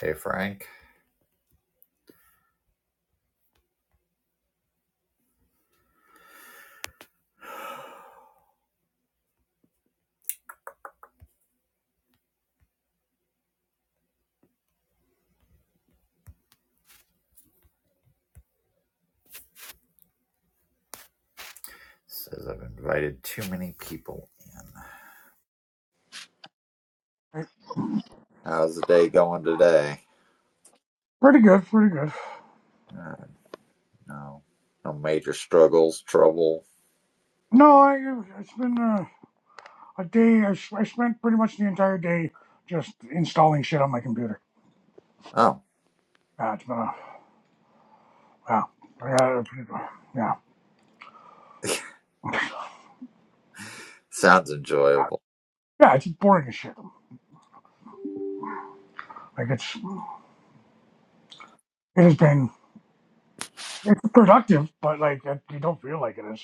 Hey, Frank. Says I've invited too many people in. Right. How's the day going today? Pretty good, pretty good. Uh, no. No major struggles, trouble. No, I, it's been a, a day. I, s- I spent pretty much the entire day just installing shit on my computer. Oh, Yeah, it's been a, yeah, I got a pretty- yeah, sounds enjoyable. yeah. It's boring as shit. Like it's, it has been, it's productive, but like it, you don't feel like it is.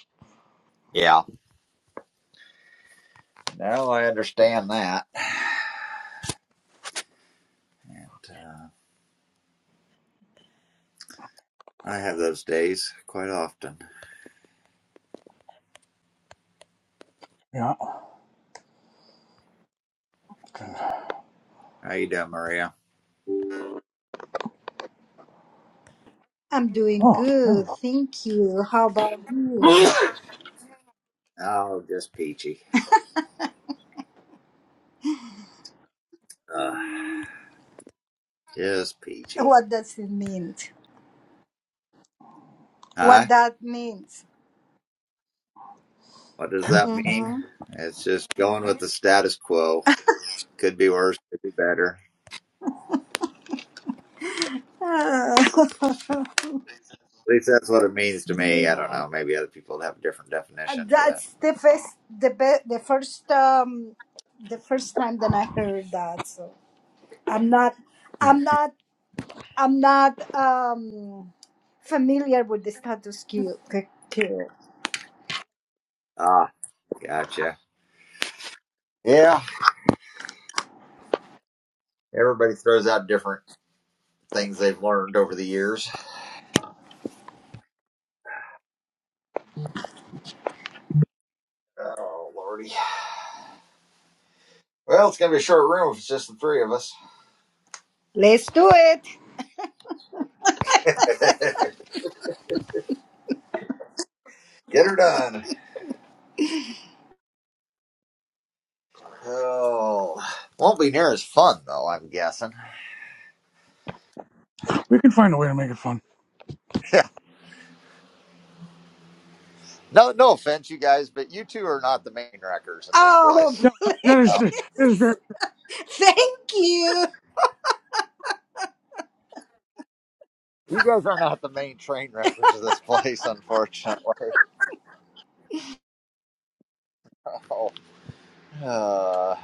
Yeah. Now I understand that. And uh, I have those days quite often. Yeah. okay. How you doing, Maria? I'm doing Oh, there we good, thank you. How about you? oh, just peachy. Uh, just peachy. What does it mean? What Huh? that means? What does go. that mean? Mm-hmm. It's just going with the status quo. Could be worse, could be better. Uh, At least that's what it means to me. I don't know. Maybe other people have a different definition, but that's the first, the be- the first, um, the first time that I heard that. So I'm not, I'm not, I'm not um familiar with the status quo. ah, gotcha. Yeah, everybody throws out different things they've learned over the years. Oh lordy. Well, it's gonna be a short room if it's just the three of us. Let's do it. Get her done. Oh, won't be near as fun though. I'm guessing. We can find a way to make it fun. no, no offense, you guys, but you two are not the main wreckers in this Oh, place. Yeah, that is, No. that is very. thank you. You guys are not the main train wreckers of this place, unfortunately. Oh. Uh,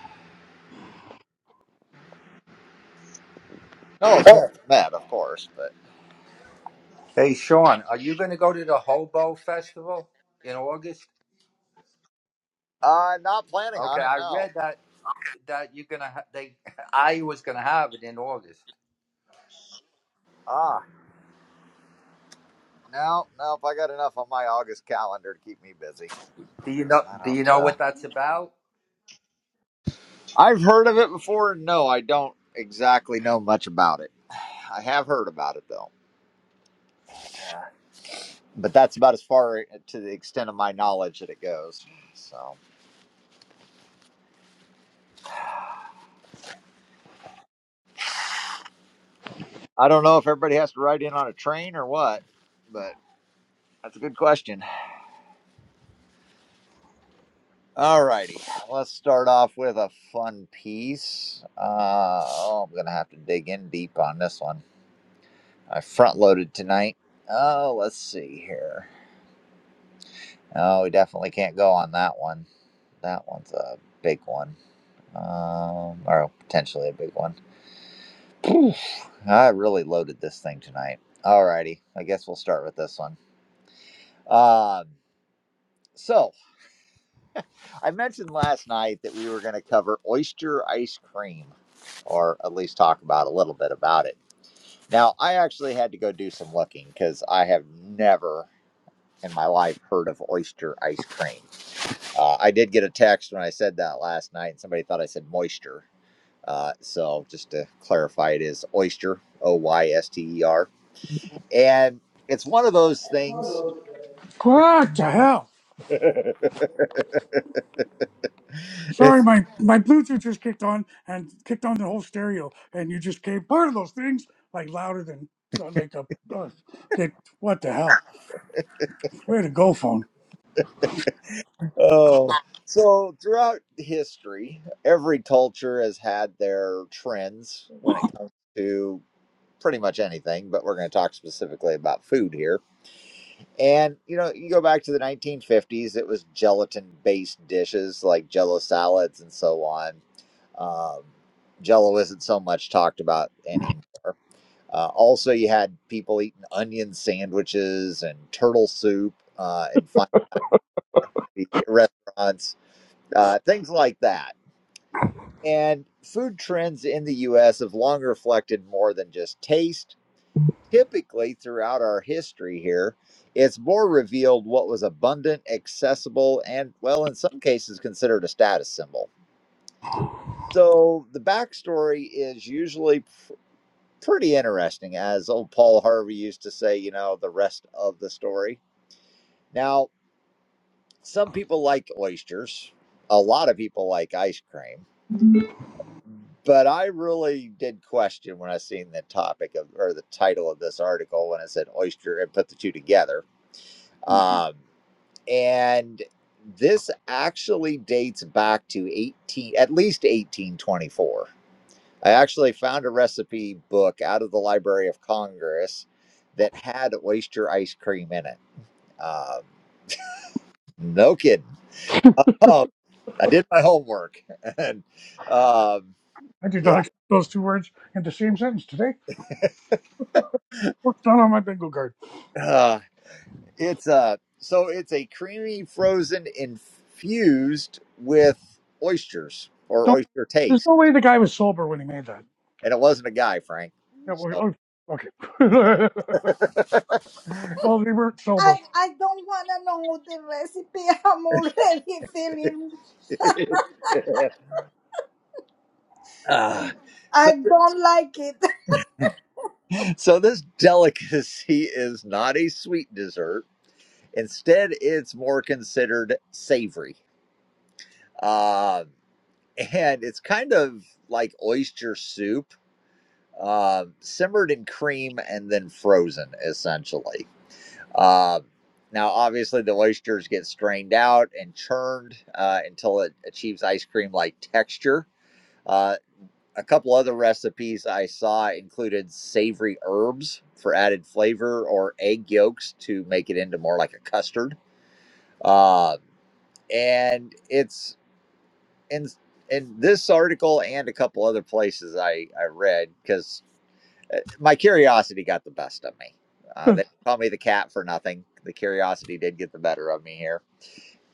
No offense, Matt, of course, but Hey, Sean, are you going to go to the Hobo Festival in August? uh, not planning Okay, on it. I No. read that that you're gonna ha- they I was gonna have it in August. Ah, no, no. If I got enough on my August calendar to keep me busy, Do you know I Do you don't. know Uh, what that's about, I've heard of it before. No, I don't exactly know much about it. I have heard about it though, but that's about as far uh, to the extent of my knowledge that it goes. So I don't know if everybody has to ride in on a train or what, but that's a good question. All righty, let's start off with a fun piece. Uh, oh, I'm gonna have to dig in deep on this one. I front loaded tonight. Oh, let's see here. Oh, we definitely can't go on that one. That one's a big one, um, or potentially a big one. I really loaded this thing tonight. All righty, I guess we'll start with this one. Um, so I mentioned last night that we were going to cover oyster ice cream, or at least talk about a little bit about it. Now, I actually had to go do some looking because I have never in my life heard of oyster ice cream. Uh, I did get a text when I said that last night, and somebody thought I said moisture. Uh, so, just to clarify, it is oyster, O Y S T E R. And it's one of those things. What the hell? It's Sorry, my, my Bluetooth just kicked on and kicked on the whole stereo, and you just came part of those things like louder than so, like a. Uh, okay, what the hell? Where to go, phone? Oh, so throughout history, every culture has had their trends when it comes to pretty much anything, but we're going to talk specifically about food here. And, you know, you go back to the 1950s, it was gelatin based dishes like jello salads and so on. Um, jello isn't so much talked about anymore. Uh, also, you had people eating onion sandwiches and turtle soup uh, in fine dining restaurants uh, things like that. And food trends in the U.S. have long reflected more than just taste. Typically, throughout our history here, it's more revealed what was abundant, accessible, and, well, in some cases, considered a status symbol. So the backstory is usually pr- pretty interesting, as old Paul Harvey used to say, you know, the rest of the story. Now, some people like oysters, a lot of people like ice cream But I really did question when I seen the topic of or the title of this article when it said oyster and put the two together. Um, and this actually dates back to 18 at least 1824. I actually found a recipe book out of the Library of Congress that had oyster ice cream in it. Um, no kidding. Oh, I did my homework and um, I did yeah. not get those two words in the same sentence today. What's not on my bingo card? It's a so it's a creamy frozen infused with oysters or Don't. oyster There's taste, no way the guy was sober when he made that. and it wasn't a guy, Frank. Yeah, well, So, oh, okay. well, they weren't sober. I I don't want to know the recipe. I'm already feeling Ah. so, I don't like it. so this delicacy is not a sweet dessert. Instead, it's more considered savory, um, and it's kind of like oyster soup, um, simmered in cream and then frozen, essentially. Uh, now, obviously, the oysters get strained out and churned uh, until it achieves ice cream like texture. Uh, a couple other recipes I saw included savory herbs for added flavor or egg yolks to make it into more like a custard. Uh, and it's in in this article and a couple other places I, I read because uh, my curiosity got the best of me. Uh, I they call me the cat for nothing. The curiosity did get the better of me here.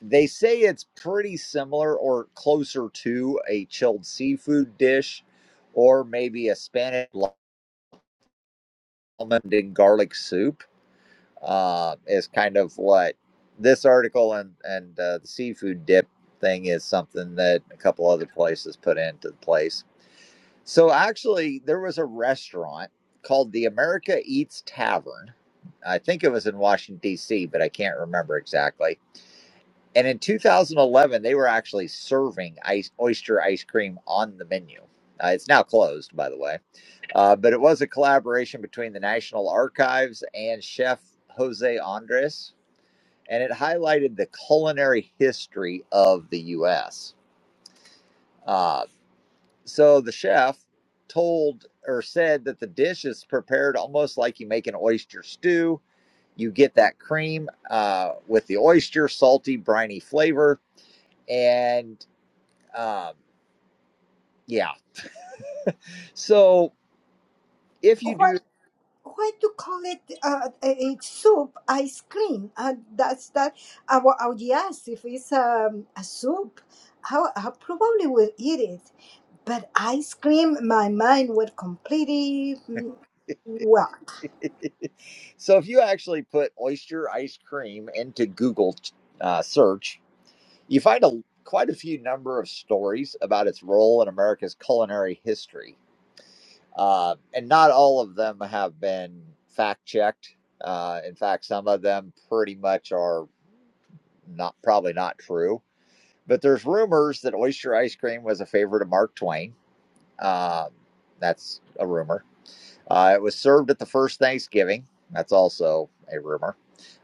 They say it's pretty similar or closer to a chilled seafood dish or maybe a Spanish almond and garlic soup, uh, is kind of what this article and, and uh, the seafood dip thing is something that a couple other places put into the place. So actually, there was a restaurant called the America Eats Tavern. I think it was in Washington, D.C., but I can't remember exactly. And in 2011, they were actually serving ice, oyster ice cream on the menu. Uh, it's now closed, by the way. Uh, but it was a collaboration between the National Archives and chef Jose Andres, and it highlighted the culinary history of the U.S. So the chef told or said that the dish is prepared almost like you make an oyster stew. You get that cream uh, with the oyster, salty, briny flavor. And um, yeah. So if you do, What why to call it uh, a a soup ice cream? Uh, that's that. I will, I would yes, if it's um, a soup, I, I probably will eat it. But ice cream, my mind would completely mm, well. so if you actually put oyster ice cream into Google uh, search, you find a quite a few number of stories about its role in America's culinary history, uh, and not all of them have been fact checked. Uh, in fact, some of them pretty much are not probably not true. But there's rumors that oyster ice cream was a favorite of Mark Twain. Um that's a rumor. Uh, it was served at the first Thanksgiving. That's also a rumor.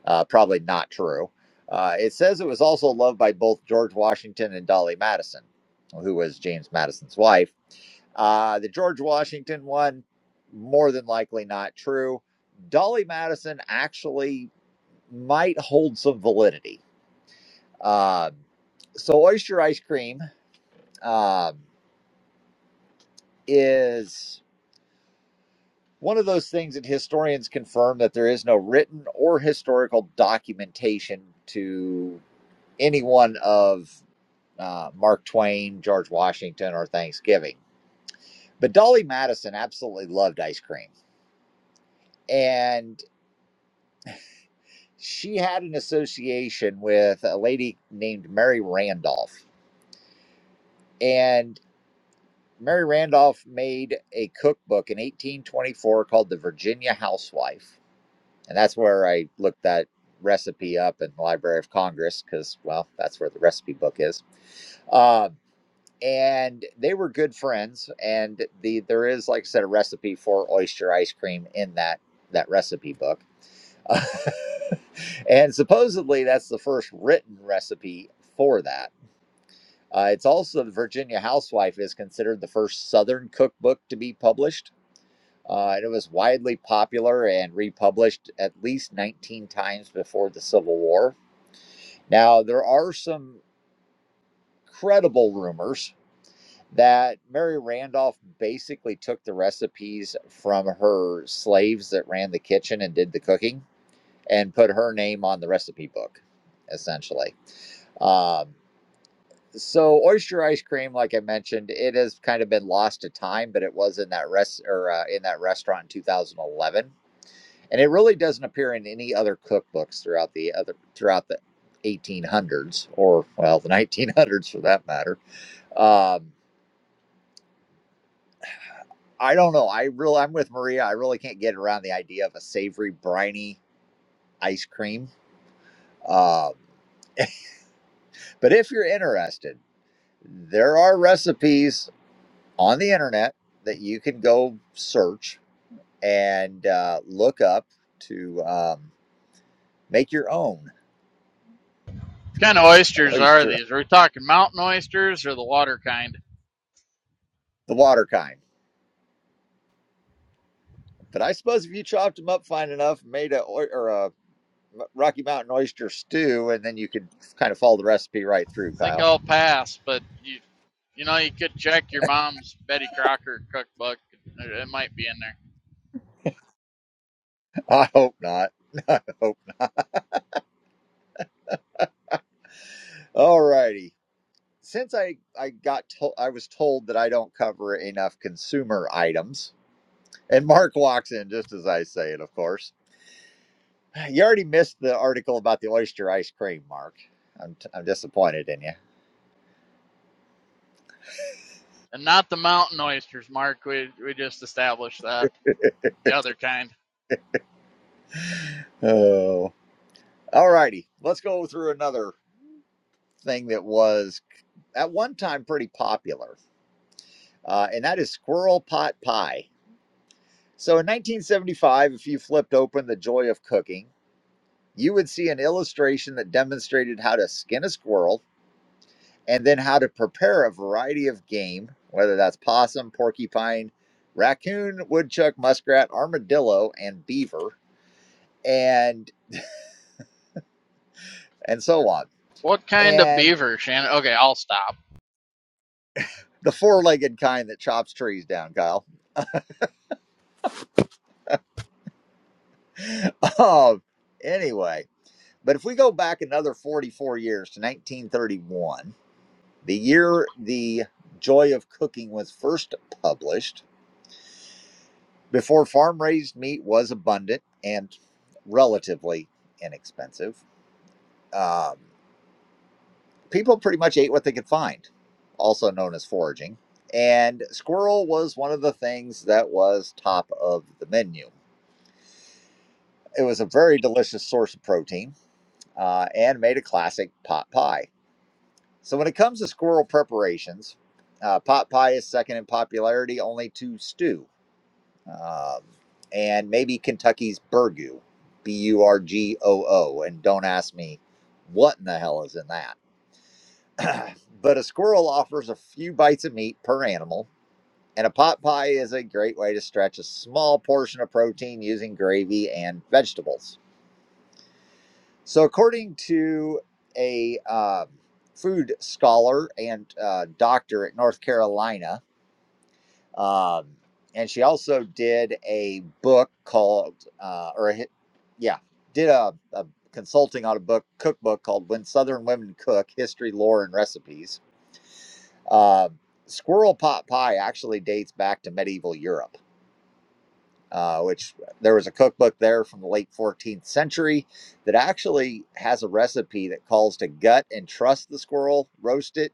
Uh, probably not true. Uh, it says it was also loved by both George Washington and Dolly Madison, who was James Madison's wife. Uh, the George Washington one, more than likely not true. Dolly Madison actually might hold some validity. Um, so, oyster ice cream um, is one of those things that historians confirm that there is no written or historical documentation to any one of uh, Mark Twain, George Washington, or Thanksgiving. But Dolly Madison absolutely loved ice cream. And she had an association with a lady named Mary Randolph. And Mary Randolph made a cookbook in 1824 called The Virginia Housewife. And that's where I looked that recipe up in the Library of Congress because, well, that's where the recipe book is. Um, and they were good friends and the there is like i said a recipe for oyster ice cream in that that recipe book and supposedly that's the first written recipe for that uh, it's also the virginia housewife is considered the first southern cookbook to be published uh, and it was widely popular and republished at least 19 times before the civil war now there are some credible rumors that Mary Randolph basically took the recipes from her slaves that ran the kitchen and did the cooking and put her name on the recipe book, essentially. Um, so oyster ice cream, like I mentioned, it has kind of been lost to time, but it was in that rest or uh, in that restaurant in 2011, and it really doesn't appear in any other cookbooks throughout the other throughout the 1800s or well the 1900s for that matter. Um, I don't know. I really, I'm with Maria. I really can't get around the idea of a savory, briny ice cream. Um, but if you're interested, there are recipes on the internet that you can go search and uh, look up to um, make your own What kind of oysters are oyster, these? Are we talking mountain oysters or the water kind? the water kind. But I suppose if you chopped them up fine enough, made a oy- or a Rocky Mountain oyster stew, and then you could kind of follow the recipe right through, I think Kyle. I'll pass, but you you know you could check your mom's Betty Crocker cookbook. It it might be in there, I hope not. I hope. All righty. Since I I got told I was told that I don't cover enough consumer items, and Mark walks in just as I say it. Of course, you already missed the article about the oyster ice cream, Mark. I'm t- I'm disappointed in you. and not the mountain oysters, Mark. We we just established that the other kind. Oh. All righty. Let's go through another thing that was at one time pretty popular, uh, and that is squirrel pot pie. So in 1975, if you flipped open The Joy of Cooking, you would see an illustration that demonstrated how to skin a squirrel and then how to prepare a variety of game, whether that's possum, porcupine, raccoon, woodchuck, muskrat, armadillo, and beaver, and and so on, What kind of and beaver, Shannon? Okay, I'll stop. the four-legged kind that chops trees down, Kyle. um, anyway, but if we go back another 44 years to 1931, the year the Joy of Cooking was first published, before farm-raised meat was abundant and relatively inexpensive Um, people pretty much ate what they could find, also known as foraging. And squirrel was one of the things that was top of the menu. It was a very delicious source of protein uh, and made a classic pot pie. So, when it comes to squirrel preparations, uh, pot pie is second in popularity only to stew um, and maybe Kentucky's burgoo, B U R G O O. And don't ask me what in the hell is in that but a squirrel offers a few bites of meat per animal, and a pot pie is a great way to stretch a small portion of protein using gravy and vegetables. So, according to a um, food scholar and uh, doctor at North Carolina, um, and she also did a book called, uh, or a, yeah, did a, a consulting on a book cookbook called "When Southern Women Cook: History, Lore, and Recipes." Uh, squirrel pot pie actually dates back to medieval Europe, uh, which there was a cookbook there from the late 14th century that actually has a recipe that calls to gut and truss the squirrel, roast it,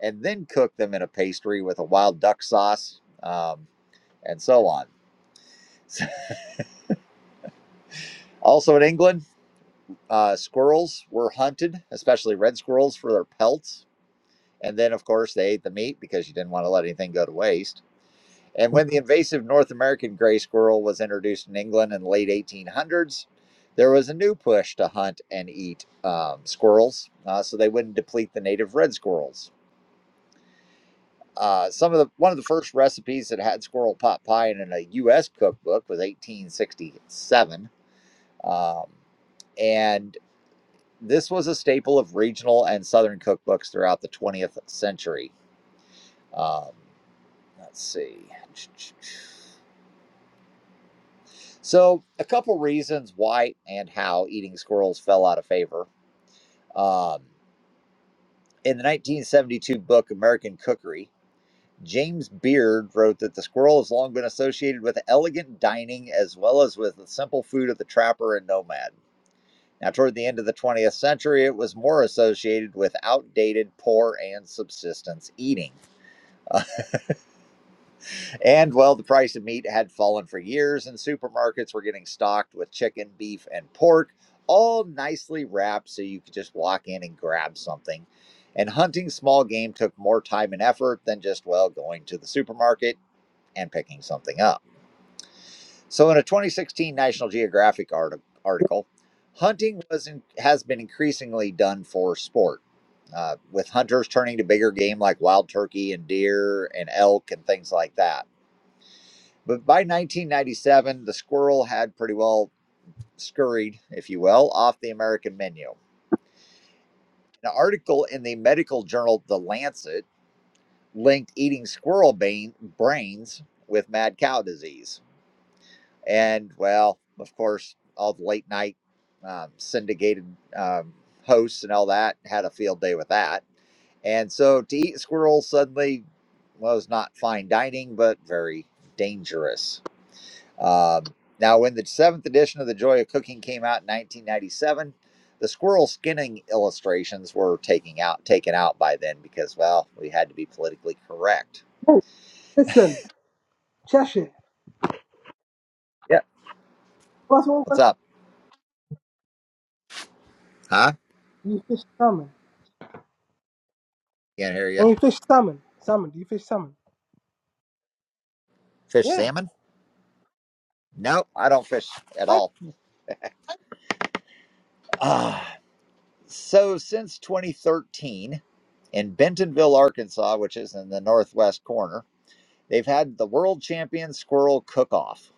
and then cook them in a pastry with a wild duck sauce um, and so on. Also in England, uh, squirrels were hunted, especially red squirrels, for their pelts. And then, of course, they ate the meat because you didn't want to let anything go to waste. And when the invasive North American gray squirrel was introduced in England in the late 1800s, there was a new push to hunt and eat um, squirrels uh, so they wouldn't deplete the native red squirrels. Uh, some of the one of the first recipes that had squirrel pot pie in, in a U.S. cookbook was 1867, um, and this was a staple of regional and southern cookbooks throughout the 20th century. Um, let's see. So, a couple reasons why and how eating squirrels fell out of favor. Um, in the 1972 book American Cookery, James Beard wrote that the squirrel has long been associated with elegant dining as well as with the simple food of the trapper and nomad. Now, toward the end of the 20th century, it was more associated with outdated, poor, and subsistence eating. And well, the price of meat had fallen for years, and supermarkets were getting stocked with chicken, beef, and pork, all nicely wrapped so you could just walk in and grab something. And hunting small game took more time and effort than just, well, going to the supermarket and picking something up. So, in a 2016 National Geographic arti- article, hunting was in, has been increasingly done for sport, uh, with hunters turning to bigger game like wild turkey and deer and elk and things like that but by 1997, the squirrel had pretty well scurried, if you will, off the American menu. An article in the medical journal The Lancet linked eating squirrel bane, brains with mad cow disease. And, well, of course, all the late night um, syndicated um, hosts and all that had a field day with that. And so to eat squirrel suddenly was not fine dining, but very dangerous. Um, now, when the seventh edition of The Joy of Cooking came out in 1997, the squirrel skinning illustrations were taking out taken out by then because, well, we had to be politically correct. Hey, listen, Cheshire. Yeah. You asked one What's question. up? Huh? Do you fish salmon? Can't hear you. And you fish salmon. Salmon. Do you fish salmon? Fish Yeah. salmon? No, I don't fish at I, all. Ah, so since 2013, in Bentonville, Arkansas, which is in the northwest corner, they've had the World Champion Squirrel Cook-Off,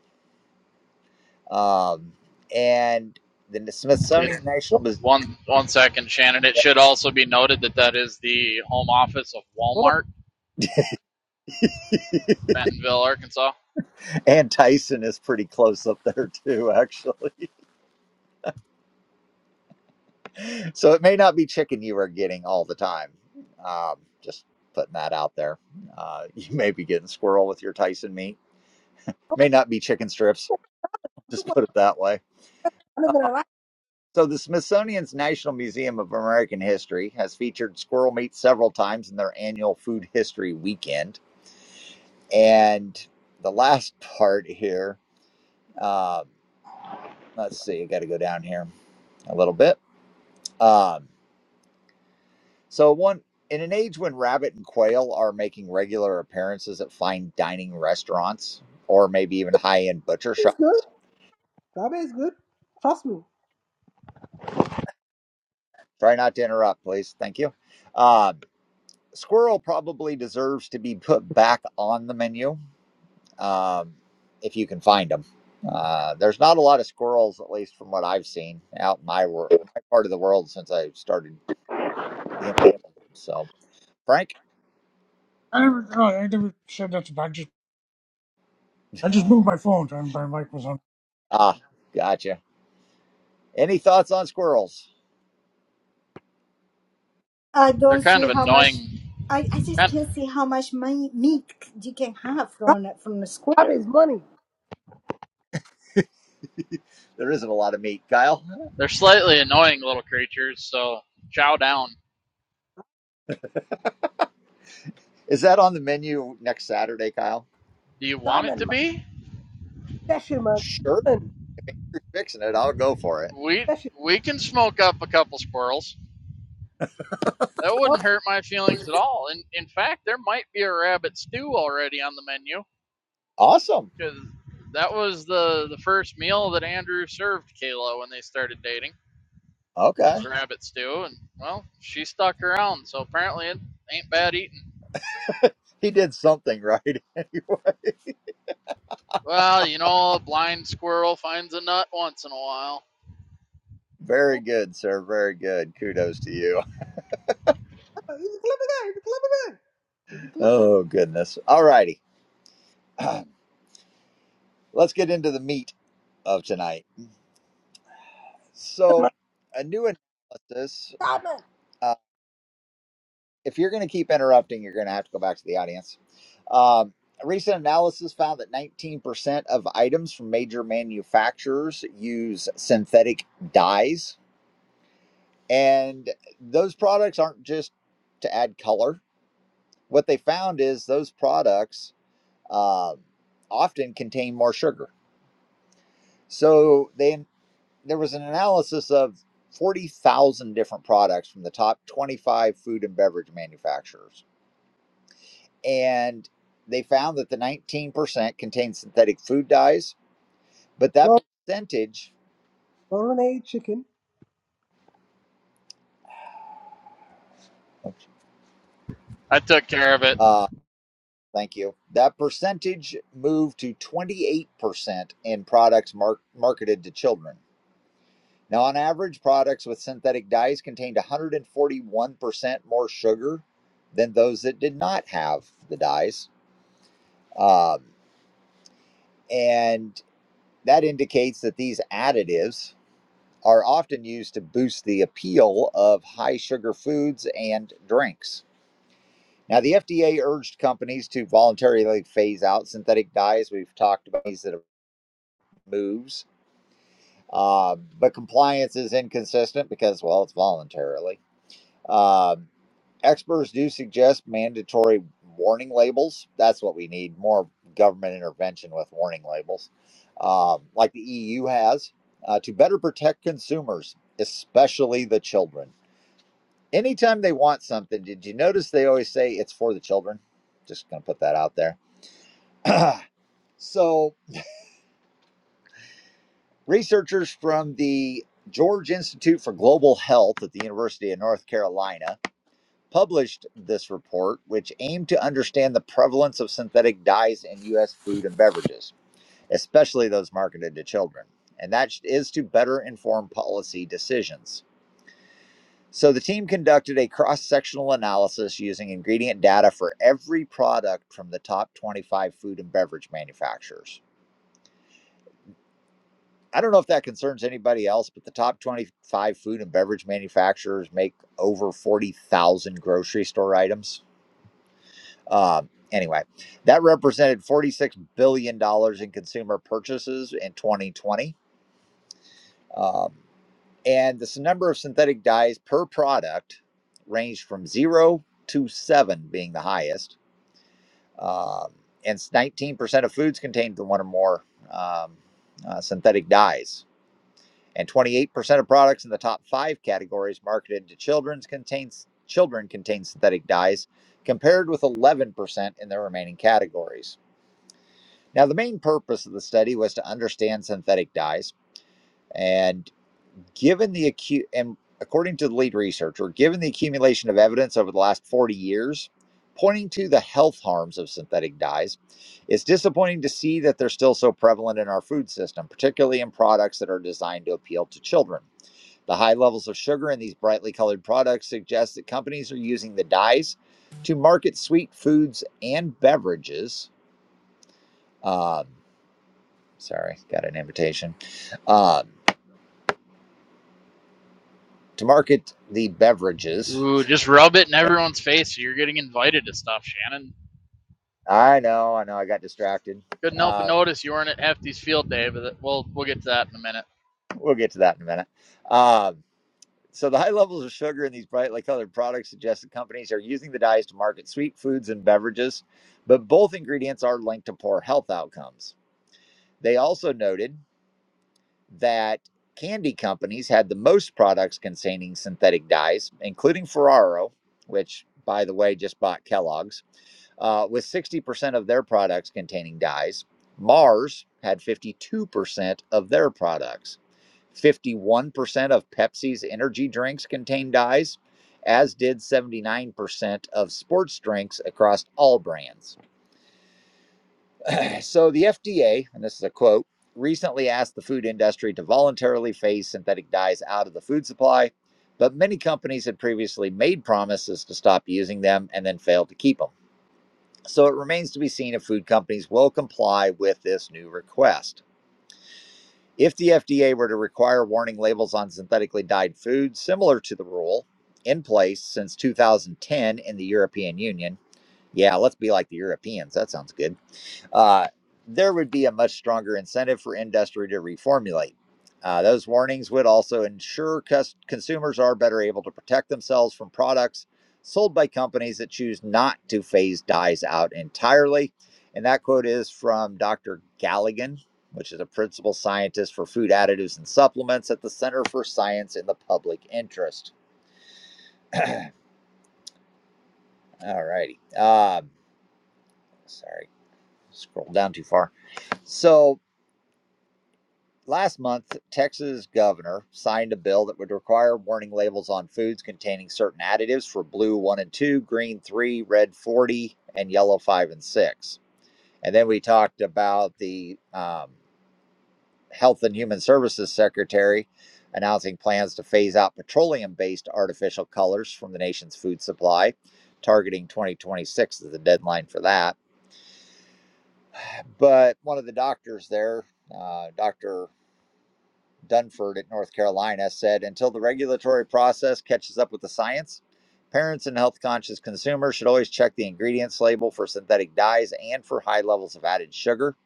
um, and the It Smithsonian what, National. one one second, Shannon. It should also be noted that that is the home office of what about? Walmart, Bentonville, Arkansas. And Tyson is pretty close up there too, actually. So it may not be chicken you are getting all the time. Um, just putting that out there. Uh, you may be getting squirrel with your Tyson meat. May not be chicken strips. Just put it that way. I live in Alaska. So the Smithsonian's National Museum of American History has featured squirrel meat several times in their annual Food History Weekend. And the last part here, um, let's see, I got to go down here a little bit. Um, So one in an age when rabbit and quail are making regular appearances at fine dining restaurants or maybe even high-end butcher It's good. shops. Rabbit is good. Trust me. Try not to interrupt, please. Thank you. Um, squirrel probably deserves to be put back on the menu um, if you can find them. Uh, there's not a lot of squirrels, at least from what I've seen out in my, wor- my part of the world since I started being old. So, Frank, never, no, I never said that to. I just, I just moved my phone and my mic was on. ah, gotcha. Any thoughts on squirrels? I They're don't kind see of how much. annoying, I, I just kind can't see how much money meat you can have Rab- from a- from a Rabbit square. is money. There isn't a lot of meat, Kyle. They're slightly annoying little creatures, so chow down. Is that on the menu next Saturday, Kyle? Do you want it to Salmon, man. be? Cheshire, man. Sure, Salmon. you're fixing it. I'll go for it. We Cheshire. we can smoke up a couple squirrels. That wouldn't hurt my feelings at all. And in fact, there might be a rabbit stew already on the menu Awesome. because that was the the first meal that Andrew served Kayla when they started dating Okay. was rabbit stew, and well, she stuck around, so apparently it ain't bad eating. He did something right anyway. Well, you know, a blind squirrel finds a nut once in a while. Very good, sir. Very good. Kudos to you. No, he's a clever guy. He's a clever guy. He's a clever Oh, goodness. All righty. Let's get into the meat of tonight. man. So, a new analysis. Salmon. Uh, if you're going to keep interrupting, you're going to have to go back to the audience. Um, a recent analysis found that 19% of items from major manufacturers use synthetic dyes And those products aren't just to add color. What they found is those products um often contain more sugar. So they there was an analysis of 40,000 different products from the top 25 food and beverage manufacturers. And they found that the 19% contained synthetic food dyes, but that Lor- percentage, Lauren ate chicken. I took care of it. uh, thank you, that percentage moved to 28% in products mar- marketed to children. Now, on average, products with synthetic dyes contained 141% more sugar than those that did not have the dyes. Um, and that indicates that these additives are often used to boost the appeal of high sugar foods and drinks. Now, the FDA urged companies to voluntarily phase out synthetic dyes. We've talked about these that have moves, uh, but compliance is inconsistent because, well, it's voluntarily. Um, Experts do suggest mandatory warning labels. That's what we need more government intervention with warning labels, um, like the EU has, uh, to better protect consumers, especially the children. Anytime they want something, did you notice they always say it's for the children? Just going to put that out there. so, researchers from the George Institute for Global Health at the University of North Carolina published this report, which aimed to understand the prevalence of synthetic dyes in U.S. food and beverages, especially those marketed to children. And that is to better inform policy decisions. So the team conducted a cross sectional analysis using ingredient data for every product from the top 25 food and beverage manufacturers. I don't know if that concerns anybody else, but the top 25 food and beverage manufacturers make over 40,000 grocery store items. Um, anyway, that represented $46 billion dollars in consumer purchases in 2020. Um, and this number of synthetic dyes per product ranged from zero to seven, being the highest. Um, and 19% of foods contained one or more um, uh, synthetic dyes. And 28% of products in the top five categories marketed to children's contains children contain synthetic dyes, compared with 11% in the remaining categories. Now, the main purpose of the study was to understand synthetic dyes, and given the acu- and according to the lead researcher, given the accumulation of evidence over the last 40 years pointing to the health harms of synthetic dyes, it's disappointing to see that they're still so prevalent in our food system, particularly in products that are designed to appeal to children. The high levels of sugar in these brightly colored products suggest that companies are using the dyes to market sweet foods and beverages. um, Sorry, got an invitation um, to market the beverages. Ooh, just rub it in everyone's face. You're getting invited to stuff, Shannon. I know, I know, I got distracted. Couldn't help but Uh, notice you weren't at Hefty's field day, but we'll we'll get to that in a minute. we'll get to that in a minute. Um, so, the high levels of sugar in these brightly colored products suggest that companies are using the dyes to market sweet foods and beverages, but both ingredients are linked to poor health outcomes. They also noted that candy companies had the most products containing synthetic dyes, including Ferraro, which, by the way, just bought Kellogg's. uh, with 60% of their products containing dyes. Mars had 52% of their products. 51% of Pepsi's energy drinks contain dyes, as did 79% of sports drinks across all brands. So the FDA, and this is a quote, recently asked the food industry to voluntarily phase synthetic dyes out of the food supply, but many companies had previously made promises to stop using them and then failed to keep them. So it remains to be seen if food companies will comply with this new request. If the FDA were to require warning labels on synthetically dyed foods, similar to the rule in place since 2010 in the European Union, yeah, let's be like the Europeans. That sounds good uh, there would be a much stronger incentive for industry to reformulate. Uh, those warnings would also ensure cus- consumers are better able to protect themselves from products sold by companies that choose not to phase dyes out entirely. And that quote is from Dr. Galligan, which is a principal scientist for food additives and supplements at the Center for Science in the Public Interest. All righty. Um, sorry, scrolled down too far. So, Last month, Texas governor signed a bill that would require warning labels on foods containing certain additives for blue 1 and 2, green 3, red 40, and yellow 5 and 6. And then we talked about the um, Health and Human Services Secretary announcing plans to phase out petroleum based artificial colors from the nation's food supply, targeting 2026 as the deadline for that. But one of the doctors there, uh, Dr. Dunford at North Carolina said until the regulatory process catches up with the science, parents and health conscious consumers should always check the ingredients label for synthetic dyes and for high levels of added sugar.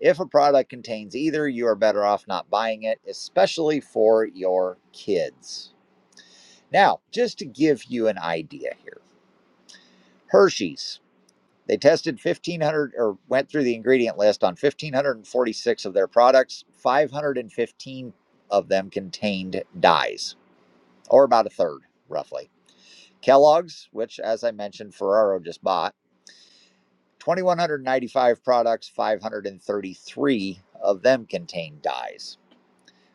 If a product contains either, you are better off not buying it, especially for your kids. Now, just to give you an idea here Hershey's. They tested 1,500 or went through the ingredient list on 1,546 of their products. 515 of them contained dyes. or about a third, roughly. Kellogg's, which, as I mentioned, Ferraro just bought, 2,195 products, 533 of them contain dyes.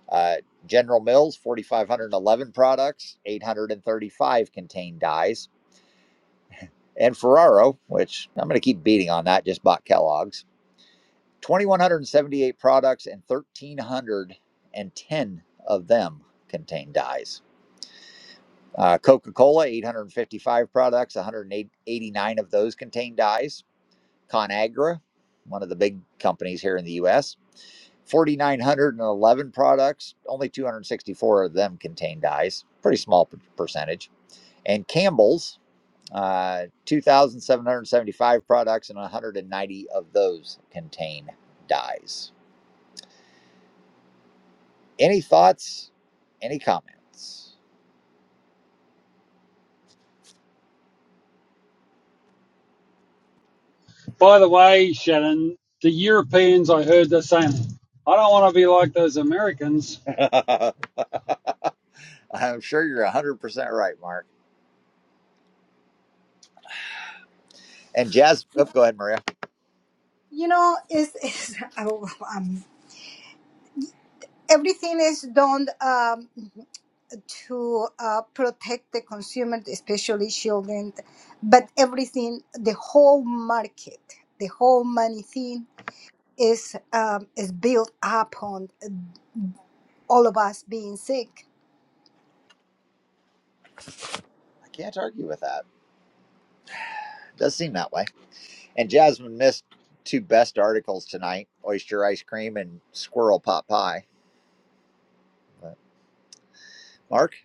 Uh, General Mills, 4,511 products, 835 contain dyes. And Ferraro, which I'm going to keep beating on that, just bought Kellogg's, 2,178 products and 1,310 of them contain dyes. Uh, Coca Cola, 855 products, 189 of those contain dyes. ConAgra, one of the big companies here in the US, 4,911 products, only 264 of them contain dyes. Pretty small per- percentage. And Campbell's, uh, 2,775 products, and 190 of those contain dyes. Any thoughts? Any comments? By the way, Shannon, the Europeans, I heard the same. I don't want to be like those Americans. I'm sure you're 100% right, Mark. And Jazz, oh, go ahead, Maria. you know it's, it's oh, um, everything is done um, to uh, protect the consumer especially children but everything the whole market the whole money thing is um, is built upon all of us being sick Can't argue with that. Does seem that way. And Jasmine missed two best articles tonight: oyster ice cream and squirrel pot pie. But Mark,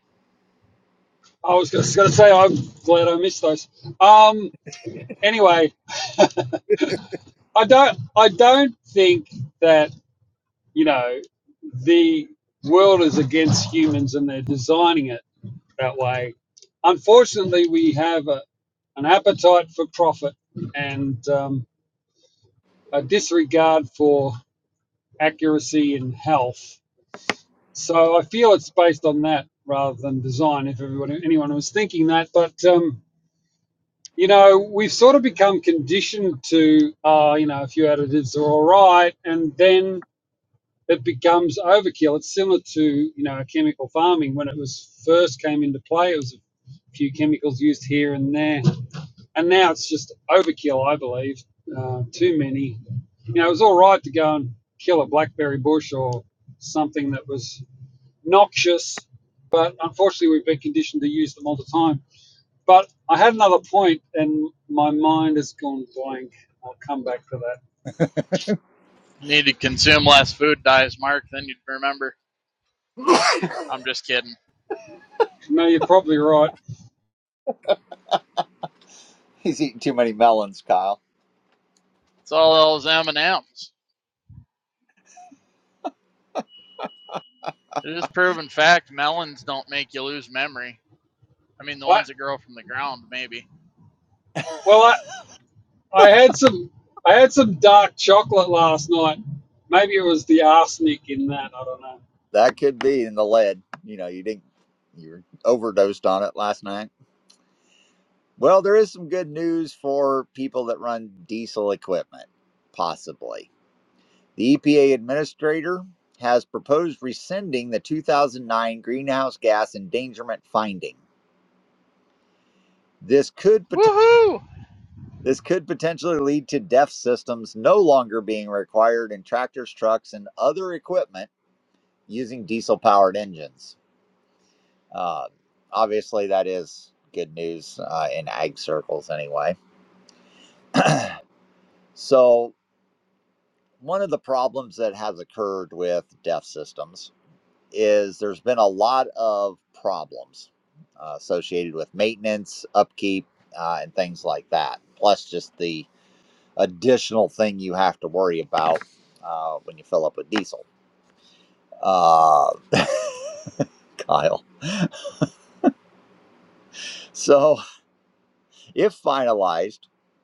I was just going to say I'm glad I missed those. Um, anyway, I don't, I don't think that you know the world is against humans and they're designing it that way. Unfortunately, we have a, an appetite for profit and um, a disregard for accuracy and health So I feel it's based on that rather than design. If everyone, anyone was thinking that, but um, you know, we've sort of become conditioned to, uh, you know, a few additives are all right, and then it becomes overkill. It's similar to, you know, chemical farming when it was first came into play. It was a few chemicals used here and there, and now it's just overkill. I believe uh, too many. You know, it was all right to go and kill a blackberry bush or something that was noxious, but unfortunately we've been conditioned to use them all the time. But I had another point and my mind has gone blank. I'll come back to that. Need to consume less food, dies Mark. Then you'd remember. I'm just kidding. No, you're probably right. he's eating too many melons, Kyle. It's all those M and M's. It is proven fact. Melons don't make you lose memory. I mean, the I ones that grow from the ground, maybe. well I, I had some I had some dark chocolate last night. Maybe it was the arsenic in that, I don't know. That could be in the lead. You know, you didn't. You were overdosed on it last night. Well, there is some good news for people that run diesel equipment, possibly. The EPA administrator has proposed rescinding the 2009 greenhouse gas endangerment finding. This could potentially. Woohoo! This could potentially lead to DEF systems no longer being required in tractors, trucks, and other equipment using diesel powered engines. Uh, obviously, that is good news uh, in ag circles, anyway. So, one of the problems that has occurred with DEF systems is there's been a lot of problems uh, associated with maintenance, upkeep, uh, and things like that, plus just the additional thing you have to worry about uh, when you fill up with diesel. Uh, Kyle. So, if finalized,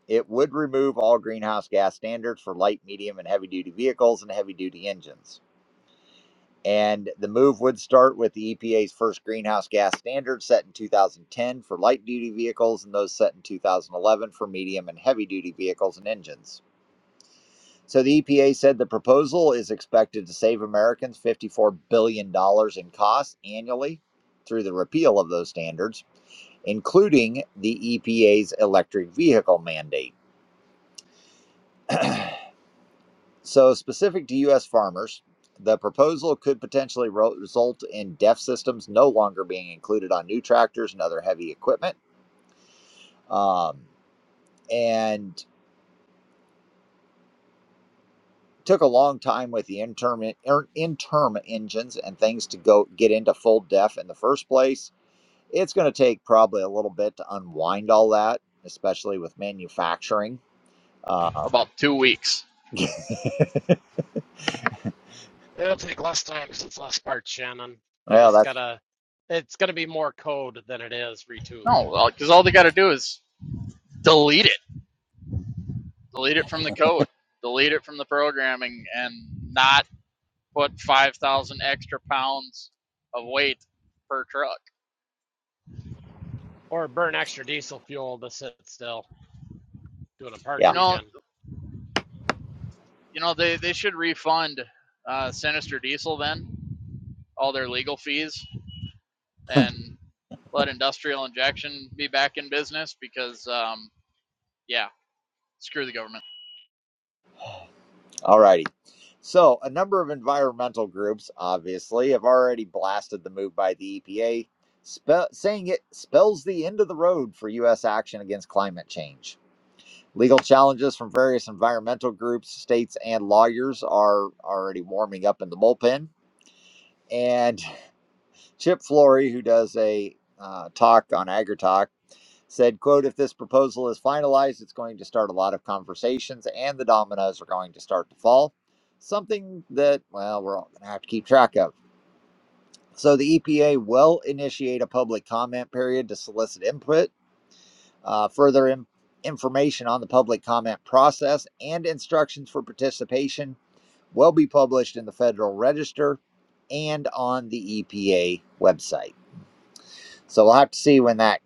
it would remove all greenhouse gas standards for light, medium, and heavy duty vehicles and heavy duty engines. And the move would start with the EPA's first greenhouse gas standard set in 2010 for light duty vehicles and those set in 2011 for medium and heavy duty vehicles and engines. So the EPA said the proposal is expected to save Americans $54 billion dollars in costs annually through the repeal of those standards, including the EPA's electric vehicle mandate. So, specific to U.S. farmers, the proposal could potentially result in DEF systems no longer being included on new tractors and other heavy equipment. Um, and took a long time with the interim, er, interim engines and things to go get into full DEF in the first place it's going to take probably a little bit to unwind all that, especially with manufacturing. Um, About two weeks. It'll take less time 'cause it's less parts, Shannon. They well, just that's gotta, it's gonna be more code than it is retooling No, because all they got to do is delete it. Delete it from the code. Delete it from the programming, and not put 5,000 extra pounds of weight per truck. or burn extra diesel fuel to sit still doing a park You yeah. know, regen. you know they, they should refund uh, Sinister Diesel then all their legal fees and let Industrial Injection be back in business because um, yeah, screw the government. All righty. So, a number of environmental groups obviously have already blasted the move by the EPA, spe- saying it spells the end of the road for U.S. action against climate change. Legal challenges from various environmental groups, states, and lawyers are already warming up in the bullpen. And Chip Flory, who does a uh, talk on AgriTalk, said quote if this proposal is finalized it's going to start a lot of conversations and the dominoes are going to start to fall something that well we're all going to have to keep track of so the epa will initiate a public comment period to solicit input uh, further in- information on the public comment process and instructions for participation will be published in the federal register and on the epa website so we'll have to see when that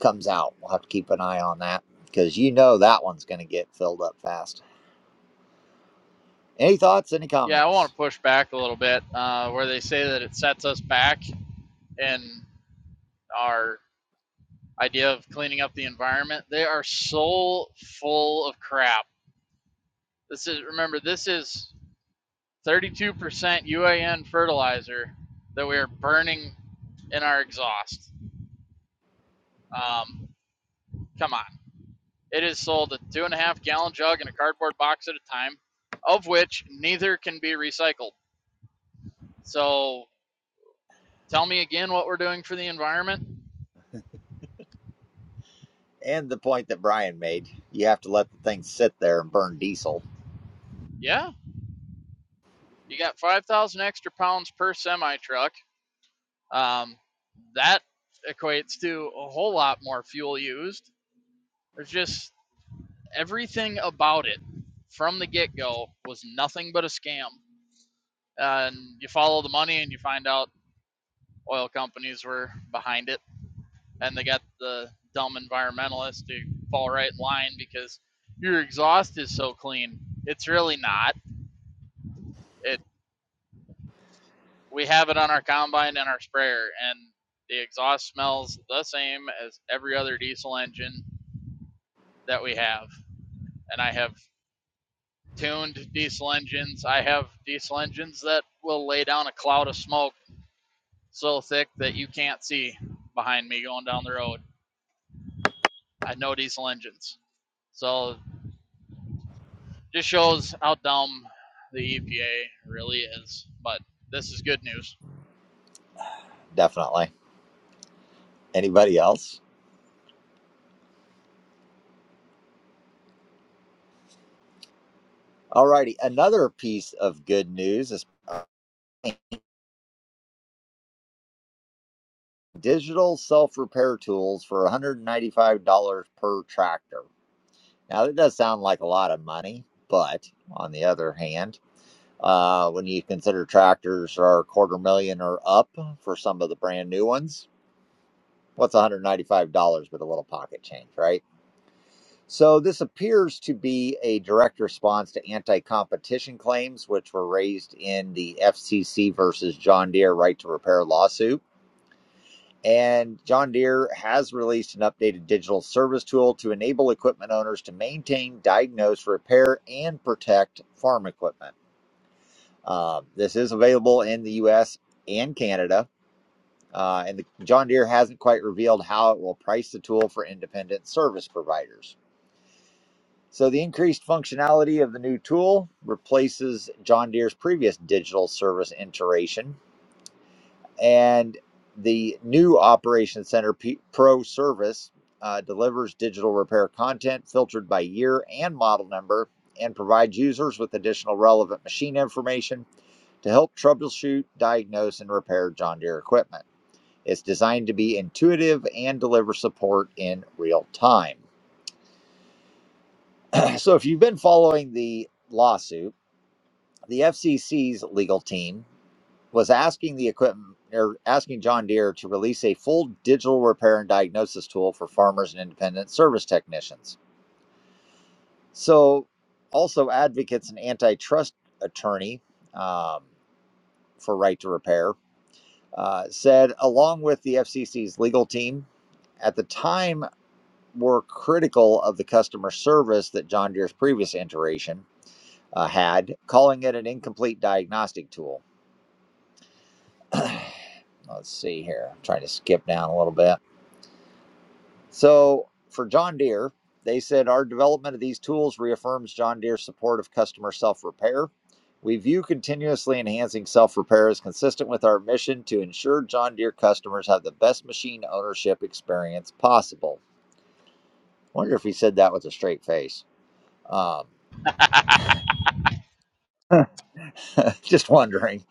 comes out. We'll have to keep an eye on that because you know that one's going to get filled up fast. Any thoughts? Any Yeah, I want comments? to push back a little bit uh, where they say that it sets us back in our idea of cleaning up the environment. They are so full of crap. This is remember this is 32% UAN fertilizer that we are burning in our exhaust. Um, come on. It is sold a two and a half gallon jug in a cardboard box at a time, of which neither can be recycled. So tell me again what we're doing for the environment. And the point that Brian made you have to let the thing sit there and burn diesel. Yeah, you got 5,000 extra pounds per semi truck. Um, that equates to a whole lot more fuel used. There's just everything about it from the get go was nothing but a scam. uh, and you follow the money and you find out oil companies were behind it and they got the dumb environmentalists to fall right in line because your exhaust is so clean. It's really not. It we have it on our combine and our sprayer and the exhaust smells the same as every other diesel engine that we have. And I have tuned diesel engines. I have diesel engines that will lay down a cloud of smoke so thick that you can't see behind me going down the road. I know diesel engines. So just shows how dumb the EPA really is. But this is good news. Definitely. Anybody else? Alrighty, another piece of good news is digital self repair tools for $195 per tractor. Now, that does sound like a lot of money, but on the other hand, uh, when you consider tractors are a quarter million or up for some of the brand new ones, what's $195 with a little pocket change, right? So this appears to be a direct response to anti-competition claims, which were raised in the FCC versus John Deere right to repair lawsuit. And John Deere has released an updated digital service tool to enable equipment owners to maintain, diagnose, repair, and protect farm equipment. Uh, this is available in the U.S. and Canada Uh, and the John Deere hasn't quite revealed how it will price the tool for independent service providers. So, the increased functionality of the new tool replaces John Deere's previous digital service iteration, and the new Operations Center P- Pro service uh, delivers digital repair content filtered by year and model number and provides users with additional relevant machine information to help troubleshoot, diagnose, and repair John Deere equipment. It's designed to be intuitive and deliver support in real time. So, if you've been following the lawsuit, the FCC's legal team was asking the equipment or asking John Deere to release a full digital repair and diagnosis tool for farmers and independent service technicians. So, also advocates and antitrust attorney um, for right to repair uh, said, along with the FCC's legal team, at the time were critical of the customer service that John Deere's previous iteration uh, had, calling it an incomplete diagnostic tool. Let's see here. I'm trying to skip down a little bit. So for John Deere, they said our development of these tools reaffirms John Deere's support of customer self repair. We view continuously enhancing self repair as consistent with our mission to ensure John Deere customers have the best machine ownership experience possible. I wonder if he said that with a straight face. Um, Just wondering.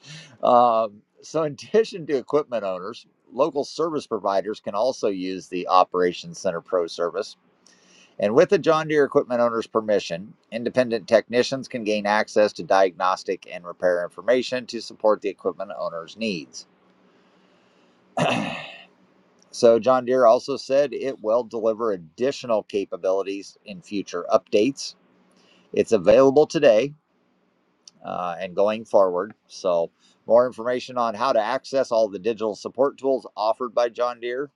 Um, so, in addition to equipment owners, local service providers can also use the Operations Center Pro service. And with the John Deere equipment owner's permission, independent technicians can gain access to diagnostic and repair information to support the equipment owner's needs. So, John Deere also said it will deliver additional capabilities in future updates. It's available today uh, and going forward. So, more information on how to access all the digital support tools offered by John Deere,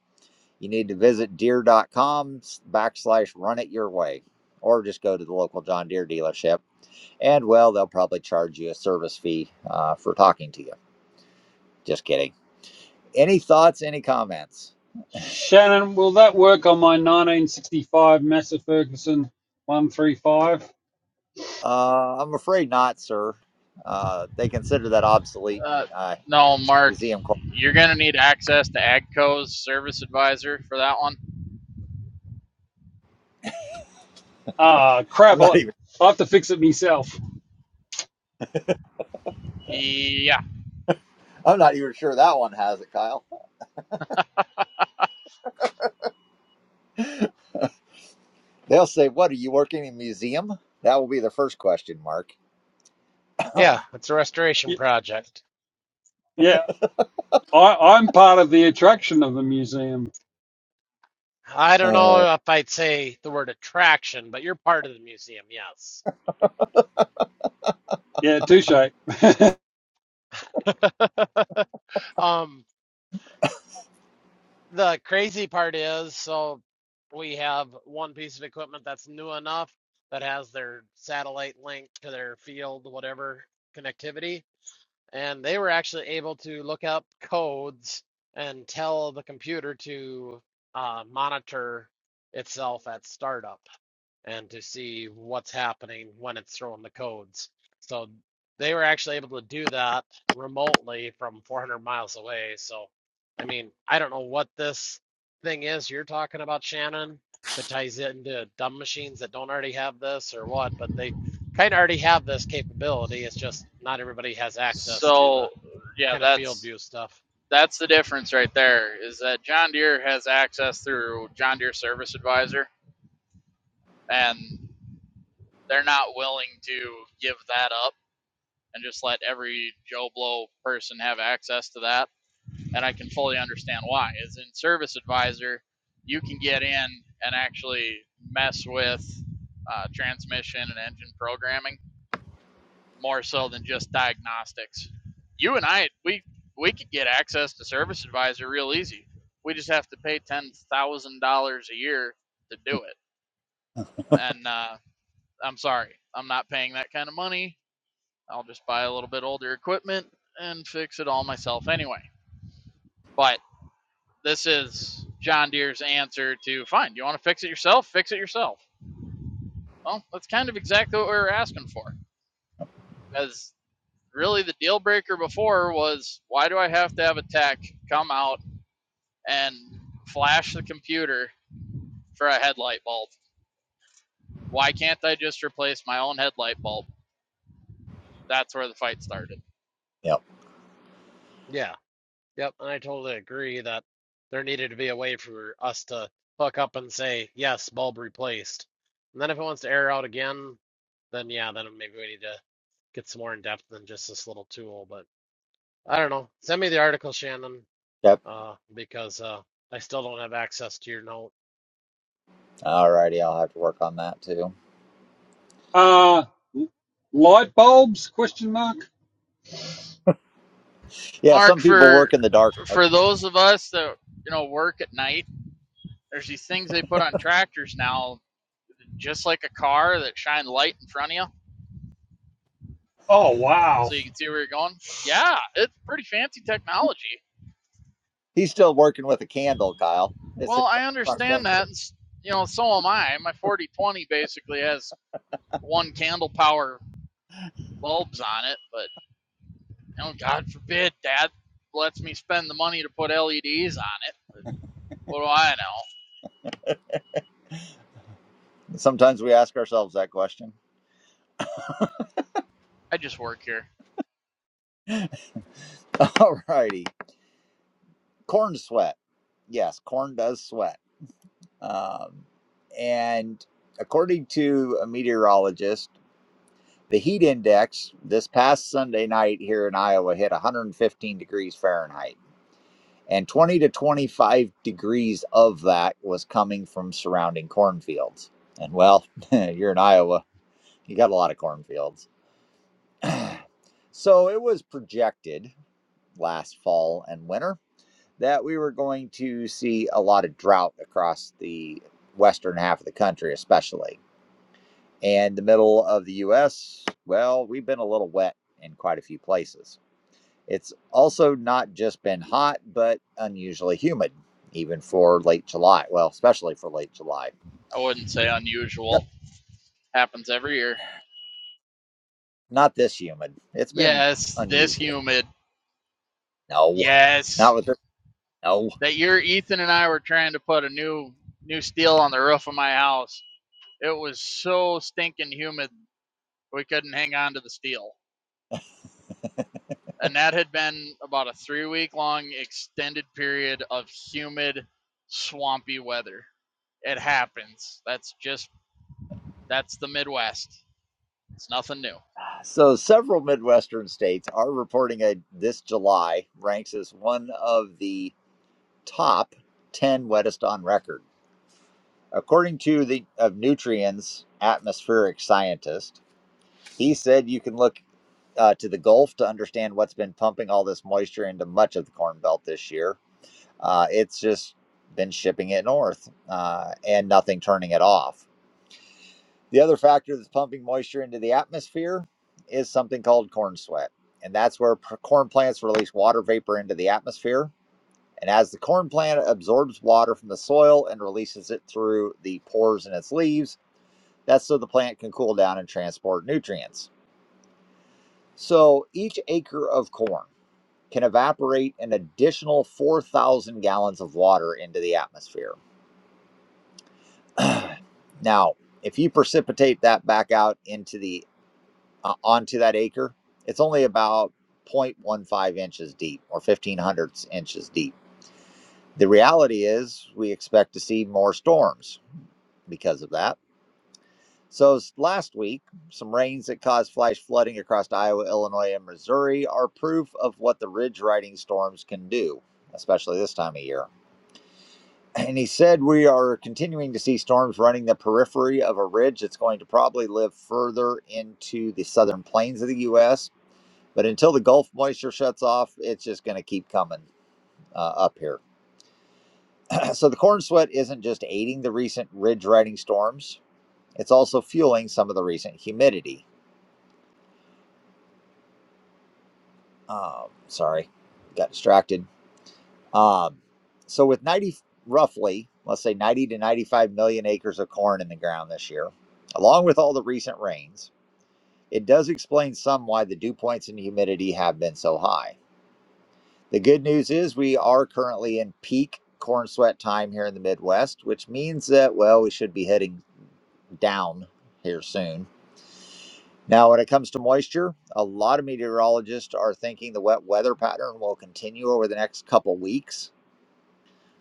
you need to visit deere.com backslash run it your way, or just go to the local John Deere dealership. And, well, they'll probably charge you a service fee uh, for talking to you. Just kidding. Any thoughts, any comments? Shannon, will that work on my 1965 Massey Ferguson 135? Uh, I'm afraid not, sir. Uh, they consider that obsolete and, Uh, uh, no, Mark, museum. you're gonna need access to AGCO's service advisor for that one. Ah, I'm crap. not I'll- even. I have to fix it myself. Yeah. I'm not even sure that one has it, Kyle. They'll say, "What are you working in a museum?" That will be the first question mark. Yeah, it's a restoration project. Yeah, I, I'm part of the attraction of the museum. I don't uh, know if I'd say the word attraction, but you're part of the museum, yes. Yeah, touche. Um, the crazy part is, so we have one piece of equipment that's new enough that has their satellite link to their field, whatever connectivity. and they were actually able to look up codes and tell the computer to uh, monitor itself at startup and to see what's happening when it's throwing the codes. So they were actually able to do that remotely from 400 miles away. So, I mean, I don't know what this thing is you're talking about, Shannon, but ties into dumb machines that don't already have this or what, but they kind of already have this capability. It's just not everybody has access to So the yeah, kind of field that's view stuff. that's the difference right there. Is that John Deere has access through John Deere Service Advisor, and they're not willing to give that up and just let every Joe Blow person have access to that. and I can fully understand why. Is in Service Advisor, you can get in and actually mess with uh, transmission and engine programming more so than just diagnostics. You and I, we we could get access to Service Advisor real easy. We just have to pay ten thousand dollars a year to do it. And uh, I'm sorry, I'm not paying that kind of money. I'll just buy a little bit older equipment and fix it all myself anyway. But This is John Deere's answer to fine. You want to fix it yourself? Fix it yourself. Well, that's kind of exactly what we were asking for. As really the deal breaker before was why do I have to have a tech come out and flash the computer for a headlight bulb? Why can't I just replace my own headlight bulb? That's where the fight started. yep. Yeah. Yep, I totally agree that there needed to be a way for us to hook up and say, yes, bulb replaced. And then if it wants to air out again, then yeah, then maybe we need to get some more in depth than just this little tool. But I don't know. Send me the article, Shannon, Yep. uh, because uh, I still don't have access to your note. All righty, I'll have to work on that too. uh, light bulbs? Question mark. Yeah, Mark, some people work for in the dark. for those of us that you know work at night, there's these things they put on tractors now, just like a car that shine light in front of you. Oh so wow. you can see where you're going. Yeah, it's pretty fancy technology. He's still working with a candle, Kyle. It's his Well, I front fender. understand that. And, you know, so am I. My 4020 basically has one candle power bulbs on it, but you know, God forbid, Dad lets me spend the money to put LEDs on it. But what do I know? Sometimes we ask ourselves that question. I just work here. All righty, corn sweat. Yes, corn does sweat. Um, and according to a meteorologist, the heat index this past Sunday night here in Iowa hit 115 degrees Fahrenheit. and 20 to 25 degrees of that was coming from surrounding cornfields. And well, you're in Iowa, you got a lot of cornfields. So it was projected last fall and winter that we were going to see a lot of drought across the western half of the country, especially. And the middle of the US, well, we've been a little wet in quite a few places. It's also not just been hot, but unusually humid, even for late July. Well, especially for late July. I wouldn't say Yep. unusual. Happens every year. Not this humid. It's been Yes, this unusual. humid. No, Yes, not with this. No. that year Ethan and I were trying to put a new new steel on the roof of my house It was so stinking humid, we couldn't hang on to the steel. And that had been about a three week long extended period of humid, swampy weather. It happens. That's just, that's the Midwest. It's nothing new. So, several Midwestern states are reporting a this July ranks as one of the top 10 wettest on record. According to the of Nutrients atmospheric scientist, he said you can look uh, to the Gulf to understand what's been pumping all this moisture into much of the Corn Belt this year. Uh, it's just been shipping it north uh, and nothing turning it off. The other factor that's pumping moisture into the atmosphere is something called corn sweat. And that's where p- corn plants release water vapor into the atmosphere. And as the corn plant absorbs water from the soil and releases it through the pores in its leaves, that's so the plant can cool down and transport nutrients. So each acre of corn can evaporate an additional 4,000 gallons of water into the atmosphere. now, if you precipitate that back out into the uh, onto that acre, it's only about 0.15 inches deep or 15 hundredths inches deep. The reality is we expect to see more storms because of that. So last week, some rains that caused flash flooding across Iowa, Illinois, and Missouri are proof of what the ridge riding storms can do, especially this time of year. and he said we are continuing to see storms running the periphery of a ridge that's going to probably live further into the southern plains of the U.S. But until the Gulf moisture shuts off, it's just going to keep coming uh, up here. so the corn sweat isn't just aiding the recent ridge riding storms; it's also fueling some of the recent humidity. Um, sorry, got distracted. Um, so with 90 roughly, let's say 90 to 95 million acres of corn in the ground this year, along with all the recent rains. It does explain some why the dew points and humidity have been so high. The good news is we are currently in peak corn sweat time here in the Midwest, which means that, well, we should be heading down here soon. Now, when it comes to moisture, a lot of meteorologists are thinking the wet weather pattern will continue over the next couple weeks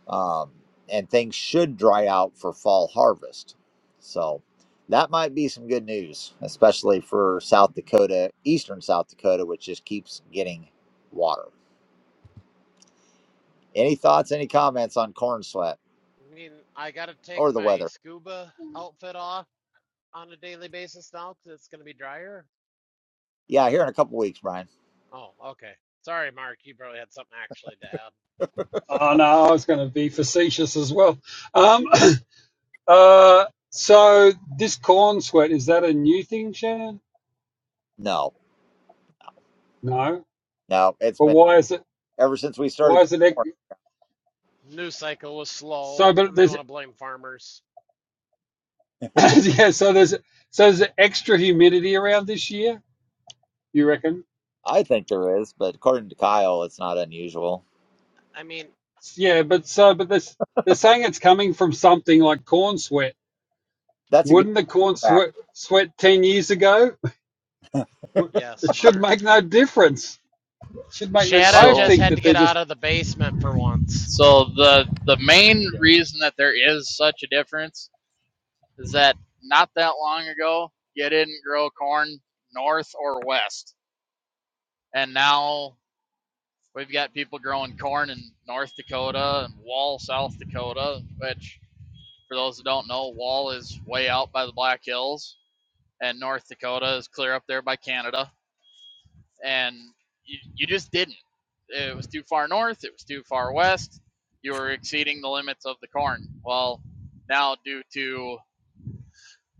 um, and things should dry out for fall harvest. So that might be some good news, especially for South Dakota, eastern South Dakota, which just keeps getting water. Any thoughts, any comments on corn sweat I mean, I gotta take or the my weather? scuba outfit off on a daily basis now because it's gonna be drier. Yeah, here in a couple weeks, Brian. Oh, okay. Sorry, Mark. You probably had something actually to add. Oh no, I was going to be facetious as well. Um, uh, so this corn sweat is that a new thing, Shannon? No, No. no, it's But been why is it? ever since we Why started. is picking it? ex- corn. News cycle was slow, So, but and they there's want to blame farmers. yeah. So there's so there's extra humidity around this year. You reckon? I think there is, but according to Kyle, it's not unusual. I mean, Yeah, but so but this they're saying it's coming from something like corn sweat. That's a good Wouldn't the corn sweat fact. sweat ten years ago? yes, It should Mark. make no difference. It should make no. Shannon I So, just think had to that they get just out of the basement for once. so the, the main yeah. reason that there is such a difference is that not that long ago, you didn't grow corn north or west. And now We've got people growing corn in North Dakota and Wall, South Dakota, which, for those who don't know, Wall is way out by the Black Hills, and North Dakota is clear up there by Canada. And you, you just didn't. It was too far north, it was too far west. You were exceeding the limits of the corn. Well, now, due to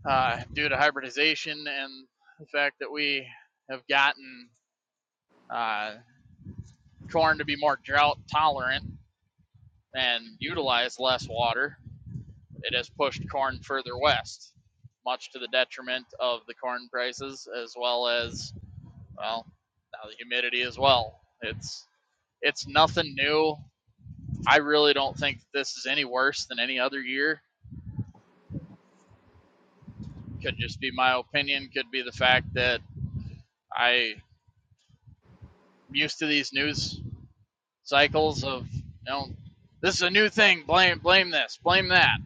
uh, due to hybridization and the fact that we have gotten uh, corn to be more drought tolerant and utilized less water, it has pushed corn further west, much to the detriment of the corn prices as well as well now the humidity as well. It's it's nothing new. I really don't think this is any worse than any other year. Could just be my opinion. Could be the fact that I am used to these news cycles of you know this is a new thing. Blame blame this. Blame that.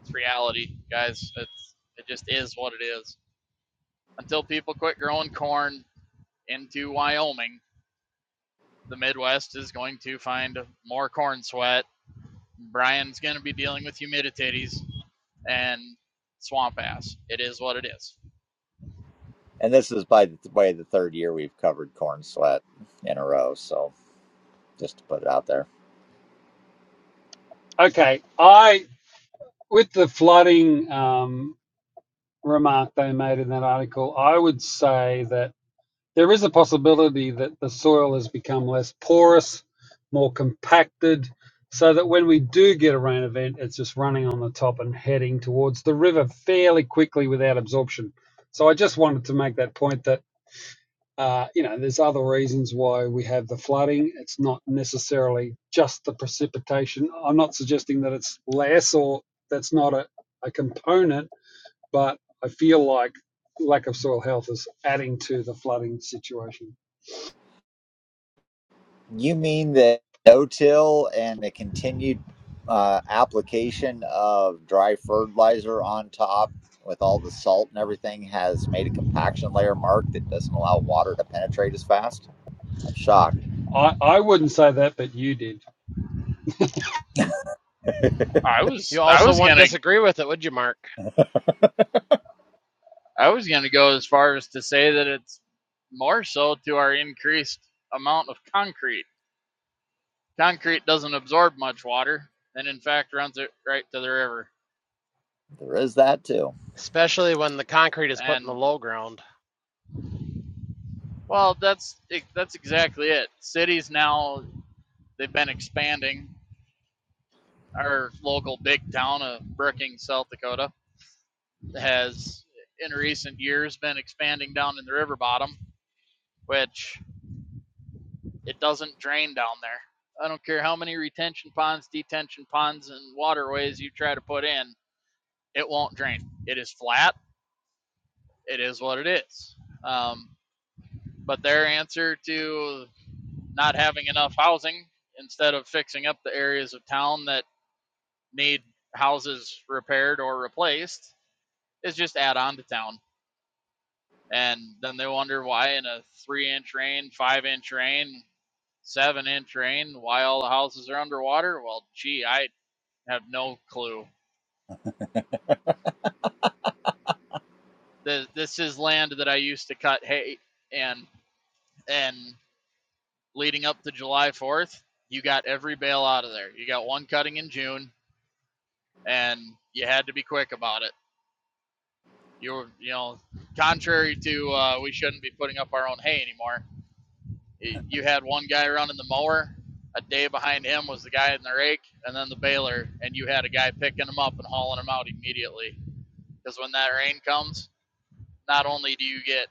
It's reality, guys. It's it just is what it is. until people quit growing corn into Wyoming, the Midwest is going to find more corn sweat. Brian's going to be dealing with humidities and swamp ass. It is what it is. And this is by the way the third year we've covered corn sweat in a row. So just to put it out there. okay. I with the flooding um, remark they made in that article, I would say that there is a possibility that the soil has become less porous, more compacted, so that when we do get a rain event, it's just running on the top and heading towards the river fairly quickly without absorption. So I just wanted to make that point that Uh, you know, there's other reasons why we have the flooding. It's not necessarily just the precipitation. I'm not suggesting that it's less or that's not a, a component, but I feel like lack of soil health is adding to the flooding situation. You mean that no-till and the continued uh, application of dry fertilizer on top with all the salt and everything has made a compaction layer mark that doesn't allow water to penetrate as fast? I'm shocked. I, I wouldn't say that, but you did. I was You I also was wouldn't gonna disagree with it, would you, Mark? I was gonna go as far as to say that it's more so to our increased amount of concrete. Concrete doesn't absorb much water, and in fact runs it right to the river. There is that too. Especially when the concrete is put in the And low ground. well, that's that's exactly it. Cities now They've been expanding. Our local big town of Brookings, South Dakota, has in recent years been expanding down in the river bottom, which it doesn't drain down there. I don't care how many retention ponds, detention ponds, and waterways you try to put in, it won't drain. It is flat. It is what it is. Um, but their answer to not having enough housing, instead of fixing up the areas of town that need houses repaired or replaced, is just add on to town. And then they wonder why in a three inch rain, five inch rain, seven inch rain, why all the houses are underwater. Well, gee, I have no clue. This, this is land that I used to cut hay and and leading up to July 4th, you got every bale out of there. You got one cutting in June, and you had to be quick about it. You were, you know, contrary to uh, we shouldn't be putting up our own hay anymore You had one guy running the mower. A day behind him was the guy in the rake, and then the baler, and you had a guy picking them up and hauling them out immediately. Because when that rain comes, not only do you get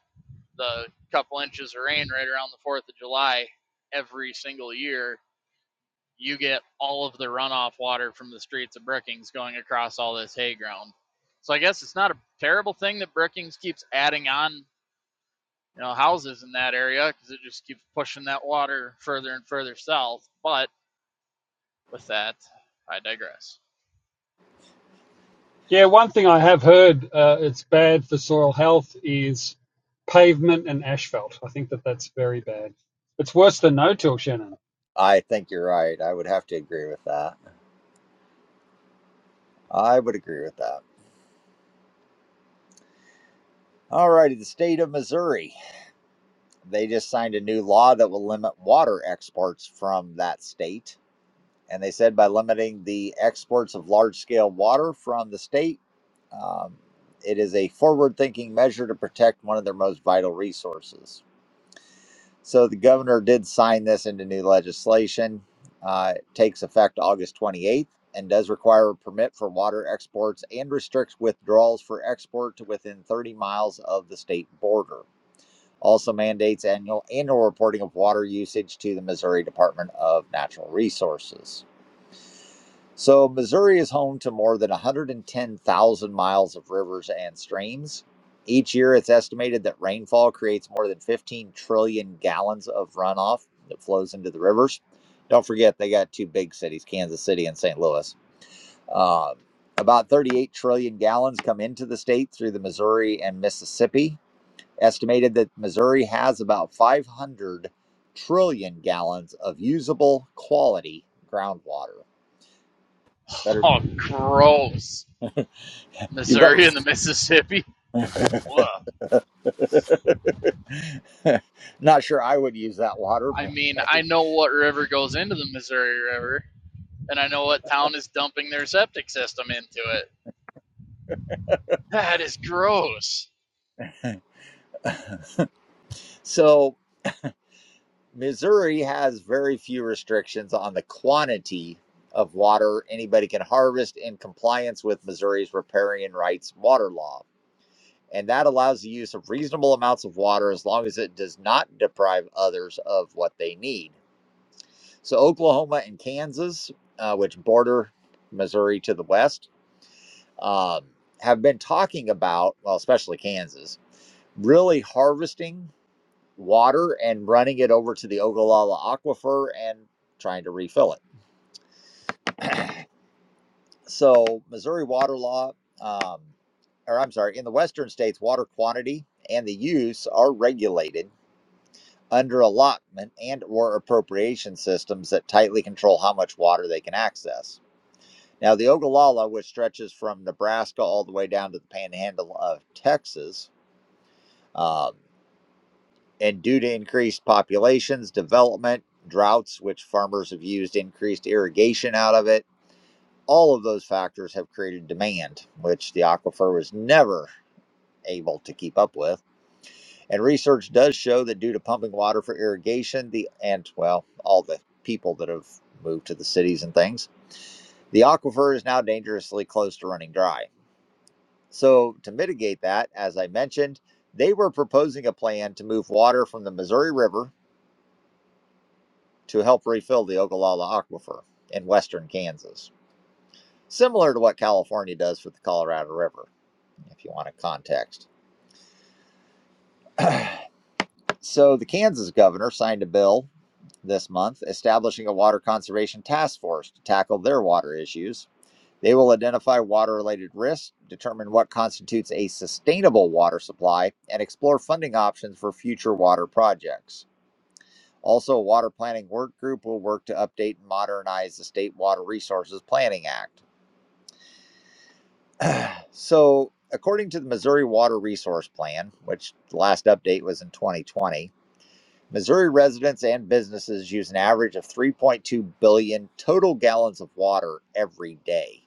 the couple inches of rain right around the Fourth of July every single year, you get all of the runoff water from the streets of Brookings going across all this hay ground. So I guess it's not a terrible thing that Brookings keeps adding on you know houses in that area because it just keeps pushing that water further and further south. But with that, I digress. Yeah, one thing I have heard uh, it's bad for soil health is pavement and asphalt. I think that that's very bad. It's worse than no-till, Shannon. I think you're right. I would have to agree with that. I would agree with that. All righty, the state of Missouri. They just signed a new law that will limit water exports from that state. And they said by limiting the exports of large scale water from the state, um, it is a forward thinking measure to protect one of their most vital resources. So the governor did sign this into new legislation. Uh, it takes effect August 28th and does require a permit for water exports and restricts withdrawals for export to within 30 miles of the state border. Also mandates annual annual reporting of water usage to the Missouri Department of Natural Resources. So, Missouri is home to more than 110,000 miles of rivers and streams. Each year, it's estimated that rainfall creates more than 15 trillion gallons of runoff that flows into the rivers. Don't forget, they got two big cities, Kansas City and St. Louis. Uh, about 38 trillion gallons come into the state through the Missouri and Mississippi. Estimated that Missouri has about 500 trillion gallons of usable quality groundwater. Better, Oh, gross! you Missouri better and the Mississippi. Ugh. Not sure I would use that water, I but mean, I hey. know what river goes into the Missouri River, and I know what town is dumping their septic system into it. That is gross. So, Missouri has very few restrictions on the quantity of water anybody can harvest in compliance with Missouri's riparian rights water law. And that allows the use of reasonable amounts of water as long as it does not deprive others of what they need. So, Oklahoma and Kansas, uh, which border Missouri to the west, um, have been talking about, well, especially Kansas really harvesting water and running it over to the Ogallala Aquifer and trying to refill it. So, Missouri water law, um, or I'm sorry, in the western states, water quantity and the use are regulated under allotment and or appropriation systems that tightly control how much water they can access. Now, the Ogallala, which stretches from Nebraska all the way down to the Panhandle of Texas, um, And due to increased populations, development, droughts, which farmers have used increased irrigation out of it, all of those factors have created demand, which the aquifer was never able to keep up with. And research does show that due to pumping water for irrigation, the and well, all the people that have moved to the cities and things, the aquifer is now dangerously close to running dry. So, to mitigate that, as I mentioned, they were proposing a plan to move water from the Missouri River to help refill the Ogallala Aquifer in western Kansas, similar to what California does with the Colorado River, if you want a context. So, the Kansas governor signed a bill this month establishing a water conservation task force to tackle their water issues. They will identify water related risks, determine what constitutes a sustainable water supply, and explore funding options for future water projects. Also, a water planning work group will work to update and modernize the State Water Resources Planning Act. So, according to the Missouri Water Resource Plan, which the last update was in 2020, Missouri residents and businesses use an average of 3.2 billion total gallons of water every day.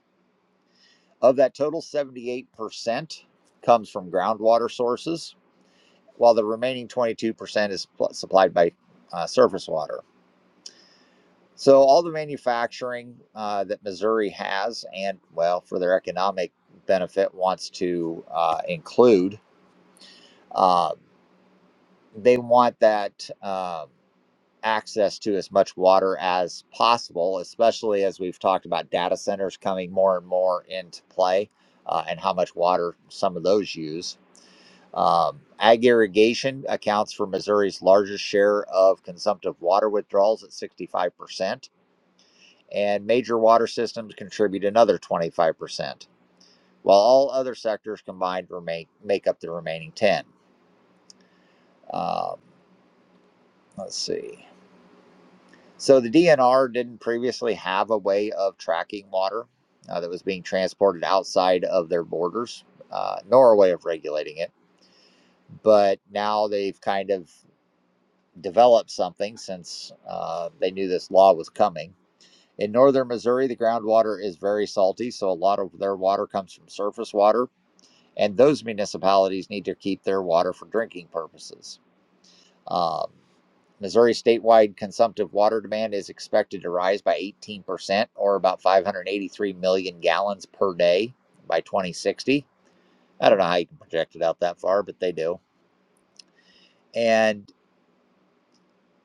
Of that total, 78% comes from groundwater sources, while the remaining 22% is pl- supplied by uh, surface water. So, all the manufacturing uh, that Missouri has, and well, for their economic benefit, wants to uh, include. Uh, they want that um, access to as much water as possible, especially as we've talked about data centers coming more and more into play uh, and how much water some of those use. Um, ag irrigation accounts for Missouri's largest share of consumptive water withdrawals at 65%, and major water systems contribute another 25%, while all other sectors combined remain, make up the remaining 10. Um, let's see. So the DNR didn't previously have a way of tracking water uh, that was being transported outside of their borders, uh, nor a way of regulating it. But now they've kind of developed something since uh, they knew this law was coming. In northern Missouri, the groundwater is very salty, so a lot of their water comes from surface water, and those municipalities need to keep their water for drinking purposes. Um, Missouri statewide consumptive water demand is expected to rise by 18%, or about 583 million gallons per day by 2060. I don't know how you can project it out that far, but they do. And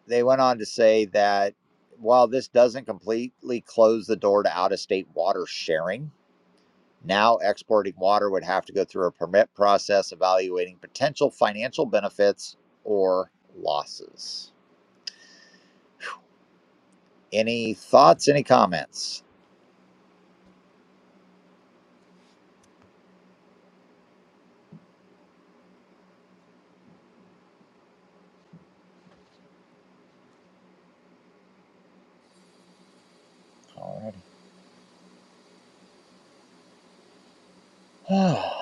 they went on to say that while this doesn't completely close the door to out of state water sharing, now exporting water would have to go through a permit process evaluating potential financial benefits or losses. Any thoughts, any comments? All right.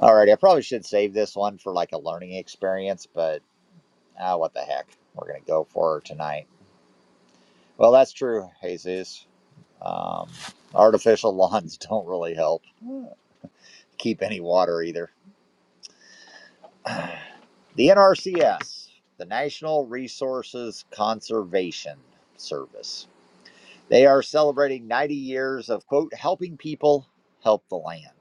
Alrighty, I probably should save this one for like a learning experience, but ah, what the heck? We're gonna go for it tonight. Well, that's true, Jesus. Um, artificial lawns don't really help uh, keep any water either. The NRCS, the National Resources Conservation Service, they are celebrating 90 years of quote helping people help the land.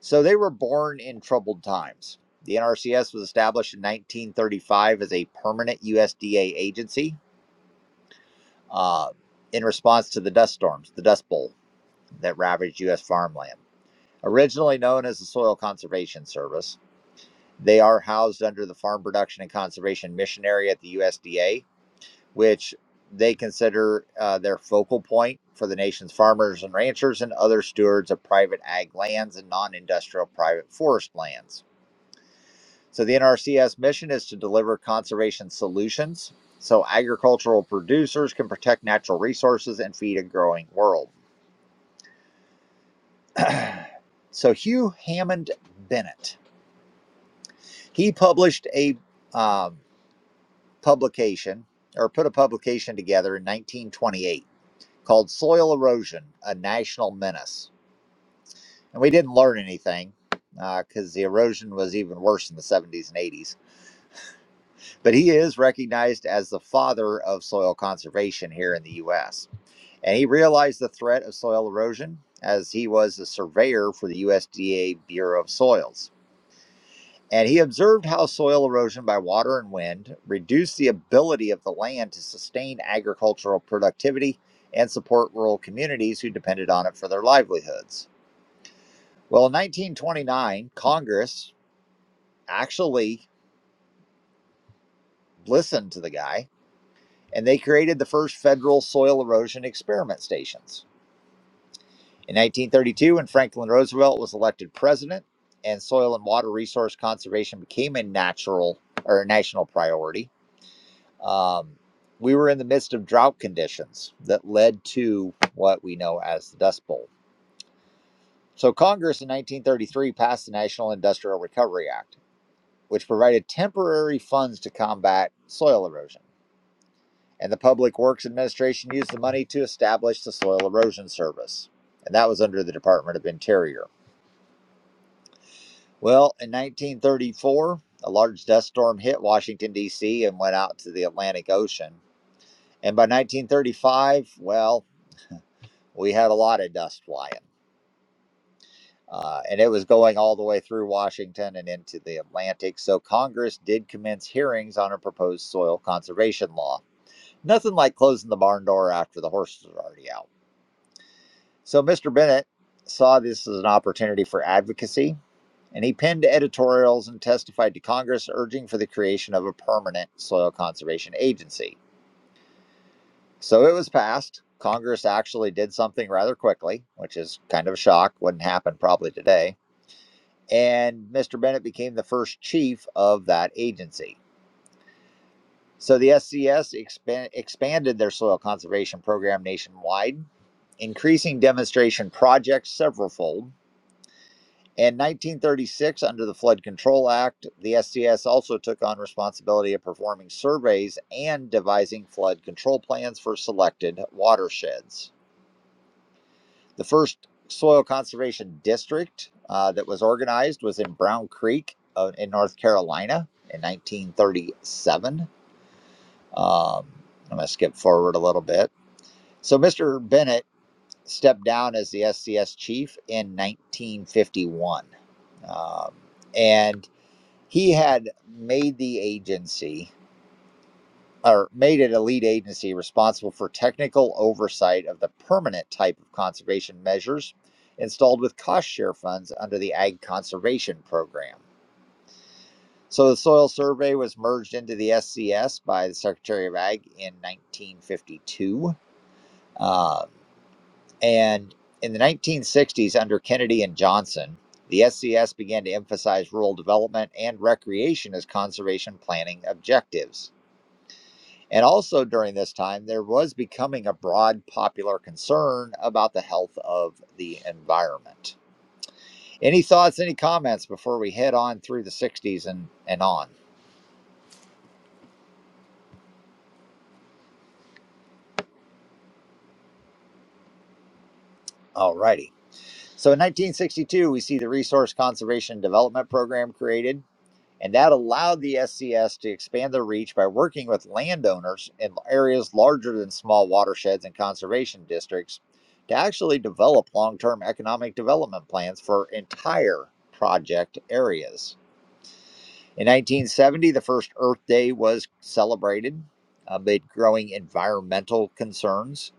So they were born in troubled times. The NRCS was established in 1935 as a permanent USDA agency uh, in response to the dust storms, the Dust Bowl, that ravaged U.S. farmland. Originally known as the Soil Conservation Service, they are housed under the Farm Production and Conservation Mission Area at the USDA, which they consider uh, their focal point for the nation's farmers and ranchers and other stewards of private ag lands and non industrial private forest lands. So the NRCS mission is to deliver conservation solutions so agricultural producers can protect natural resources and feed a growing world. so Hugh Hammond Bennett, he published a um, publication or put a publication together in 1928 called Soil Erosion: A National Menace. And we didn't learn anything because uh, the erosion was even worse in the 70s and 80s. but he is recognized as the father of soil conservation here in the U.S. And he realized the threat of soil erosion as he was a surveyor for the USDA Bureau of Soils. And he observed how soil erosion by water and wind reduced the ability of the land to sustain agricultural productivity and support rural communities who depended on it for their livelihoods. Well, in 1929, Congress actually listened to the guy and they created the first federal soil erosion experiment stations. In 1932, when Franklin Roosevelt was elected president and soil and water resource conservation became a natural or a national priority, um, we were in the midst of drought conditions that led to what we know as the Dust Bowl. So, Congress in 1933 passed the National Industrial Recovery Act, which provided temporary funds to combat soil erosion. and the Public Works Administration used the money to establish the Soil Erosion Service, and that was under the Department of Interior. Well, in 1934, a large dust storm hit Washington, D.C., and went out to the Atlantic Ocean. And by 1935, well, we had a lot of dust flying. Uh, and it was going all the way through Washington and into the Atlantic. So Congress did commence hearings on a proposed soil conservation law. Nothing like closing the barn door after the horses are already out. So Mr. Bennett saw this as an opportunity for advocacy, and he penned editorials and testified to Congress urging for the creation of a permanent soil conservation agency. So it was passed. Congress actually did something rather quickly, which is kind of a shock, wouldn't happen probably today. And Mr. Bennett became the first chief of that agency. So the SCS expan- expanded their soil conservation program nationwide, increasing demonstration projects severalfold In 1936, under the Flood Control Act, the SCS also took on responsibility of performing surveys and devising flood control plans for selected watersheds. The first soil conservation district uh, that was organized was in Brown Creek uh, in North Carolina in 1937. Um, I'm going to skip forward a little bit. So, Mr. Bennett stepped down as the SCS chief in 1951. Um, and he had made the agency or made it a lead agency responsible for technical oversight of the permanent type of conservation measures installed with cost share funds under the Ag Conservation Program. So the Soil Survey was merged into the SCS by the Secretary of Ag in 1952. Um, and in the 1960s, under Kennedy and Johnson, the SCS began to emphasize rural development and recreation as conservation planning objectives. And also during this time, there was becoming a broad popular concern about the health of the environment. Any thoughts, any comments before we head on through the 60s and, and on? Alrighty. So in 1962, we see the Resource Conservation Development Program created. And that allowed the SCS to expand their reach by working with landowners in areas larger than small watersheds and conservation districts to actually develop long term economic development plans for entire project areas. In 1970, the first Earth Day was celebrated amid growing environmental concerns.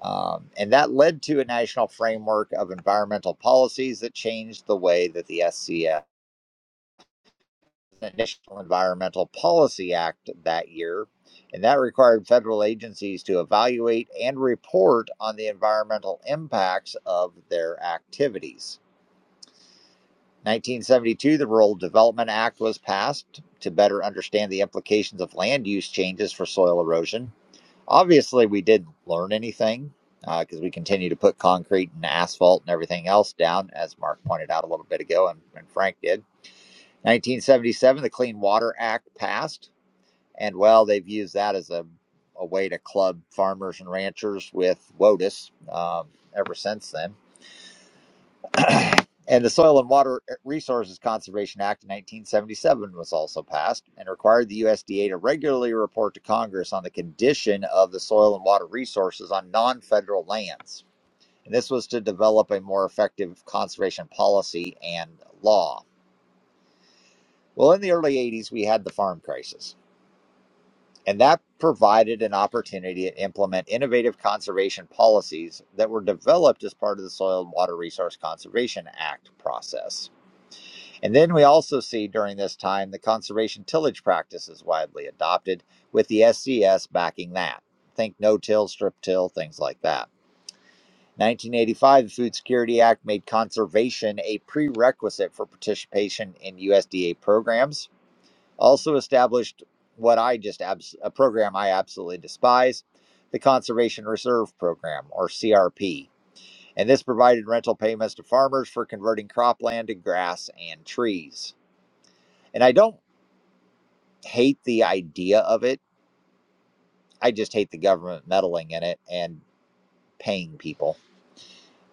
Um, and that led to a national framework of environmental policies that changed the way that the SCS the National Environmental Policy Act that year, and that required federal agencies to evaluate and report on the environmental impacts of their activities. 1972, the Rural Development Act was passed to better understand the implications of land use changes for soil erosion. Obviously, we didn't learn anything because uh, we continue to put concrete and asphalt and everything else down, as Mark pointed out a little bit ago and, and Frank did. 1977, the Clean Water Act passed and well, they've used that as a, a way to club farmers and ranchers with WOTUS um, ever since then. And the Soil and Water Resources Conservation Act of 1977 was also passed and required the USDA to regularly report to Congress on the condition of the soil and water resources on non federal lands. And this was to develop a more effective conservation policy and law. Well, in the early 80s, we had the farm crisis and that provided an opportunity to implement innovative conservation policies that were developed as part of the Soil and Water Resource Conservation Act process. And then we also see during this time the conservation tillage practice is widely adopted, with the SCS backing that. Think no till, strip till, things like that. 1985, the Food Security Act made conservation a prerequisite for participation in USDA programs also established what I just abs- a program I absolutely despise, the Conservation Reserve Program or CRP. And this provided rental payments to farmers for converting cropland to grass and trees. And I don't hate the idea of it. I just hate the government meddling in it and paying people.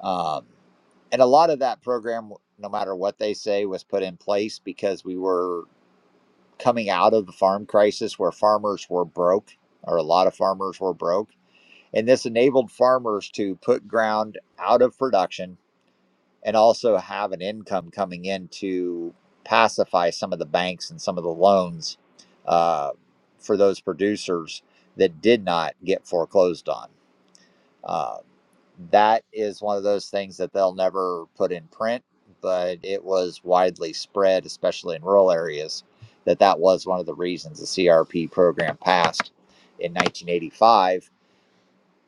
Um, and a lot of that program, no matter what they say, was put in place because we were coming out of the farm crisis where farmers were broke, or a lot of farmers were broke and this enabled farmers to put ground out of production and also have an income coming in to pacify some of the banks and some of the loans uh, for those producers that did not get foreclosed on. Uh, that is one of those things that they'll never put in print, but it was widely spread, especially in rural areas, that that was one of the reasons the CRP program passed in 1985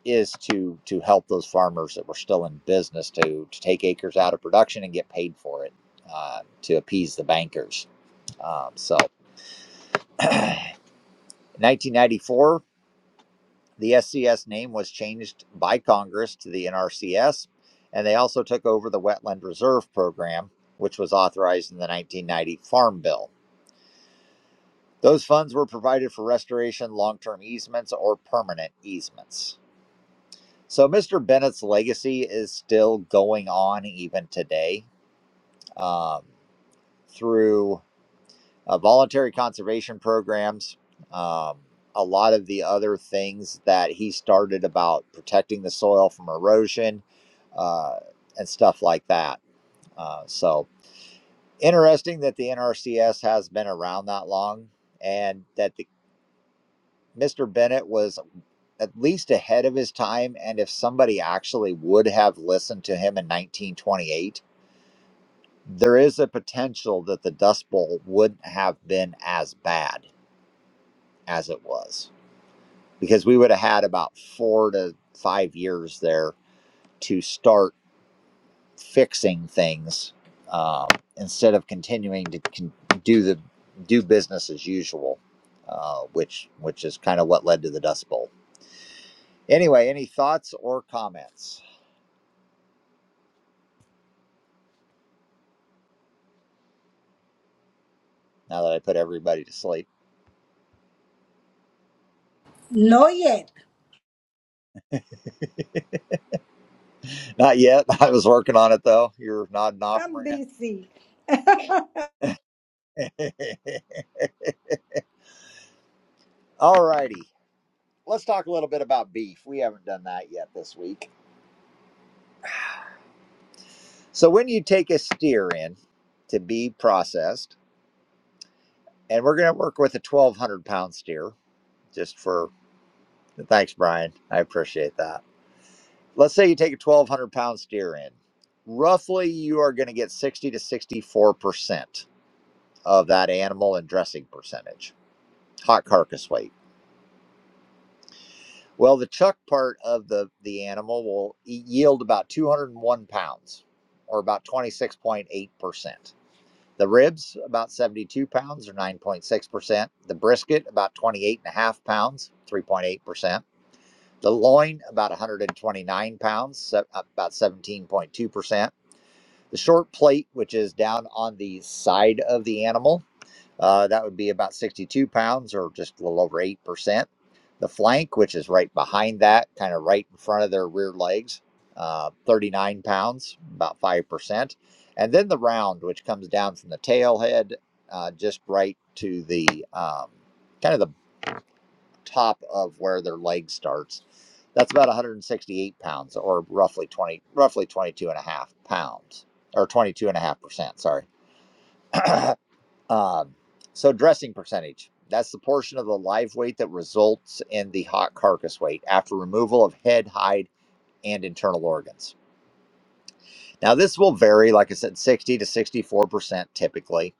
is to to help those farmers that were still in business to to take acres out of production and get paid for it uh, to appease the bankers. Um, so, in 1994, the SCS name was changed by Congress to the NRCS, and they also took over the Wetland Reserve Program, which was authorized in the 1990 Farm Bill. Those funds were provided for restoration, long term easements, or permanent easements. So, Mr. Bennett's legacy is still going on even today um, through uh, voluntary conservation programs, um, a lot of the other things that he started about protecting the soil from erosion uh, and stuff like that. Uh, so interesting that the NRCS has been around that long and that the, Mr. Bennett was at least ahead of his time. And if somebody actually would have listened to him in 1928, there is a potential that the Dust Bowl wouldn't have been as bad as it was because we would have had about four to five years there to start fixing things um, instead of continuing to con- do the do business as usual, uh, which which is kind of what led to the Dust Bowl. Anyway, any thoughts or comments? Now that I put everybody to sleep, No yet. not yet. I was working on it though. You're nodding off, i'm Maria. busy All righty. Let's talk a little bit about beef. We haven't done that yet this week. So when you take a steer in to be processed, and we're going to work with a 1,200 pound steer, just for thanks, Brian. I appreciate that. Let's say you take a 1,200 pound steer in. Roughly, you are going to get 60 to 64 percent of that animal in dressing percentage, hot carcass weight. Well, the chuck part of the the animal will yield about 201 pounds, or about 26.8 percent. The ribs about 72 pounds, or 9.6 percent. The brisket about 28 point five pounds, 3.8 percent. The loin about 129 pounds, about 17.2 percent. The short plate, which is down on the side of the animal, uh, that would be about 62 pounds, or just a little over 8% the flank, which is right behind that, kind of right in front of their rear legs, uh, 39 pounds, about 5%. And then the round, which comes down from the tail head, uh, just right to the um, kind of the top of where their leg starts. That's about 168 pounds or roughly 20, roughly 22 and a half pounds, or 22 and a half percent. Sorry. Um, so dressing percentage. That's the portion of the live weight that results in the hot carcass weight after removal of head, hide, and internal organs. Now, this will vary, like I said, 60 to 64% typically.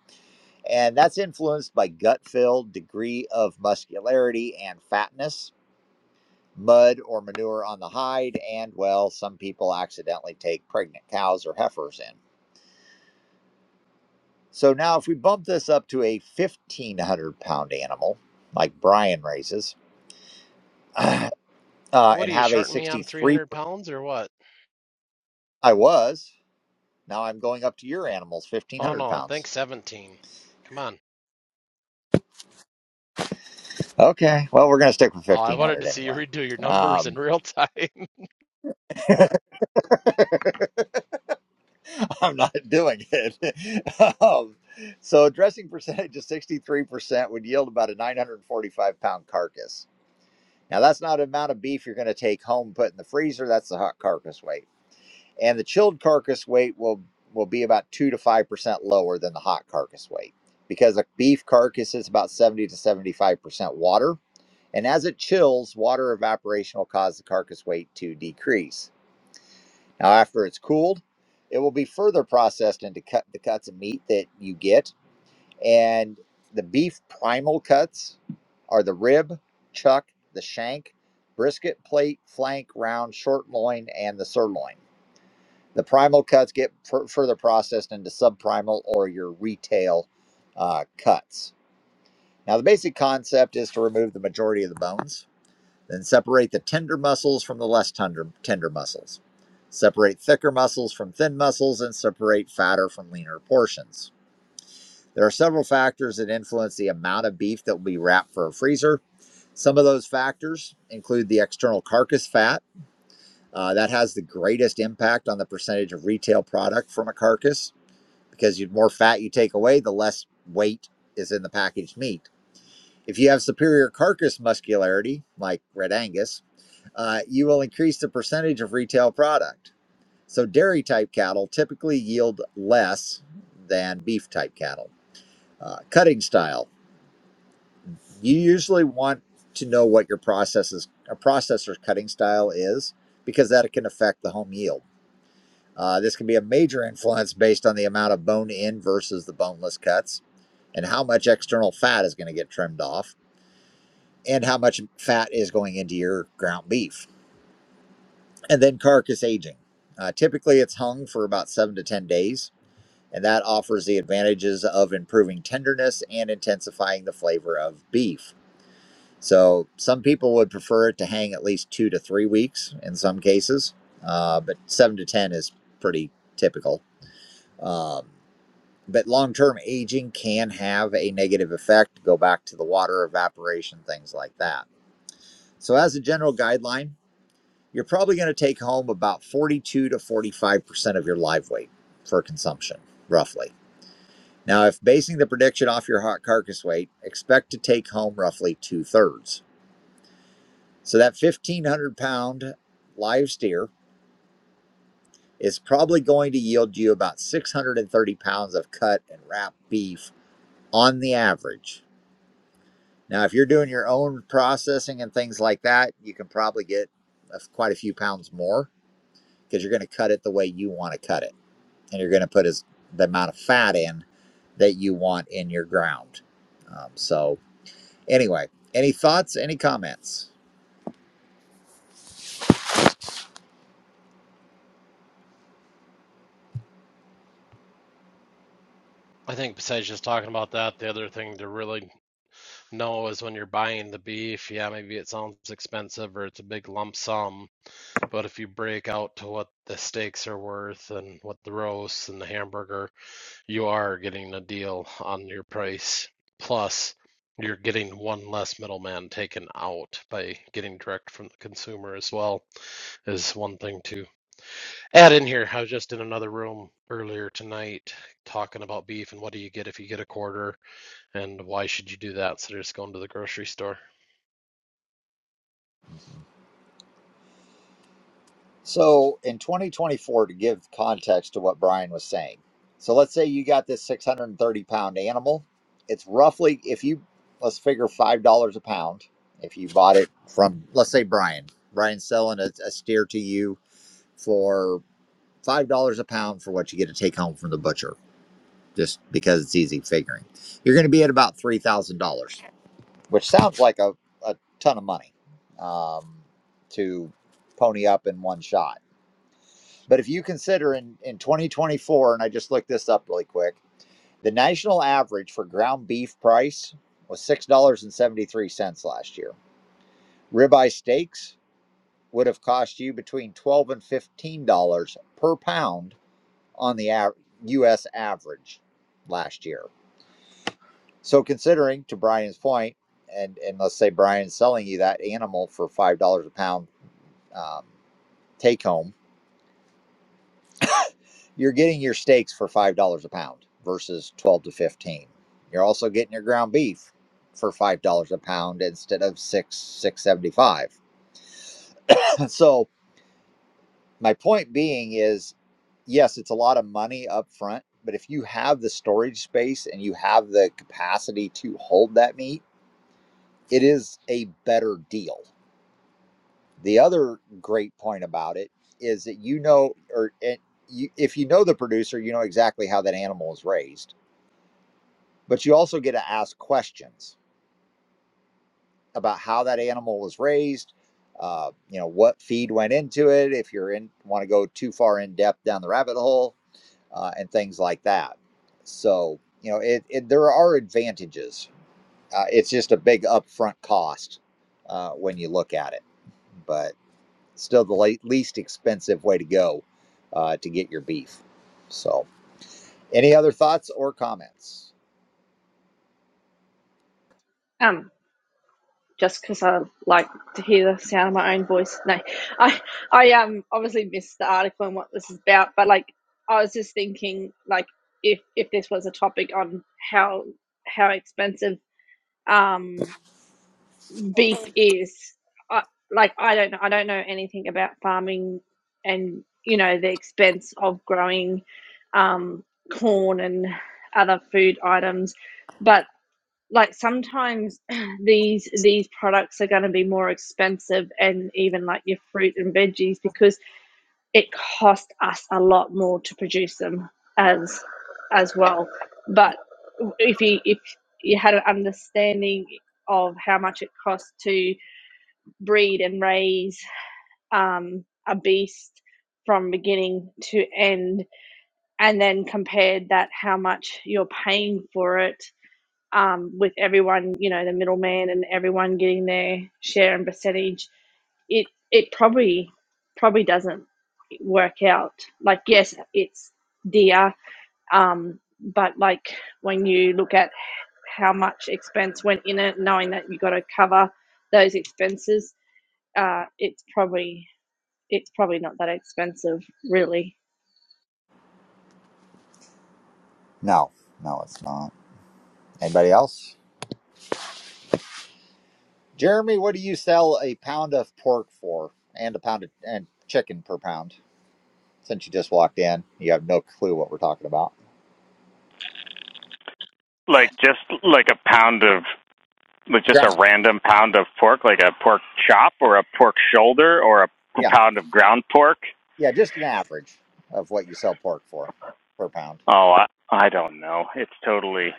And that's influenced by gut fill, degree of muscularity and fatness, mud or manure on the hide, and well, some people accidentally take pregnant cows or heifers in. So now, if we bump this up to a 1,500 pound animal, like Brian raises, uh, What and are you have a shorting me on 63. 300 pounds or what? I was. Now I'm going up to your animals, Oh 1,500 no, pounds. think 17. Come on. Okay. Well, we're going to stick with Oh, I wanted 1,500 to see you anyway. redo your numbers in Um, real time. I'm not doing it. um, so, dressing percentage of 63% would yield about a 945 pound carcass. Now, that's not an amount of beef you're going to take home, put in the freezer. That's the hot carcass weight. and the chilled carcass weight will will be about 2 to 5% lower than the hot carcass weight because a beef carcass is about 70 to 75% water and as it chills water evaporation will cause the carcass weight to decrease now after it's cooled it will be further processed into cut the cuts of meat that you get and the beef primal cuts are the rib chuck the shank brisket plate flank round short loin and the sirloin the primal cuts get fur further processed into subprimal or your retail uh, cuts. Now, the basic concept is to remove the majority of the bones, then separate the tender muscles from the less tender, tender muscles. Separate thicker muscles from thin muscles and separate fatter from leaner portions. There are several factors that influence the amount of beef that will be wrapped for a freezer. Some of those factors include the external carcass fat, uh, that has the greatest impact on the percentage of retail product from a carcass because the more fat you take away, the less weight is in the packaged meat. If you have superior carcass muscularity, like Red Angus, uh, you will increase the percentage of retail product. So, dairy type cattle typically yield less than beef type cattle. Uh, cutting style. You usually want to know what your processes, a processor's cutting style is because that can affect the home yield. Uh, this can be a major influence based on the amount of bone in versus the boneless cuts and how much external fat is going to get trimmed off and how much fat is going into your ground beef. And then carcass aging. Uh, typically, it's hung for about seven to 10 days, and that offers the advantages of improving tenderness and intensifying the flavor of beef. So, some people would prefer it to hang at least two to three weeks in some cases, uh, but seven to 10 is pretty typical. Um, but long-term aging can have a negative effect go back to the water evaporation things like that so as a general guideline you're probably going to take home about 42 to 45 percent of your live weight for consumption roughly now if basing the prediction off your hot carcass weight expect to take home roughly two-thirds so that 1500 pound live steer is probably going to yield you about 630 pounds of cut and wrap beef on the average Now, if you're doing your own processing and things like that, you can probably get a, quite a few pounds more because you're going to cut it the way you want to cut it. And you're going to put as, the amount of fat in that you want in your ground. Um, so, anyway, any thoughts, any comments? I think besides just talking about that, the other thing to really know is when you're buying the beef, yeah, maybe it sounds expensive or it's a big lump sum. But if you break out to what the steaks are worth and what the roast and the hamburger, you are getting a deal on your price. Plus, you're getting one less middleman taken out by getting direct from the consumer as well, is one thing to add in here. I was just in another room earlier tonight talking about beef and what do you get if you get a quarter and why should you do that instead of just going to the grocery store? So in 2024, to give context to what Brian was saying, so let's say you got this 630 pound animal. It's roughly, if you, let's figure $5 a pound. If you bought it from, let's say Brian, Brian's selling a, a steer to you for $5 a pound for what you get to take home from the butcher, just because it's easy figuring. You're going to be at about $3,000, which sounds like a, a ton of money um, to pony up in one shot but if you consider in, in 2024, and I just looked this up really quick, the national average for ground beef price was $6.73 last year. Ribeye steaks would have cost you between 12 dollars and $15 per pound on the av- US average last year. So considering to Brian's point, and, and let's say Brian's selling you that animal for $5 a pound um, take home, you're getting your steaks for five dollars a pound versus twelve to fifteen. You're also getting your ground beef for five dollars a pound instead of six six seventy five. so my point being is, yes, it's a lot of money up front, but if you have the storage space and you have the capacity to hold that meat, it is a better deal. The other great point about it is that you know, or it, you, if you know the producer, you know exactly how that animal is raised but you also get to ask questions about how that animal was raised uh, you know what feed went into it if you're in want to go too far in depth down the rabbit hole uh, and things like that so you know it, it there are advantages uh, it's just a big upfront cost uh, when you look at it but still the late, least expensive way to go uh, to get your beef so any other thoughts or comments um just because I like to hear the sound of my own voice. No, I I um obviously missed the article and what this is about, but like I was just thinking like if if this was a topic on how how expensive um beef is, I, like I don't know I don't know anything about farming and you know the expense of growing um corn and other food items, but like sometimes these these products are going to be more expensive and even like your fruit and veggies because it cost us a lot more to produce them as as well but if you if you had an understanding of how much it costs to breed and raise um, a beast from beginning to end and then compared that how much you're paying for it um, with everyone, you know, the middleman and everyone getting their share and percentage, it it probably probably doesn't work out. Like yes, it's dear, um, but like when you look at how much expense went in it, knowing that you got to cover those expenses, uh, it's probably it's probably not that expensive, really. no no it's not anybody else Jeremy, what do you sell a pound of pork for and a pound of and chicken per pound? Since you just walked in, you have no clue what we're talking about. like just like a pound of like just a Ground. random pound of pork, like a pork chop or a pork shoulder or a Yeah. pound of ground pork? Yeah, just an average of what you sell pork for per pound. Oh, I, I don't know. It's totally.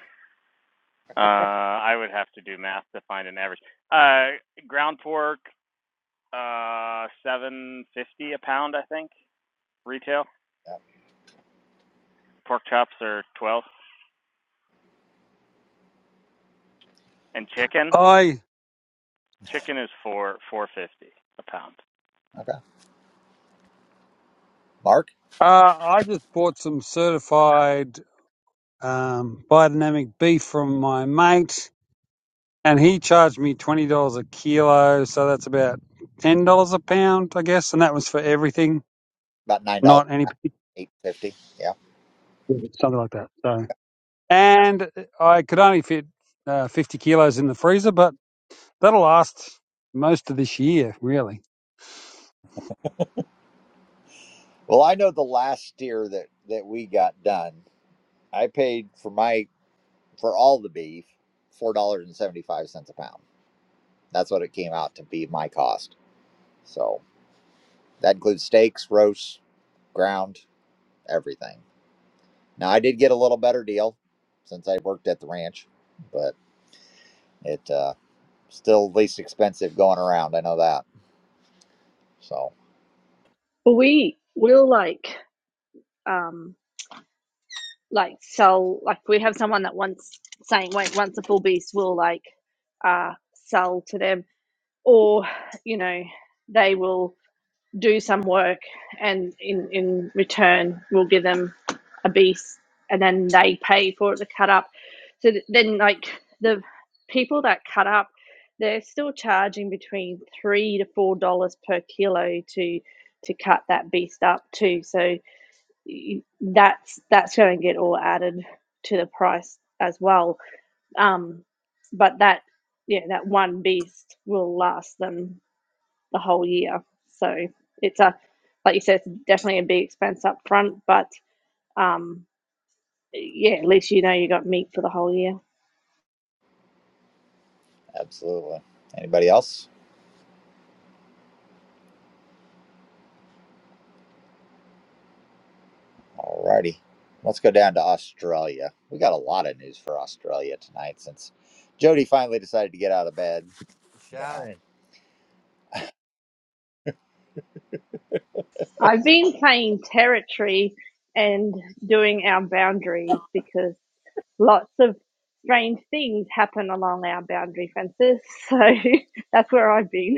Uh, I would have to do math to find an average. Uh, ground pork, uh, seven fifty a pound, I think, retail. Yeah. Pork chops are twelve, and chicken, I. chicken is four four fifty a pound. Okay. Mark? Uh, I just bought some certified um, biodynamic beef from my mate, and he charged me twenty dollars a kilo, so that's about ten dollars a pound, I guess. And that was for everything, About nine dollars not any particular eight fifty. Yeah. something like that. So, and I could only fit uh, fifty kilos in the freezer, but that'll last most of this year, really. Well I know the last steer that, that we got done, I paid for my for all the beef four dollars and seventy five cents a pound. That's what it came out to be my cost. So that includes steaks, roasts, ground. everything. Now I did get a little better deal since I worked at the ranch, but it uh, still least expensive going around. I know that. So But we will like. Um, like sell like we have someone that wants saying wait once a full beast will like uh sell to them or you know they will do some work and in in return we'll give them a beast and then they pay for it to cut up so th- then like the people that cut up they're still charging between three to four dollars per kilo to to cut that beast up too so y- that's that's going to get all added to the price as well. Um, but that yeah, that one beast will last them the whole year. So it's a like you said, it's definitely a big expense up front, but um, yeah, at least you know you got meat for the whole year. absolutely. Anybody else? Alrighty. Let's go down to Australia. We got a lot of news for Australia tonight since Jody finally decided to get out of bed. You Shannon? know. I've been playing territory and doing our boundaries because lots of strange things happen along our boundary fences. So that's where I've been.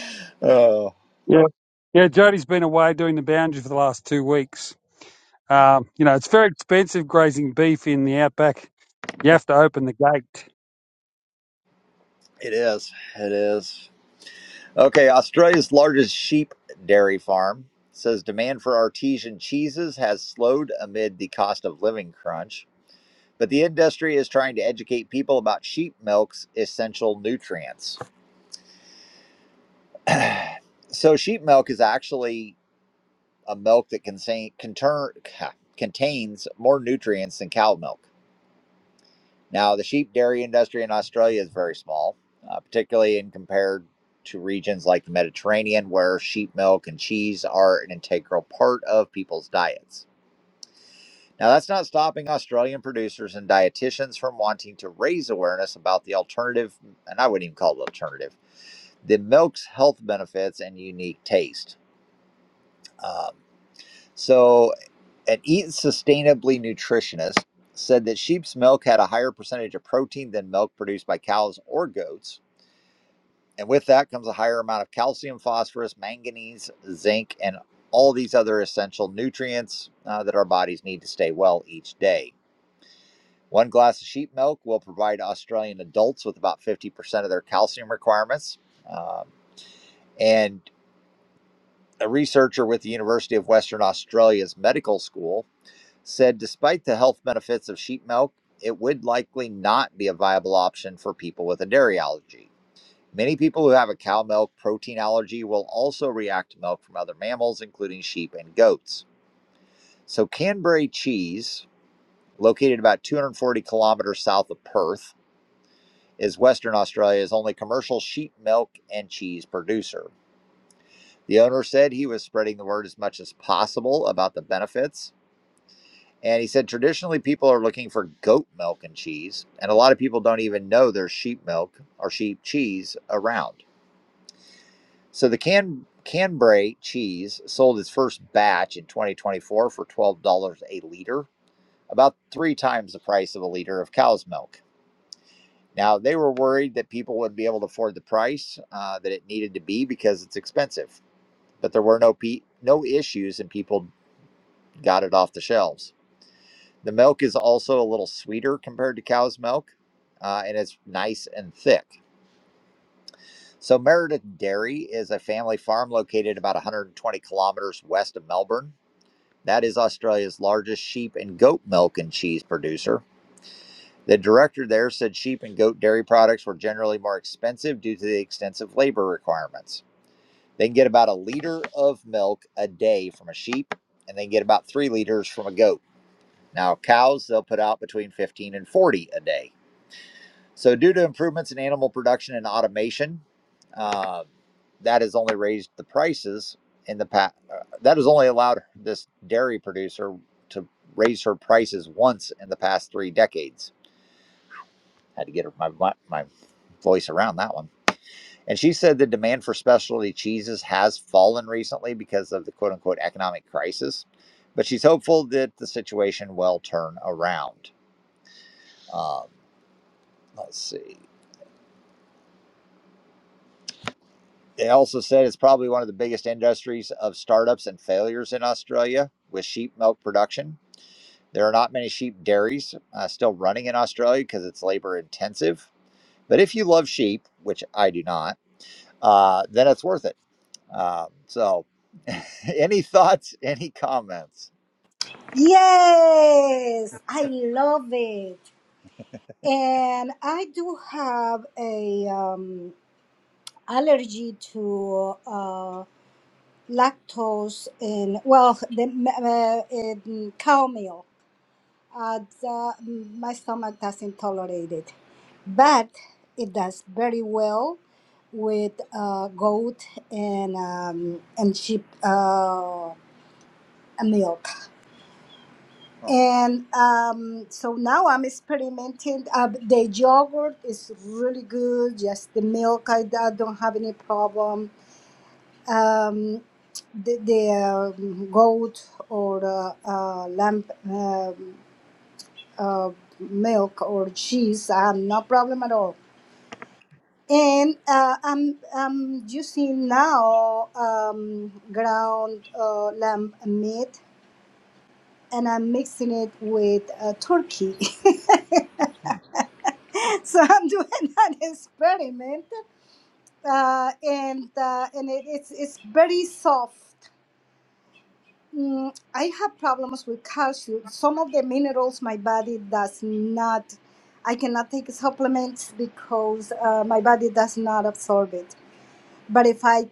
Oh, Yeah, yeah. Jody's been away doing the boundary for the last two weeks, Um, you know, it's very expensive grazing beef in the outback. You have to open the gate. it is. It is. Okay, Australia's largest sheep dairy farm says demand for artesian cheeses has slowed amid the cost of living crunch, but the industry is trying to educate people about sheep milk's essential nutrients. So, sheep milk is actually a milk that contain, conter, contains more nutrients than cow milk. Now, the sheep dairy industry in Australia is very small, uh, particularly in compared to regions like the Mediterranean, where sheep milk and cheese are an integral part of people's diets. Now, that's not stopping Australian producers and dietitians from wanting to raise awareness about the alternative, and I wouldn't even call it alternative, the milk's health benefits and unique taste. Um, so an Eat Sustainably nutritionist said that sheep's milk had a higher percentage of protein than milk produced by cows or goats. And with that comes a higher amount of calcium, phosphorus, manganese, zinc, and all these other essential nutrients uh, that our bodies need to stay well each day. One glass of sheep milk will provide Australian adults with about 50% of their calcium requirements. Um, and a researcher with the University of Western Australia's medical school said despite the health benefits of sheep milk, it would likely not be a viable option for people with a dairy allergy. Many people who have a cow milk protein allergy will also react to milk from other mammals, including sheep and goats. So, Canberra cheese, located about 240 kilometers south of Perth, is Western Australia's only commercial sheep milk and cheese producer. The owner said he was spreading the word as much as possible about the benefits And he said traditionally people are looking for goat milk and cheese, and a lot of people don't even know there's sheep milk or sheep cheese around. So the can Canbray cheese sold its first batch in 2024 for $12 a liter, about three times the price of a liter of cow's milk. Now they were worried that people would be able to afford the price uh, that it needed to be because it's expensive, but there were no pe- no issues and people got it off the shelves. The milk is also a little sweeter compared to cow's milk, uh, and it's nice and thick. So, Meredith Dairy is a family farm located about 120 kilometers west of Melbourne. That is Australia's largest sheep and goat milk and cheese producer. The director there said sheep and goat dairy products were generally more expensive due to the extensive labor requirements. They can get about a liter of milk a day from a sheep, and they can get about three liters from a goat. Now, cows, they'll put out between 15 and 40 a day. So, due to improvements in animal production and automation, uh, that has only raised the prices in the past. Uh, that has only allowed this dairy producer to raise her prices once in the past three decades. Had to get her- my, my, my voice around that one. And she said the demand for specialty cheeses has fallen recently because of the quote unquote economic crisis, but she's hopeful that the situation will turn around. Um, let's see. They also said it's probably one of the biggest industries of startups and failures in Australia with sheep milk production. There are not many sheep dairies uh, still running in Australia because it's labor intensive. But if you love sheep, which I do not, uh, then it's worth it. Um, so, any thoughts, any comments? Yes, I love it. and i do have a um, allergy to uh, lactose in well the m- uh, in cow milk. Uh, the, mm, my stomach doesn't tolerate it, but it does very well with uh, goat and um, and sheep uh, milk. Oh, And um, so now I'm experimenting. Uh, the yogurt is really good. Just the milk, I, I don't have any problem um, the, the um, goat or uh, uh, lamb um uh, milk or cheese. I have no problem at all. And uh, I'm, I'm using now um, ground uh, lamb meat and I'm mixing it with uh, turkey. hmm, so I'm doing an experiment uh, and, uh, and it, it's, it's very soft Mm, I have problems with calcium. Some of the minerals my body does not, I cannot take supplements because uh, my body does not absorb it. But if I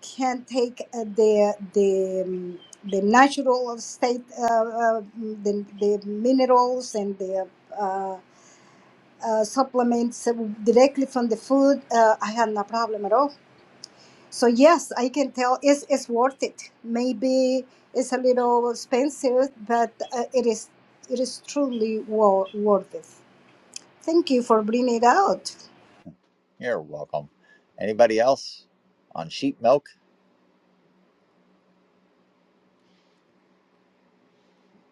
can take uh, the the um, the natural state, uh, uh, the, the minerals and the uh, uh, supplements directly from the food, uh, I have no problem at all. So yes, I can tell it's, it's worth it. Maybe it's a little expensive, but uh, it is it is truly wo- worth it. Thank you for bringing it out. you're welcome. Anybody else on sheep milk?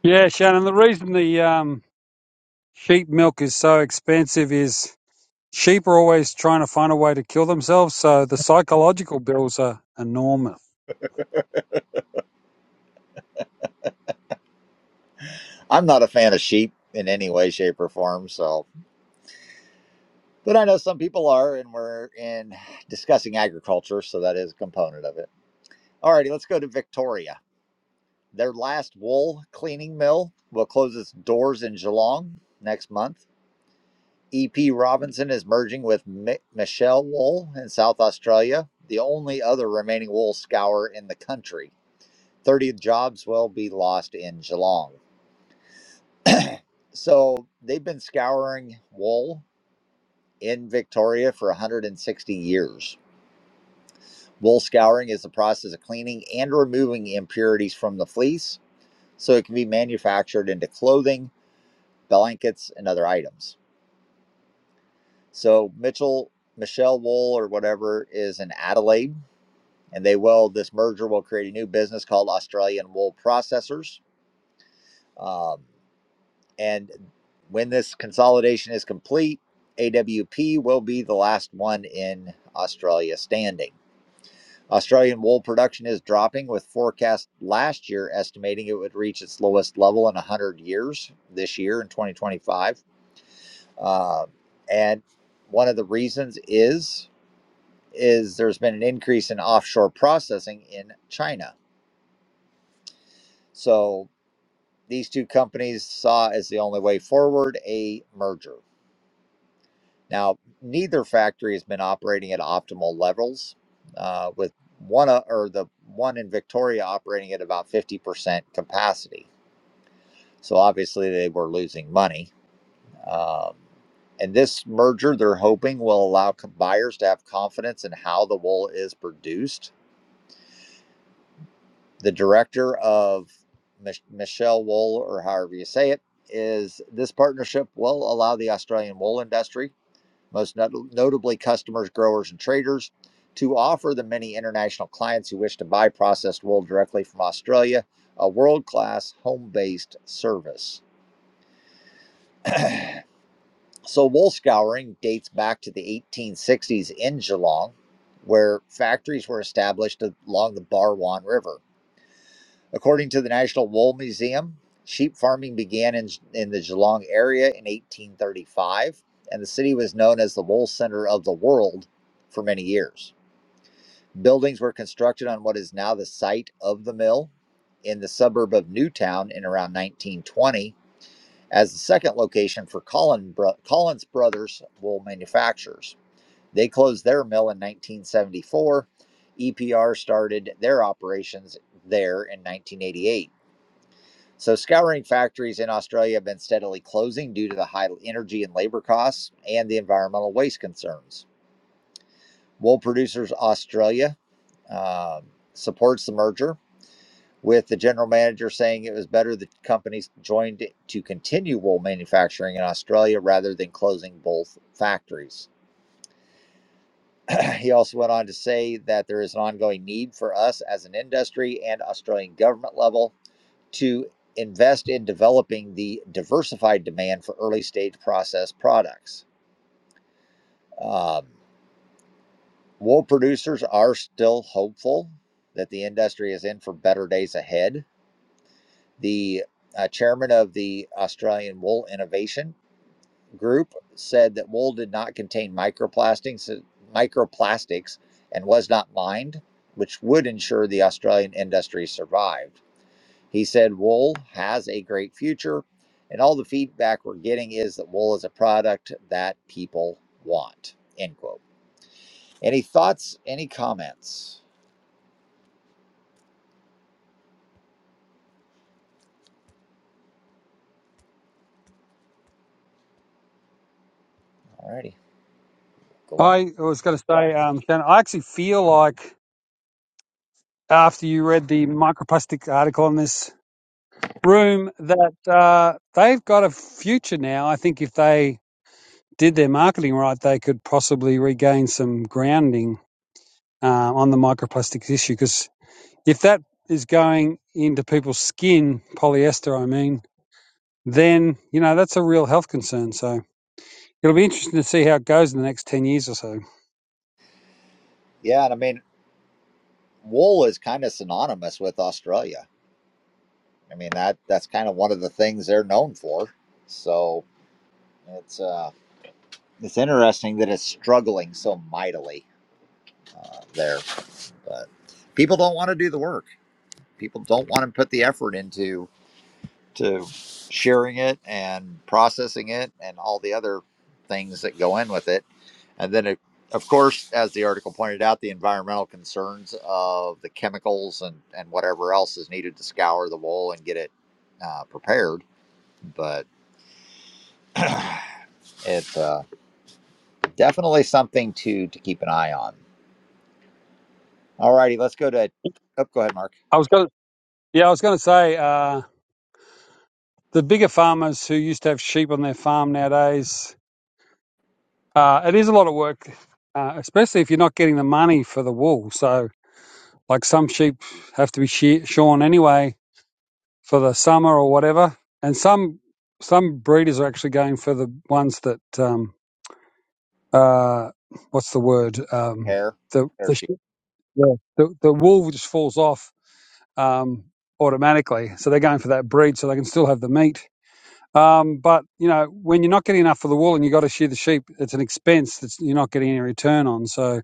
Yeah, Shannon, the reason the um, sheep milk is so expensive is sheep are always trying to find a way to kill themselves, so the psychological bills are enormous. I'm not a fan of sheep in any way, shape, or form. So, But I know some people are, and we're in discussing agriculture, so that is a component of it. All righty, let's go to Victoria. Their last wool cleaning mill will close its doors in Geelong next month. EP Robinson is merging with Mi- Michelle Wool in South Australia, the only other remaining wool scour in the country. 30 jobs will be lost in Geelong. So they've been scouring wool in Victoria for 160 years Wool scouring is the process of cleaning and removing impurities from the fleece so it can be manufactured into clothing, blankets, and other items. So Mitchell, Michelle Wool or whatever is in Adelaide, and they will this merger will create a new business called Australian Wool Processors. Um, and when this consolidation is complete, AWP will be the last one in Australia standing. Australian wool production is dropping, with forecast last year estimating it would reach its lowest level in 100 years this year in 2025. Uh, and one of the reasons is is there's been an increase in offshore processing in China. So these two companies saw as the only way forward a merger. Now, neither factory has been operating at optimal levels, uh, with one o- or the one in Victoria operating at about 50% capacity. So obviously they were losing money. Um, and this merger, they're hoping, will allow buyers to have confidence in how the wool is produced. The director of Mich- Michelle Wool, or however you say it, is this partnership will allow the Australian wool industry most not- notably customers, growers, and traders, to offer the many international clients who wish to buy processed wool directly from Australia a world class home based service. So, wool scouring dates back to the 1860s in Geelong, where factories were established along the Barwon River. According to the National Wool Museum, sheep farming began in, in the Geelong area in 1835, and the city was known as the wool center of the world for many years. Buildings were constructed on what is now the site of the mill in the suburb of Newtown in around 1920 as the second location for Collin Bro- Collins Brothers wool manufacturers. They closed their mill in 1974. EPR started their operations there in 1988. So, scouring factories in Australia have been steadily closing due to the high energy and labor costs and the environmental waste concerns. Wool Producers Australia um, supports the merger with the general manager saying it was better that companies joined to continue wool manufacturing in Australia rather than closing both factories. he also went on to say that there is an ongoing need for us as an industry and Australian government level to invest in developing the diversified demand for early stage processed products. Um, wool producers are still hopeful that the industry is in for better days ahead The uh, chairman of the Australian Wool Innovation Group said that wool did not contain microplastics, microplastics and was not mined, which would ensure the Australian industry survived. He said wool has a great future, and all the feedback we're getting is that wool is a product that people want. End quote. Any thoughts? Any comments? Alrighty, go on. I was going to say, um, Shannon, I actually feel like after you read the microplastic article on this room that uh, they've got a future now. I think if they did their marketing right, they could possibly regain some grounding uh, on the microplastics issue because if that is going into people's skin, polyester, I mean, then you know that's a real health concern. So it'll be interesting to see how it goes in the next ten years or so. Yeah, and I mean, wool is kind of synonymous with Australia I mean that that's kind of one of the things they're known for. So it's uh, it's interesting that it's struggling so mightily uh, there, but people don't want to do the work. People don't want to put the effort into to sharing it and processing it and all the other things that go in with it. And then, it, of course, as the article pointed out, the environmental concerns of the chemicals and and whatever else is needed to scour the wool and get it uh, prepared. But It's uh, definitely something to to keep an eye on. All righty, let's go to. Oh, go ahead, Mark. I was going, to, yeah, I was going to say uh, the bigger farmers who used to have sheep on their farm nowadays, uh, it is a lot of work, uh, especially if you're not getting the money for the wool. So like some sheep have to be she- shorn anyway for the summer or whatever. And some some breeders are actually going for the ones that um, uh, what's the word um, Hair, the hair the, sh- sheep. yeah. the the wool just falls off um, automatically, so they're going for that breed so they can still have the meat. Um, but you know, when you're not getting enough for the wool and you've got to shear the sheep, it's an expense that you're not getting any return on. So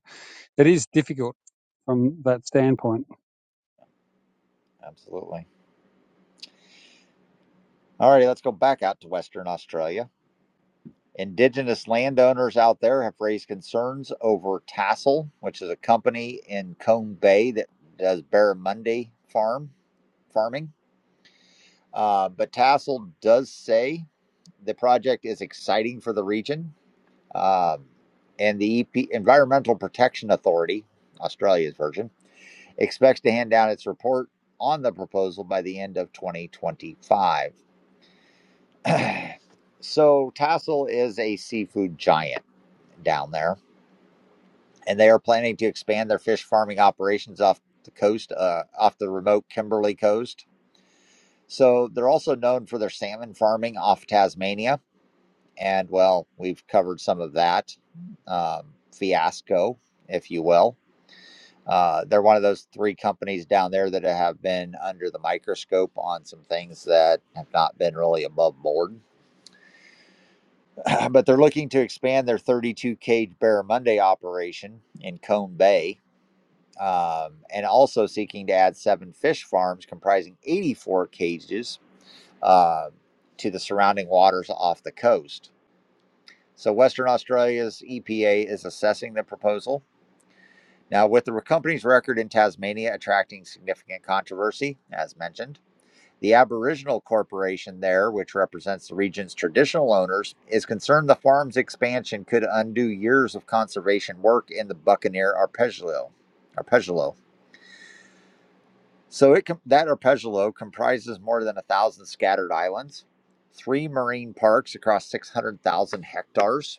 it is difficult from that standpoint. Absolutely. All righty, let's go back out to Western Australia. Indigenous landowners out there have raised concerns over Tassel, which is a company in Cone Bay that does barramundi farm farming. Uh, but Tassel does say the project is exciting for the region, Um and the EP, Environmental Protection Authority, Australia's version expects to hand down its report on the proposal by the end of 2025. so, Tassel is a seafood giant down there, and they are planning to expand their fish farming operations off the coast, uh, off the remote Kimberley coast. So, they're also known for their salmon farming off Tasmania. And, well, we've covered some of that um, fiasco, if you will. Uh, they're one of those three companies down there that have been under the microscope on some things that have not been really above board. but they're looking to expand their 32 cage barramundi operation in Cone Bay um, and also seeking to add seven fish farms comprising 84 cages uh, to the surrounding waters off the coast. So, Western Australia's EPA is assessing the proposal. Now, with the company's record in Tasmania attracting significant controversy, as mentioned, The Aboriginal Corporation there, which represents the region's traditional owners, is concerned the farm's expansion could undo years of conservation work in the Buccaneer Archipelago. Arpeggio. So it com- that Archipelago comprises more than a thousand scattered islands, three marine parks across 600,000 hectares,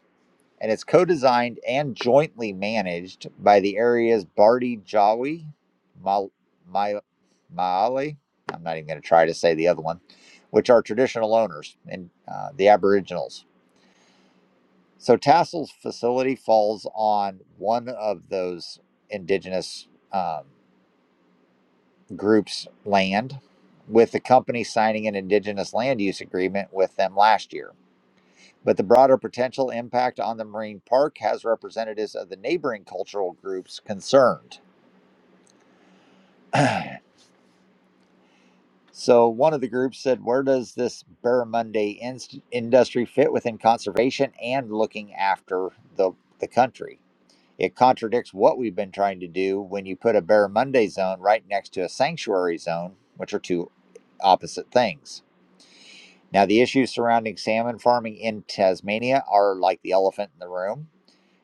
and it's co-designed and jointly managed by the area's Bardi Jawi, Mal, Ma- Maali. I'm not even going to try to say the other one, which are traditional owners and uh, the Aboriginals. So Tassel's facility falls on one of those indigenous um, groups' land, with the company signing an indigenous land use agreement with them last year. but the broader potential impact on the marine park has representatives of the neighboring cultural groups concerned. so, one of the groups said, Where does this barramundi inst- industry fit within conservation and looking after the, the country? It contradicts what we've been trying to do when you put a barramundi zone right next to a sanctuary zone, which are two opposite things. Now, the issues surrounding salmon farming in Tasmania are like the elephant in the room.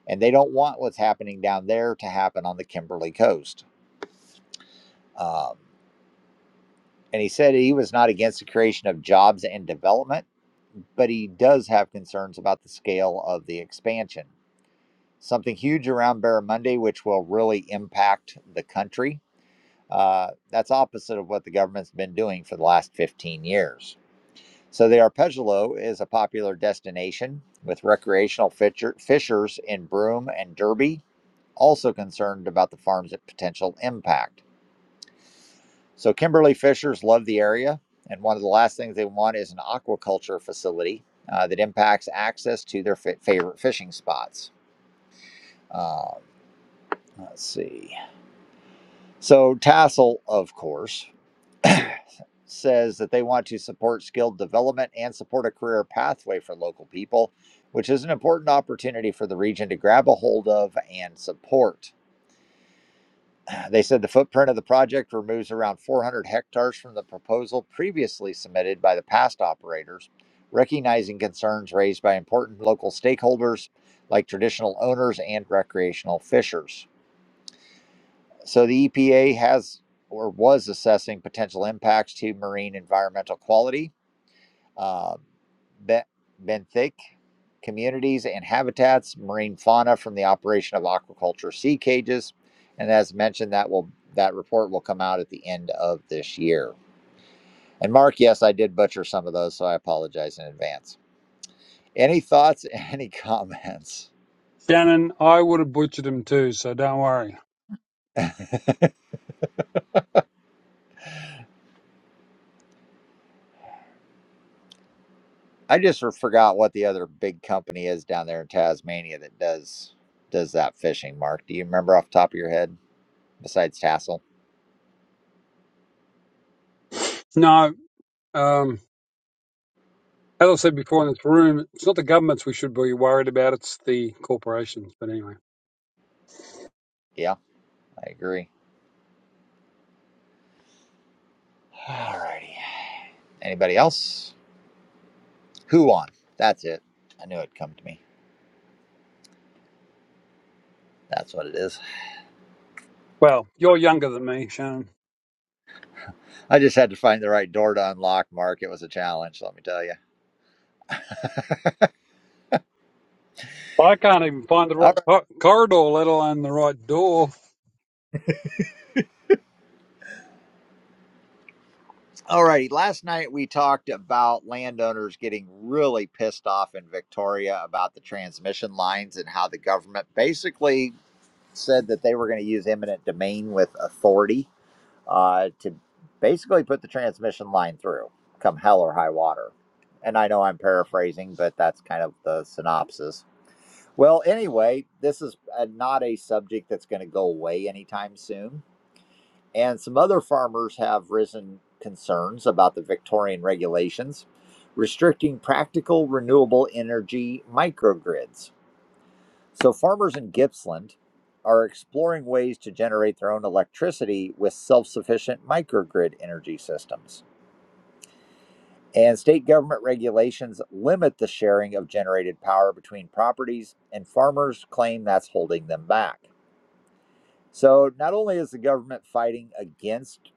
and they don't want what's happening down there to happen on the Kimberly coast. Um, and he said he was not against the creation of jobs and development, but he does have concerns about the scale of the expansion. Something huge around Barramundi, which will really impact the country. Uh, that's opposite of what the government's been doing for the last 15 years. So, the arpeggio is a popular destination with recreational fisher- fishers in Broome and Derby, also concerned about the farm's potential impact. So Kimberly Fishers love the area, and one of the last things they want is an aquaculture facility uh, that impacts access to their fa- favorite fishing spots. Um, let's see. So Tassel, of course, says that they want to support skilled development and support a career pathway for local people, which is an important opportunity for the region to grab a hold of and support. They said the footprint of the project removes around 400 hectares from the proposal previously submitted by the past operators, recognizing concerns raised by important local stakeholders like traditional owners and recreational fishers. So the EPA has or was assessing potential impacts to marine environmental quality. Uh, Ben, communities and habitats, marine fauna from the operation of aquaculture sea cages. And as mentioned, that will that report will come out at the end of this year. And Mark, yes, I did butcher some of those, so I apologize in advance. Any thoughts? Any comments? Shannon, I would have butchered him too, so don't worry. I just forgot what the other big company is down there in Tasmania that does does that fishing. Mark, do you remember off the top of your head? Besides Tassel, No, um, As I said before in this room, it's not the governments we should be worried about, it's the corporations. But anyway, yeah, I agree. All righty. Anybody else? Who won? That's it. I knew it'd come to me. That's what it is. well, you're younger than me, Shannon. I just had to find the right door to unlock, Mark. It was a challenge, let me tell you. I can't even find the All right right. co- corridor, let alone the right door. All righty. Last night we talked about landowners getting really pissed off in Victoria about the transmission lines and how the government basically said that they were going to use eminent domain with authority uh, to basically put the transmission line through, come hell or high water. And I know I'm paraphrasing, but that's kind of the synopsis. Well, anyway, this is uh not a subject that's going to go away anytime soon. And some other farmers have risen concerns about the Victorian regulations restricting practical renewable energy microgrids. So, farmers in Gippsland are exploring ways to generate their own electricity with self sufficient microgrid energy systems. And state government regulations limit the sharing of generated power between properties, and farmers claim that's holding them back. So not only is the government fighting against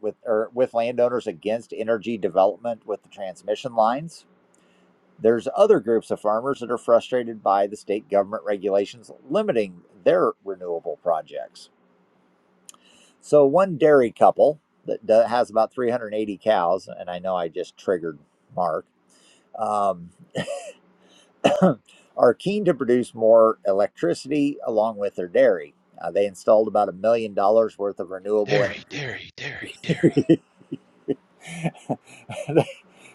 with or with landowners against energy development with the transmission lines, there's other groups of farmers that are frustrated by the state government regulations limiting their renewable projects. So one dairy couple that do- has about 380 cows, and I know I just triggered Mark, um, are keen to produce more electricity along with their dairy. Uh, they installed about a million dollars worth of renewable Dairy, energy dairy, dairy, dairy.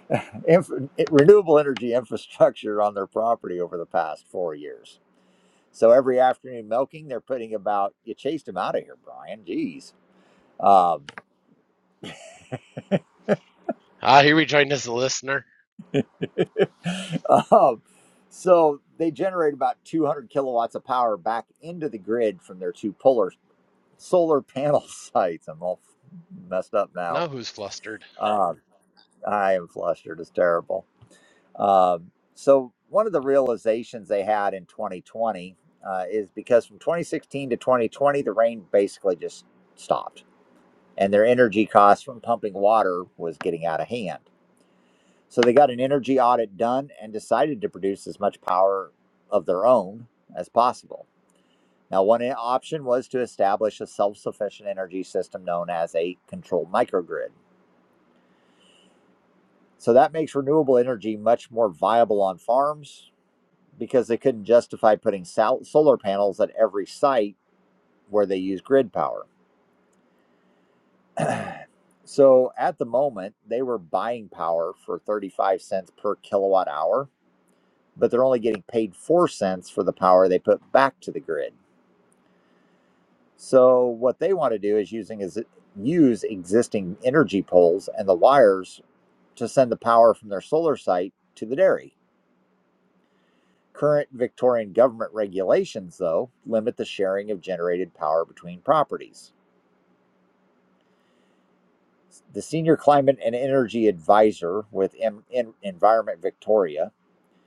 inf- eh, renewable energy infrastructure on their property over the past four years. So every afternoon milking, they're putting about, you chased them out of here, Brian. Jeez. Um, Ah, here we join as a listener. um, so they generate about 200 kilowatts of power back into the grid from their two polar solar panel sites. I'm all messed up now. Now who's flustered? Uh, I am flustered. It's terrible. Um, so one of the realizations they had in 2020 uh, is because from 2016 to 2020, the rain basically just stopped, and their energy costs from pumping water was getting out of hand. So they got an energy audit done and decided to produce as much power of their own as possible. Now, one i- option was to establish a self sufficient energy system known as a controlled microgrid. So that makes renewable energy much more viable on farms because they couldn't justify putting sol- solar panels at every site where they use grid power. So at the moment, they were buying power for 35 cents per kilowatt hour, but they're only getting paid 4 cents for the power they put back to the grid. So what they want to do is using is use existing energy poles and the wires to send the power from their solar site to the dairy. Current Victorian government regulations though limit the sharing of generated power between properties. The senior climate and energy advisor with M- En- Environment Victoria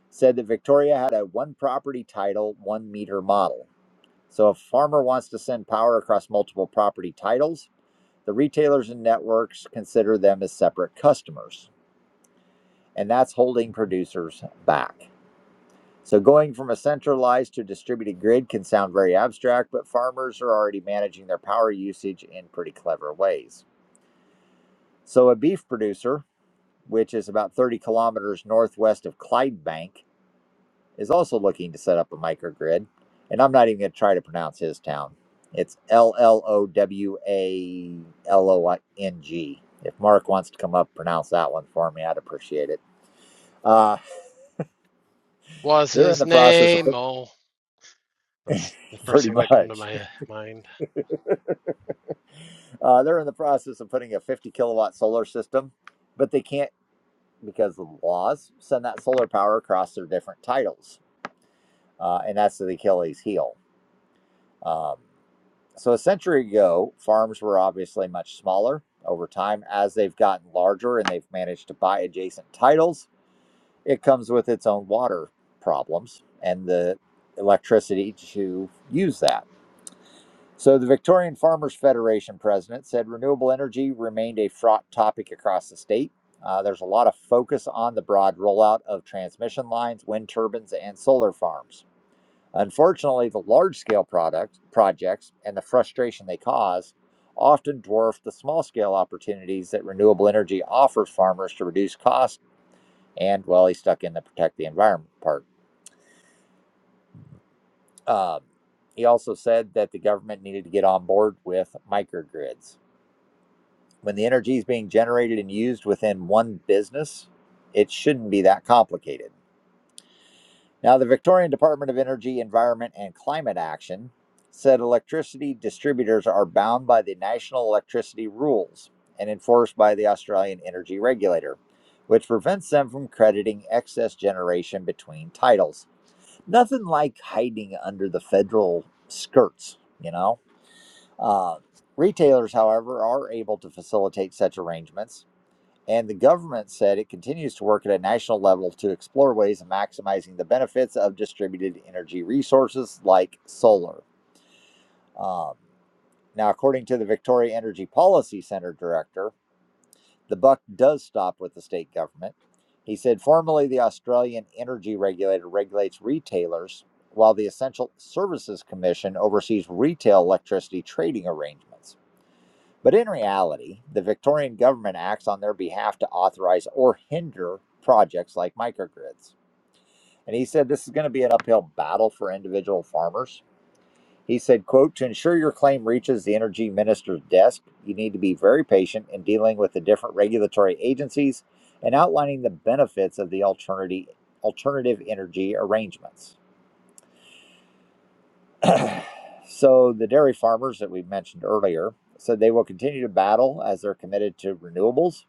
said that Victoria had a one property title, one meter model. So if a farmer wants to send power across multiple property titles, the retailers and networks consider them as separate customers. And that's holding producers back. So going from a centralized to distributed grid can sound very abstract, but farmers are already managing their power usage in pretty clever ways. So a beef producer which is about 30 kilometers northwest of Clydebank, is also looking to set up a microgrid. And I'm not even going to try to pronounce his town. It's L L O W A L O N G. If Mark wants to come up, pronounce that one for me, I'd appreciate it. Uh, was they're in his the process of name? Oh, that's the first pretty thing that come to much. my mind. Uh, they're in the process of putting a 50 kilowatt solar system, but they can't because of the laws send that solar power across their different titles, uh, and that's the Achilles heel. Um, So a century ago, farms were obviously much smaller. Over time, as they've gotten larger and they've managed to buy adjacent titles, it comes with its own water problems and the electricity to use that. So the Victorian Farmers Federation president said renewable energy remained a fraught topic across the state. Uh, there's a lot of focus on the broad rollout of transmission lines, wind turbines, and solar farms. Unfortunately, the large scale product projects and the frustration they cause often dwarf the small scale opportunities that renewable energy offers farmers to reduce costs. And well, he stuck in the protect the environment part. Um, he also said that the government needed to get on board with microgrids. When the energy is being generated and used within one business, it shouldn't be that complicated. Now, the Victorian Department of Energy, Environment, and Climate Action said electricity distributors are bound by the national electricity rules and enforced by the Australian Energy Regulator, which prevents them from crediting excess generation between titles. Nothing like hiding under the federal skirts, you know? Uh, retailers, however, are able to facilitate such arrangements and the government said it continues to work at a national level to explore ways of maximizing the benefits of distributed energy resources like solar. Um, now, according to the Victoria Energy Policy Center director, the buck does stop with the state government. He said formerly the Australian Energy Regulator regulates retailers, while the Essential Services Commission oversees retail electricity trading arrangements. But in reality, the Victorian government acts on their behalf to authorize or hinder projects like microgrids. And he said this is going to be an uphill battle for individual farmers. He said, quote, to ensure your claim reaches the energy minister's desk, you need to be very patient in dealing with the different regulatory agencies and outlining the benefits of the alternative alternative energy arrangements. so the dairy farmers that we mentioned earlier said they will continue to battle as they're committed to renewables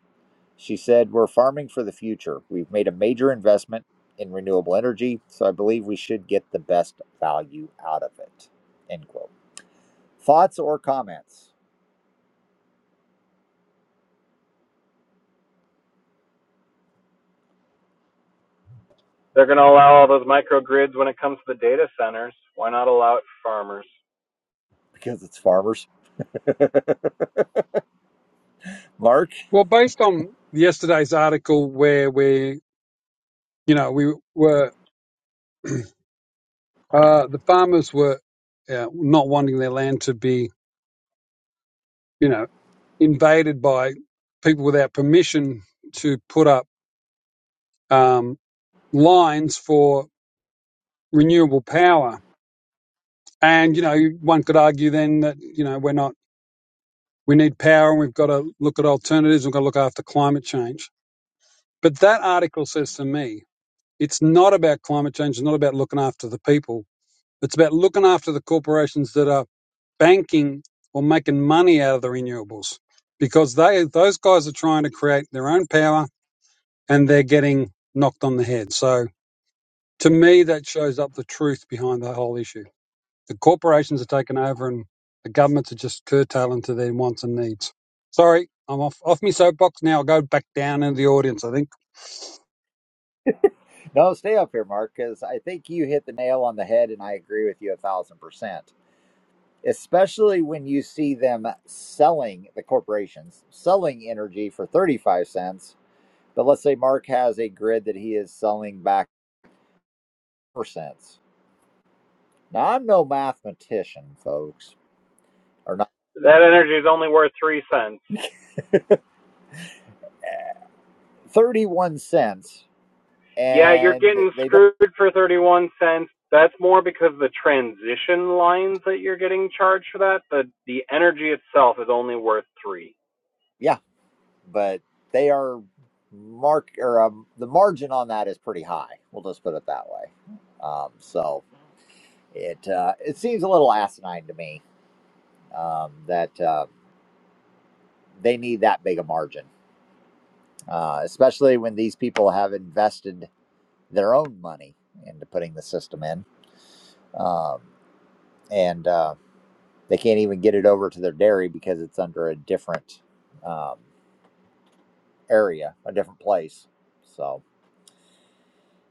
She said, We're farming for the future. We've made a major investment in renewable energy, so I believe we should get the best value out of it. End quote. Thoughts or comments? They're going to allow all those microgrids when it comes to the data centers. Why not allow it for farmers? Because it's farmers. Mark? Well, based on yesterday's article where we, you know, we were, uh, the farmers were uh, not wanting their land to be, you know, invaded by people without permission to put up um, lines for renewable power And, you know, one could argue then that, you know, we're not, we need power and we've got to look at alternatives. We've got to look after climate change. But that article says to me, it's not about climate change. It's not about looking after the people. It's about looking after the corporations that are banking or making money out of the renewables because they, those guys are trying to create their own power and they're getting knocked on the head. So to me, that shows up the truth behind the whole issue. The corporations are taking over, and the governments are just curtailing to their wants and needs. Sorry, I'm off off my soapbox now. I'll go back down into the audience. I think, No, stay up here, Mark, because I think you hit the nail on the head, and I agree with you a thousand percent. Especially when you see them selling the corporations, selling energy for 35 cents. But let's say Mark has a grid that he is selling back 4 cents Now, I'm no mathematician, folks, or not. That energy is only worth three cents. 31 cents, Yeah, you're and getting they don't, screwed for 31 cents. That's more because the transition lines that you're getting charged for that, the the energy itself is only worth 3. yeah, but they are mark or um, the margin on that is pretty high. We'll just put it that way. Um, so it uh, it seems a little asinine to me um, that uh, they need that big a margin, uh, especially when these people have invested their own money into putting the system in. Um, and uh, They can't even get it over to their dairy because it's under a different um, area, a different place. So,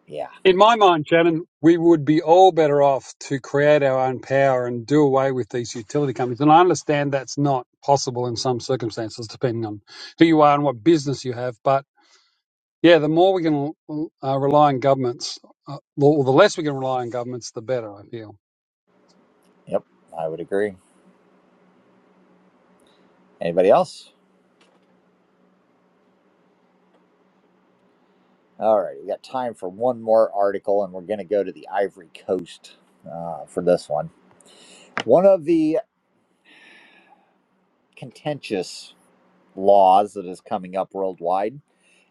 yeah, in my mind, Shannon, we would be all better off to create our own power and do away with these utility companies. And I understand that's not possible in some circumstances, depending on who you are and what business you have. But yeah, the more we can uh, rely on governments, uh, or the less we can rely on governments, the better. I feel. yep, I would agree. Anybody else? All right, we got time for one more article, and we're going to go to the Ivory Coast uh, for this one. One of the contentious laws that is coming up worldwide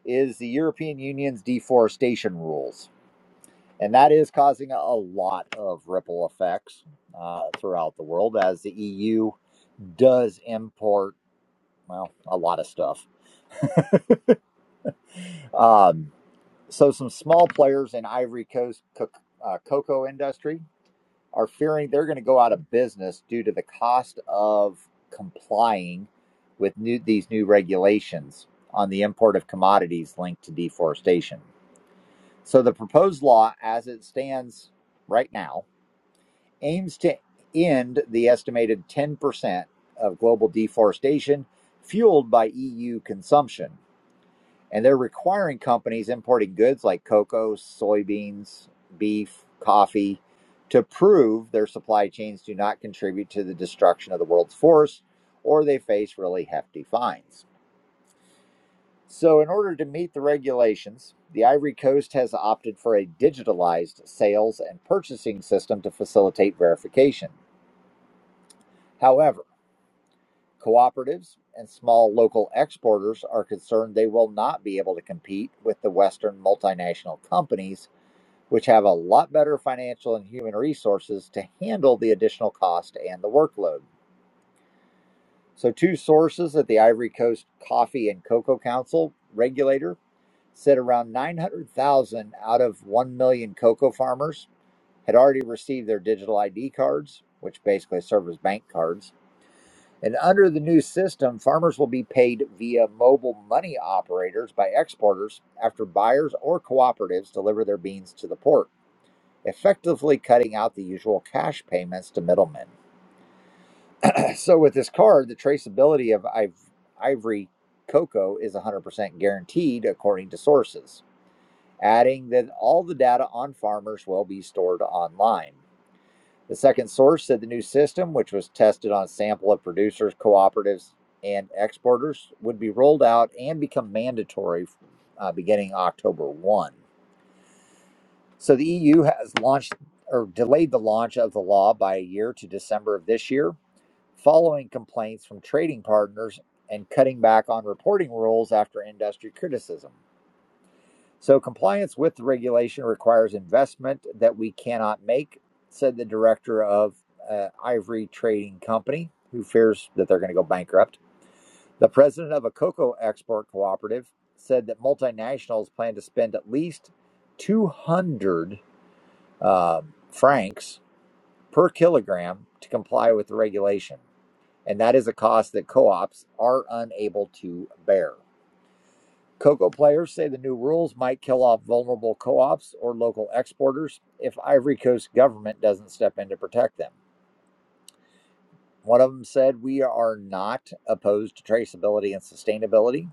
is the European Union's deforestation rules. And that is causing a lot of ripple effects uh, throughout the world as the EU does import, well, a lot of stuff. Um, so some small players in Ivory Coast co- uh, cocoa industry are fearing they're going to go out of business due to the cost of complying with new, these new regulations on the import of commodities linked to deforestation. So the proposed law, as it stands right now, aims to end the estimated 10% of global deforestation fueled by EU consumption and they're requiring companies importing goods like cocoa, soybeans, beef, coffee to prove their supply chains do not contribute to the destruction of the world's forests or they face really hefty fines. So, in order to meet the regulations, the Ivory Coast has opted for a digitalized sales and purchasing system to facilitate verification. However, cooperatives and small local exporters are concerned they will not be able to compete with the Western multinational companies which have a lot better financial and human resources to handle the additional cost and the workload. So, two sources at the Ivory Coast Coffee and Cocoa Council regulator said around 900,000 out of 1 million cocoa farmers had already received their digital ID cards, which basically serve as bank cards. And under the new system, farmers will be paid via mobile money operators by exporters after buyers or cooperatives deliver their beans to the port. effectively cutting out the usual cash payments to middlemen. So with this card, the traceability of ivory cocoa is 100% guaranteed according to sources, adding that all the data on farmers will be stored online. The second source said the new system, which was tested on a sample of producers, cooperatives, and exporters, would be rolled out and become mandatory uh, beginning October 1. So the EU has launched or delayed the launch of the law by a year to December of this year, following complaints from trading partners and cutting back on reporting rules after industry criticism. So compliance with the regulation requires investment that we cannot make, said the director of uh, Ivory Trading Company, who fears that they're going to go bankrupt. The president of a cocoa export cooperative said that multinationals plan to spend at least 200 um, francs per kilogram to comply with the regulation, and that is a cost that co ops are unable to bear. Cocoa players say the new rules might kill off vulnerable co ops or local exporters if Ivory Coast government doesn't step in to protect them. One of them said, We are not opposed to traceability and sustainability.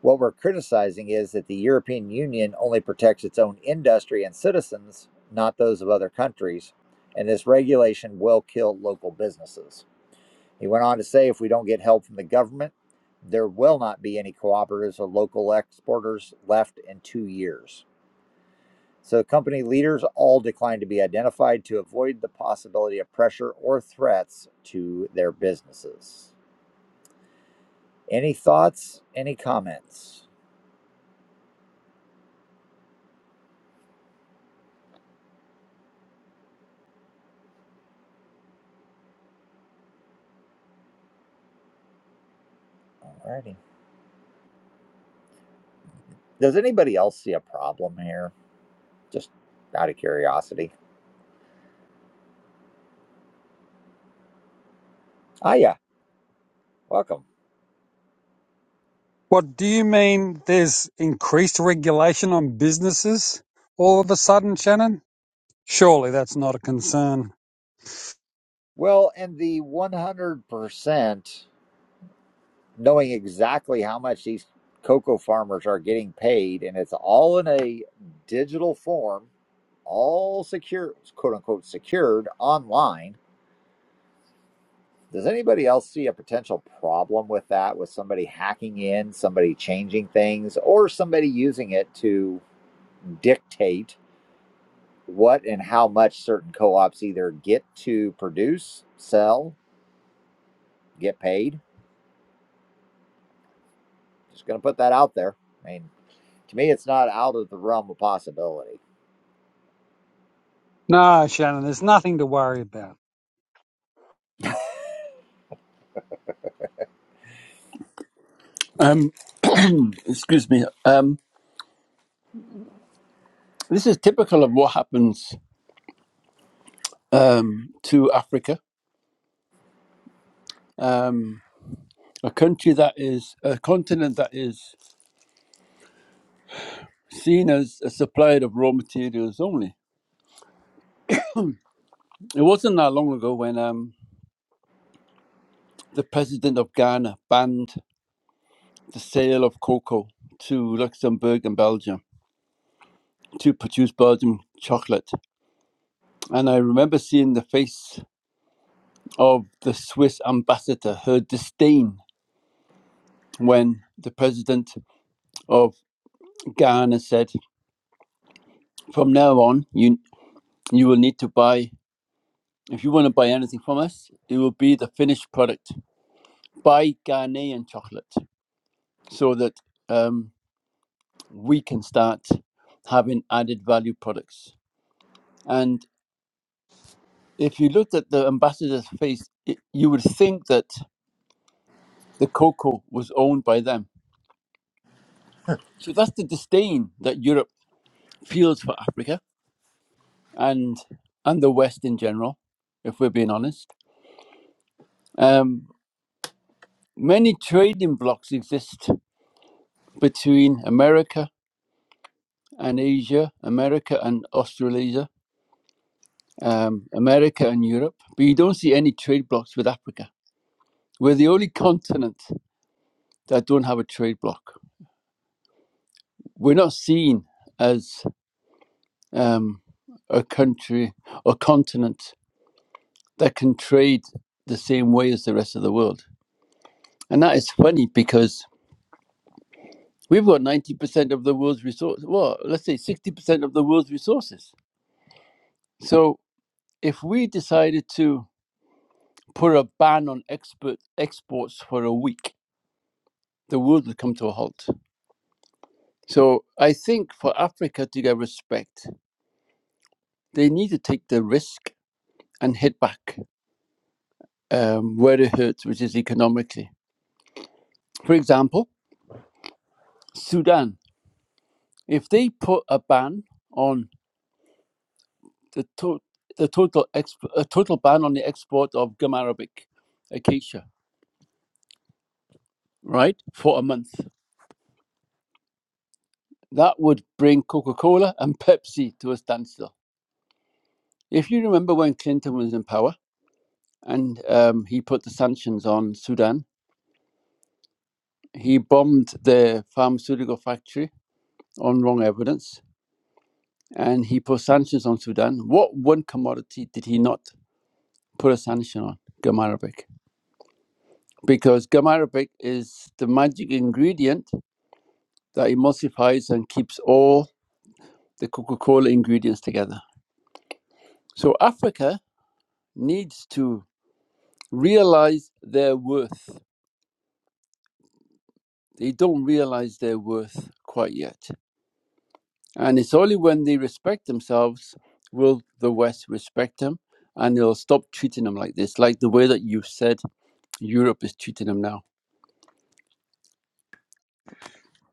What we're criticizing is that the European Union only protects its own industry and citizens, not those of other countries, and this regulation will kill local businesses. He went on to say if we don't get help from the government, there will not be any cooperatives or local exporters left in two years. So, company leaders all declined to be identified to avoid the possibility of pressure or threats to their businesses. Any thoughts? Any comments? Alrighty. Does anybody else see a problem here? Just out of curiosity. Ah, yeah, welcome. What do you mean there's increased regulation on businesses all of a sudden, Shannon? Surely that's not a concern. Well, and the 100% knowing exactly how much these cocoa farmers are getting paid, and it's all in a digital form, all secure, quote unquote, secured online. Does anybody else see a potential problem with that? With somebody hacking in, somebody changing things, or somebody using it to dictate what and how much certain co-ops either get to produce, sell, get paid. Just going to put that out there. I mean, to me, it's not out of the realm of possibility. No, Shannon, there's nothing to worry about. Um, excuse me. Um, this is typical of what happens um, to Africa, um, a country that is a continent that is seen as a supplier of raw materials only. It wasn't that long ago when um, the president of Ghana banned the sale of cocoa to Luxembourg and Belgium to produce Belgian chocolate. And I remember seeing the face of the Swiss ambassador, her disdain when the president of Garner said, "From now on, you you will need to buy if you want to buy anything from us, it will be the finished product. Buy Ghanaian chocolate, so that um, we can start having added value products." And if you looked at the ambassador's face, it, you would think that the cocoa was owned by them. So that's the disdain that Europe feels for Africa and and the West in general, if we're being honest. Um, Many trading blocks exist between America and Asia, America and Australasia, um, America and Europe, but you don't see any trade blocks with Africa. We're the only continent that don't have a trade block. We're not seen as um, a country or continent that can trade the same way as the rest of the world. And that is funny because we've got 90% of the world's resources, well, let's say 60% of the world's resources. So if we decided to put a ban on export exports for a week, the world would come to a halt. So I think for Africa to get respect, they need to take the risk and hit back um, where it hurts, which is economically. For example, Sudan. If they put a ban on the to- the total exp- a total ban on the export of gum arabic, acacia, right, for a month, that would bring Coca Cola and Pepsi to a standstill If you remember when Clinton was in power and um, he put the sanctions on Sudan, he bombed the pharmaceutical factory on wrong evidence and he put sanctions on Sudan. What one commodity did he not put a sanction on? Gum arabic. Because gum arabic is the magic ingredient that emulsifies and keeps all the Coca Cola ingredients together. So Africa needs to realize their worth. They don't realize their worth quite yet And it's only when they respect themselves will the West respect them and they'll stop treating them like this, like the way that you've said Europe is treating them now.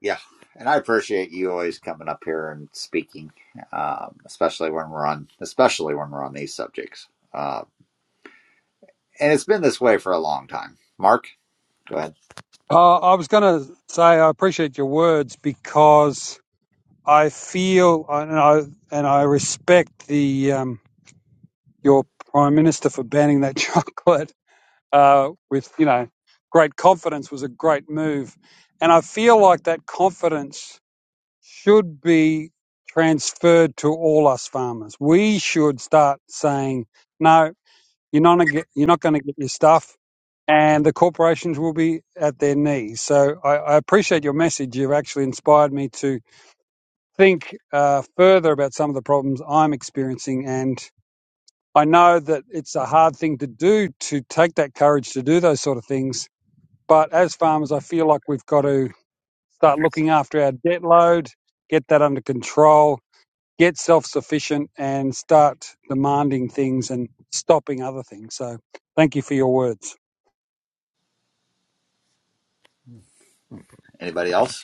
Yeah, and I appreciate you always coming up here and speaking, um, especially when we're on, especially when we're on these subjects. Uh, and it's been this way for a long time. Mark, go ahead. Uh, I was going to say I appreciate your words because I feel and I, and I respect the um, your prime minister for banning that chocolate uh, with you know great confidence was a great move, and I feel like that confidence should be transferred to all us farmers. We should start saying, no, you're not gonna get, you're not going to get your stuff, and the corporations will be at their knees. So I, I appreciate your message. You've actually inspired me to think uh, further about some of the problems I'm experiencing, and I know that it's a hard thing to do to take that courage to do those sort of things. But as farmers, I feel like we've got to start looking after our debt load, get that under control, get self sufficient and start demanding things and stopping other things. So thank you for your words. Anybody else?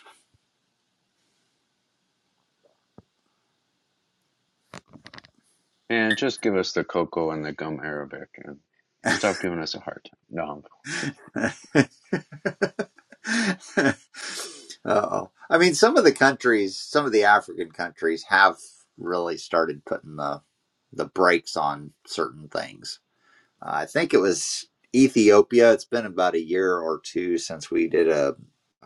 And just give us the cocoa and the gum arabic and stop giving us a hard time. No. Oh, I mean, some of the countries, some of the African countries, have really started putting the the brakes on certain things. Uh, I think it was Ethiopia. It's been about a year or two since we did a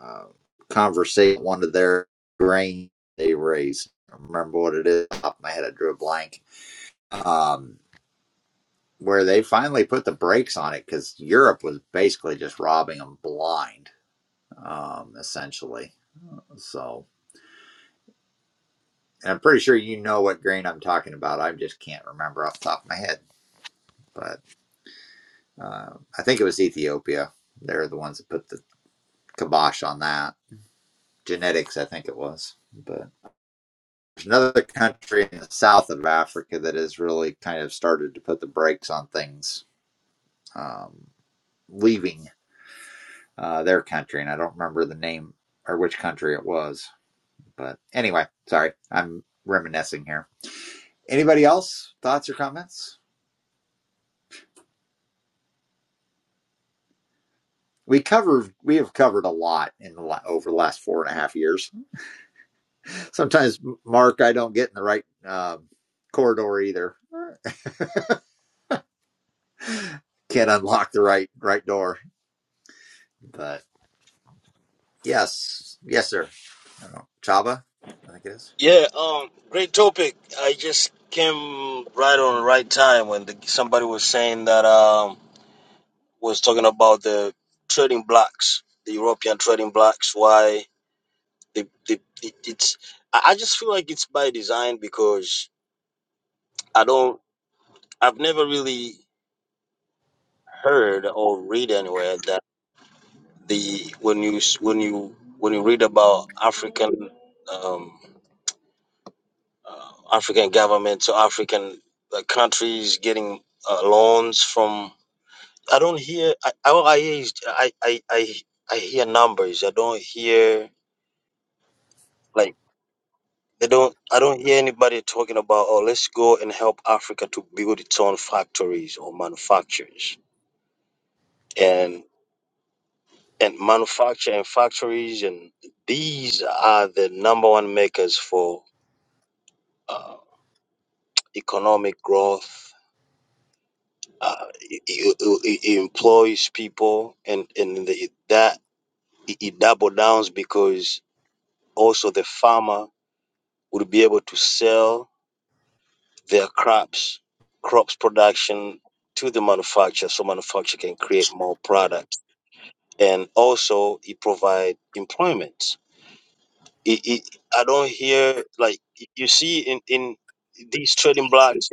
uh, conversation. One of their grain they raised. I don't remember what it is? Off the top of my head, I drew a blank. Um, where they finally put the brakes on it because Europe was basically just robbing them blind, um, essentially so and I'm pretty sure you know what grain I'm talking about. I just can't remember off the top of my head. But uh, I think it was Ethiopia. They're the ones that put the kibosh on that. Genetics, I think it was. But there's another country in the south of Africa that has really kind of started to put the brakes on things um, leaving uh, their country. And I don't remember the name or which country it was. But anyway, sorry, I'm reminiscing here. Anybody else? Thoughts or comments? we cover we have covered a lot in the over the last four and a half years. Sometimes, Mark, I don't get in the right um, corridor either. Can't unlock the right right door. But yes, yes, sir. I don't know. Chaba, I think it is. Yeah, um, great topic. I just came right on the right time when the, somebody was saying that um was talking about the trading blocks, the European trading blocks. Why the the it, it's I I just feel like it's by design because I don't I've never really heard or read anywhere that the when you s- when you when you read about African um uh, African government to African uh, countries getting uh, loans from. I don't hear. I I all I hear is I, I I I hear numbers. I don't hear like they don't. I don't hear anybody talking about oh let's go and help Africa to build its own factories or manufacturers and and manufacture and factories and these are the number one makers for uh, economic growth Uh, it, it, it employs people, and and the, that it, it double downs because also the farmer would be able to sell their crops, crops production to the manufacturer, so manufacturer can create more products, and also it provide employment. It, it, I don't hear like you see in in these trading blocks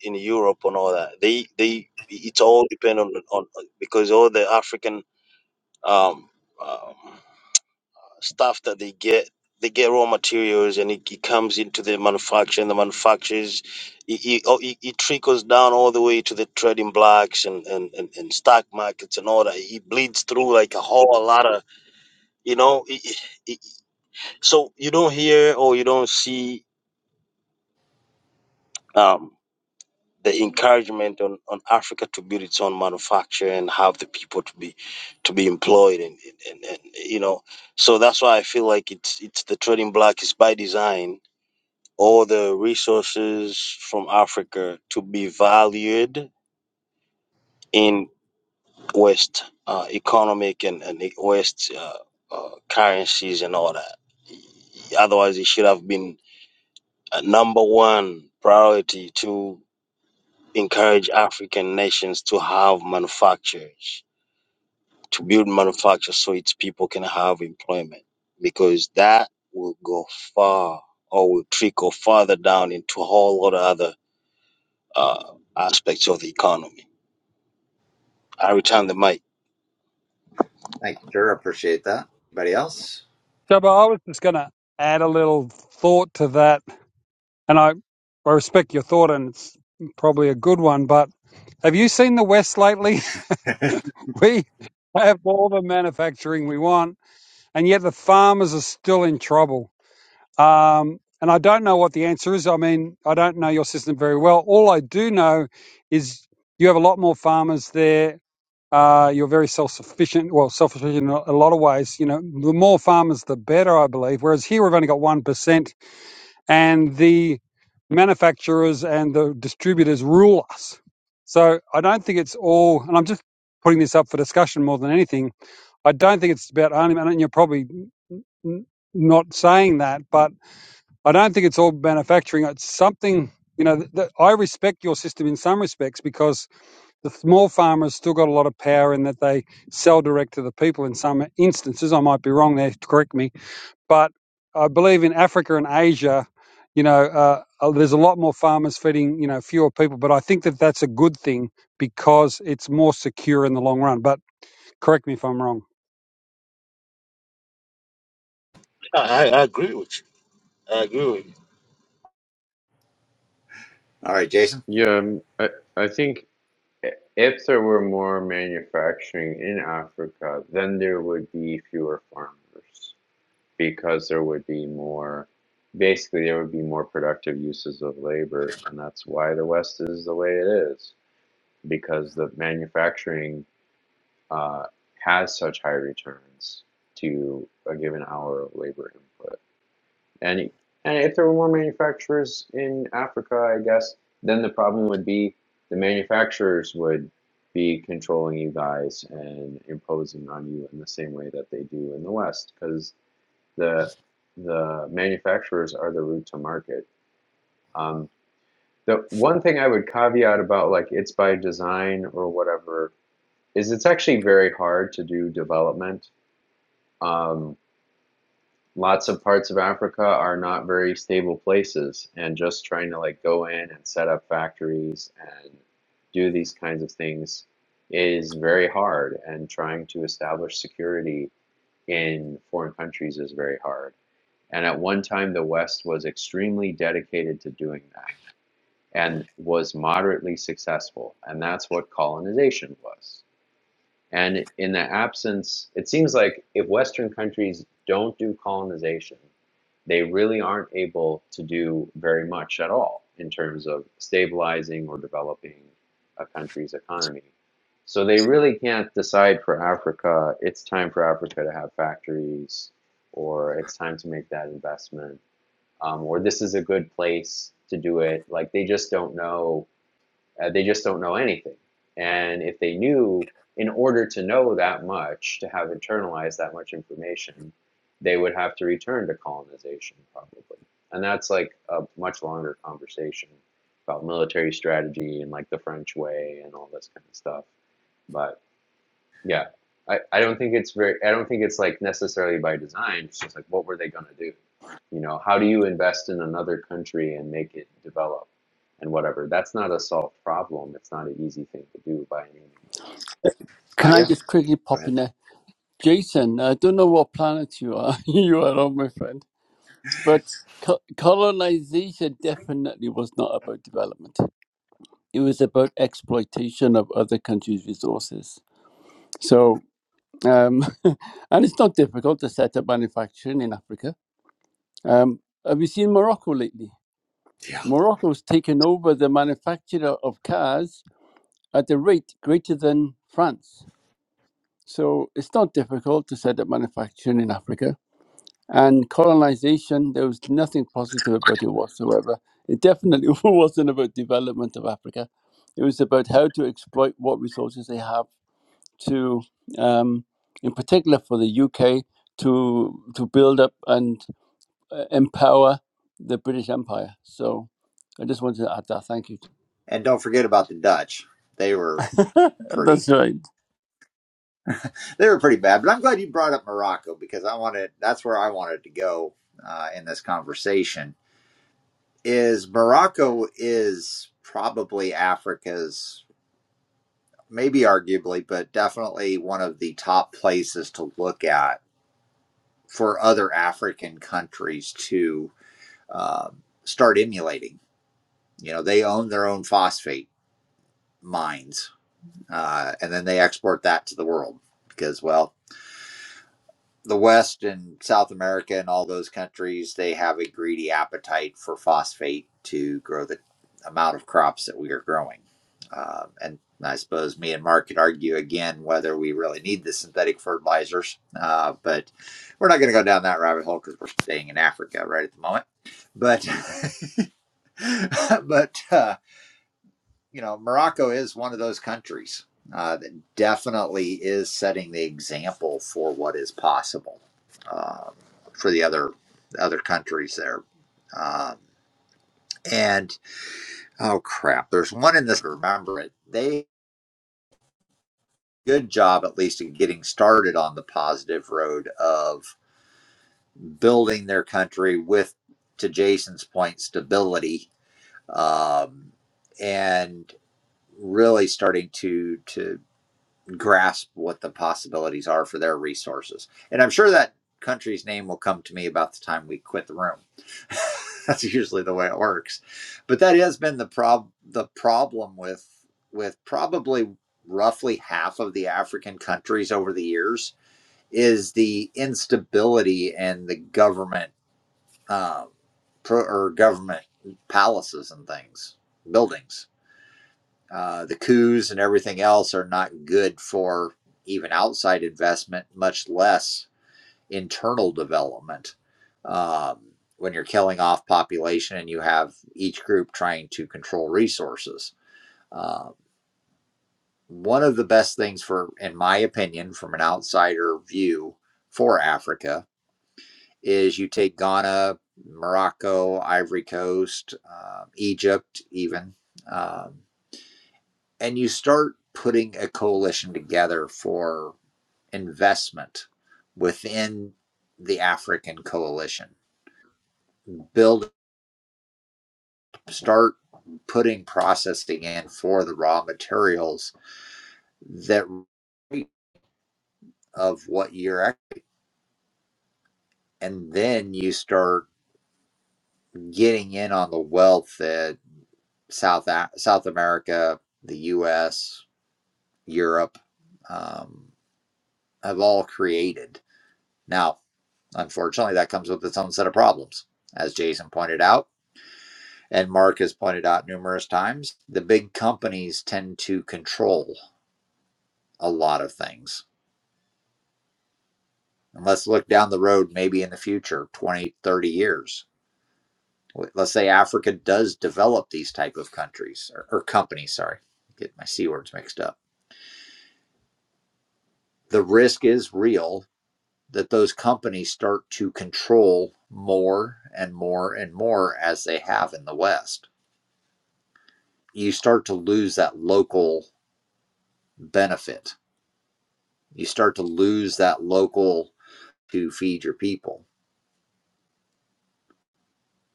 in Europe and all that. They they it's all dependent on, on because all the African um, um, stuff that they get. They get raw materials and it, it comes into the manufacturer, and the manufacturers, it, it, oh, it, it trickles down all the way to the trading blocks and, and, and, and stock markets and all that. It bleeds through like a whole lot of, you know. It, it, it- so you don't hear or you don't see. um, the encouragement on, on Africa to build its own manufacturing and have the people to be to be employed and, and, and, and you know so that's why I feel like it's it's the trading block is by design all the resources from Africa to be valued in West uh, economic and, and e- West uh, uh, currencies and all that. Otherwise, it should have been a number one priority to. encourage African nations to have manufacturers, to build manufacturers, so its people can have employment, because that will go far or will trickle further down into a whole lot of other uh, aspects of the economy. I return the mic. Thank you, sir. Appreciate that. Anybody else? Jabba, I was just going to add a little thought to that. And I, I respect your thought, and it's probably a good one. But have you seen the West lately? All we have all the manufacturing we want, and yet the farmers are still in trouble. Um, and I don't know what the answer is. I mean, I don't know your system very well. All I do know is you have a lot more farmers there Uh, you're very self-sufficient, well, self-sufficient in a lot of ways. You know, the more farmers, the better, I believe. Whereas here we've only got 1% and the manufacturers and the distributors rule us. So I don't think it's all, and I'm just putting this up for discussion more than anything. I don't think it's about only, and you're probably n- not saying that, but I don't think it's all manufacturing. It's something, you know, th- that I respect your system in some respects because the small farmers still got a lot of power in that they sell direct to the people in some instances. I might be wrong there, correct me. But I believe in Africa and Asia, you know, uh, uh, there's a lot more farmers feeding, you know, fewer people. But I think that that's a good thing because it's more secure in the long run. But correct me if I'm wrong. I, I agree with you. I agree with you. right, Jason. Yeah, um, I, I think if there were more manufacturing in Africa, then there would be fewer farmers because there would be more, basically, there would be more productive uses of labor. And that's why the West is the way it is because the manufacturing uh, has such high returns to a given hour of labor input. And and if there were more manufacturers in Africa, I guess then the problem would be the manufacturers would be controlling you guys and imposing on you in the same way that they do in the West, because the the manufacturers are the route to market. Um, the one thing I would caveat about like it's by design or whatever is it's actually very hard to do development um, lots of parts of Africa are not very stable places, and just trying to like go in and set up factories and do these kinds of things is very hard, and trying to establish security in foreign countries is very hard. And at one time, the West was extremely dedicated to doing that and was moderately successful, and that's what colonization was. And in the absence, it seems like if Western countries don't do colonization, they really aren't able to do very much at all in terms of stabilizing or developing a country's economy. So they really can't decide for Africa, it's time for Africa to have factories, or it's time to make that investment, um, or this is a good place to do it. Like they just don't know uh, they just don't know anything. And if they knew, in order to know that much, to have internalized that much information, they would have to return to colonization probably. And that's like a much longer conversation about military strategy and like the French way and all this kind of stuff. But yeah, I, I don't think it's very, I don't think it's like necessarily by design. It's just like, what were they going to do? You know, how do you invest in another country and make it develop and whatever? That's not a solved problem. It's not an easy thing to do by any means. Can I Aya, just quickly go pop ahead. in there? Jason, I don't know what planet you are. you are on, my friend. But co- colonization definitely was not about development, it was about exploitation of other countries' resources. So, um, and it's not difficult to set up manufacturing in Africa. Um, have you seen Morocco lately? Yeah. Morocco has taken over the manufacture of cars at a rate greater than France. So it's not difficult to set up manufacturing in Africa. And colonization, there was nothing positive about it whatsoever. It definitely wasn't about development of Africa. It was about how to exploit what resources they have to, um, in particular for the UK, to to build up and uh, empower the British Empire. So I just wanted to add that. Thank you. And don't forget about the Dutch. They were pretty. That's right. They were pretty bad. But I'm glad you brought up Morocco because I wanted. That's where I wanted to go uh, in this conversation is Morocco is probably Africa's, maybe arguably, but definitely one of the top places to look at for other African countries to um, start emulating. You know, they own their own phosphate mines, uh, and then they export that to the world because, well, the West and South America and all those countries, they have a greedy appetite for phosphate to grow the amount of crops that we are growing. Um, and I suppose me and Mark could argue again whether we really need the synthetic fertilizers, uh, but we're not going to go down that rabbit hole because we're staying in Africa right at the moment. But but uh, you know, Morocco is one of those countries uh, that definitely is setting the example for what is possible um, for the other other countries there. Um, and oh crap, there's one in this. Remember it? They good job at least in getting started on the positive road of building their country with, to Jason's point, stability um, and really starting to to grasp what the possibilities are for their resources. And I'm sure that country's name will come to me about the time we quit the room. That's usually the way it works. But that has been the prob the problem with with probably roughly half of the African countries over the years is the instability and the government um, pro- or government palaces and things, buildings uh, the coups and everything else are not good for even outside investment, much less internal development. Um, when you're killing off population and you have each group trying to control resources, uh, one of the best things for, in my opinion, from an outsider view for Africa is you take Ghana, Morocco, Ivory Coast, um, Egypt, even. Um, and you start putting a coalition together for investment within the African coalition. Build, start putting processing in for the raw materials that of what you're, and then you start getting in on the wealth that South South America, the U.S., Europe um, have all created. Now, Unfortunately, that comes with its own set of problems, as Jason pointed out, and Mark has pointed out numerous times. The big companies tend to control a lot of things. And let's look down the road, maybe in the future, 20, 30 years. Let's say Africa does develop these type of countries or, or companies, sorry, get my C words mixed up. The risk is real that those companies start to control more and more and more as they have in the West you start to lose that local benefit. You start to lose that local to feed your people.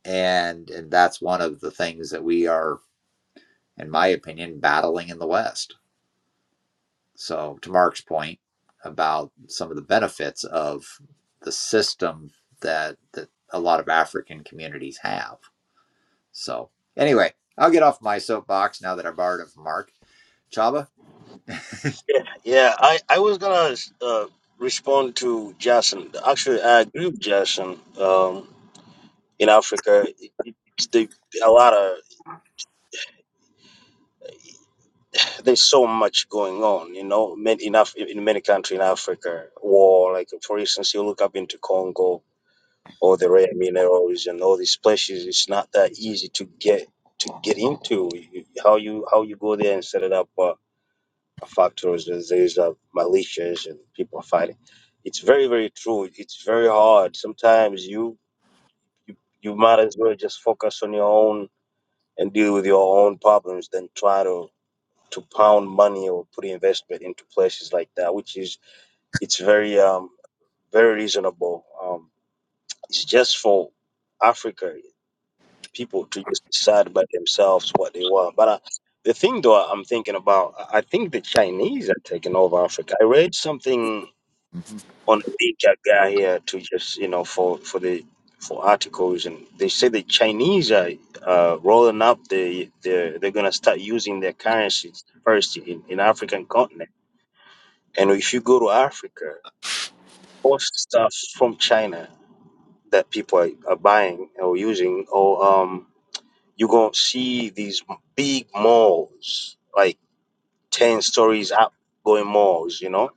And and that's one of the things that we are, in my opinion, battling in the West. So to Mark's point about some of the benefits of the system that that a lot of African communities have. So anyway, I'll get off my soapbox now that I borrowed it from Mark. Chaba? Yeah, yeah. I, I was gonna uh, respond to Jason. Actually, I agree with Jason. Um, in Africa, it- it's the a lot of there's so much going on, you know, many, enough in Af- in many countries in Africa, war, like for instance, you look up into Congo or the rare minerals and all these places, it's not that easy to get to get into. You- How you how you go there and set it up uh, a factories, there's there's, uh, militias and people are fighting. It's very very true. It's very hard. Sometimes you you, you might as well just focus on your own and deal with your own problems than try to to pound money or put investment into places like that, which is it's very um very reasonable. Um, it's just for Africa people to just decide by themselves what they want. But uh, the thing though I'm thinking about, I I think the Chinese are taking over Africa. I read something Mm-hmm. on a media guy here to just you know for for the for articles and they say the Chinese are uh, rolling up. They they're, they're gonna start using their currencies first in, in African continent And if you go to Africa, all stuff from China that people are, are buying or using, or um, you're going to see these big malls, like 10 stories up going malls, you know?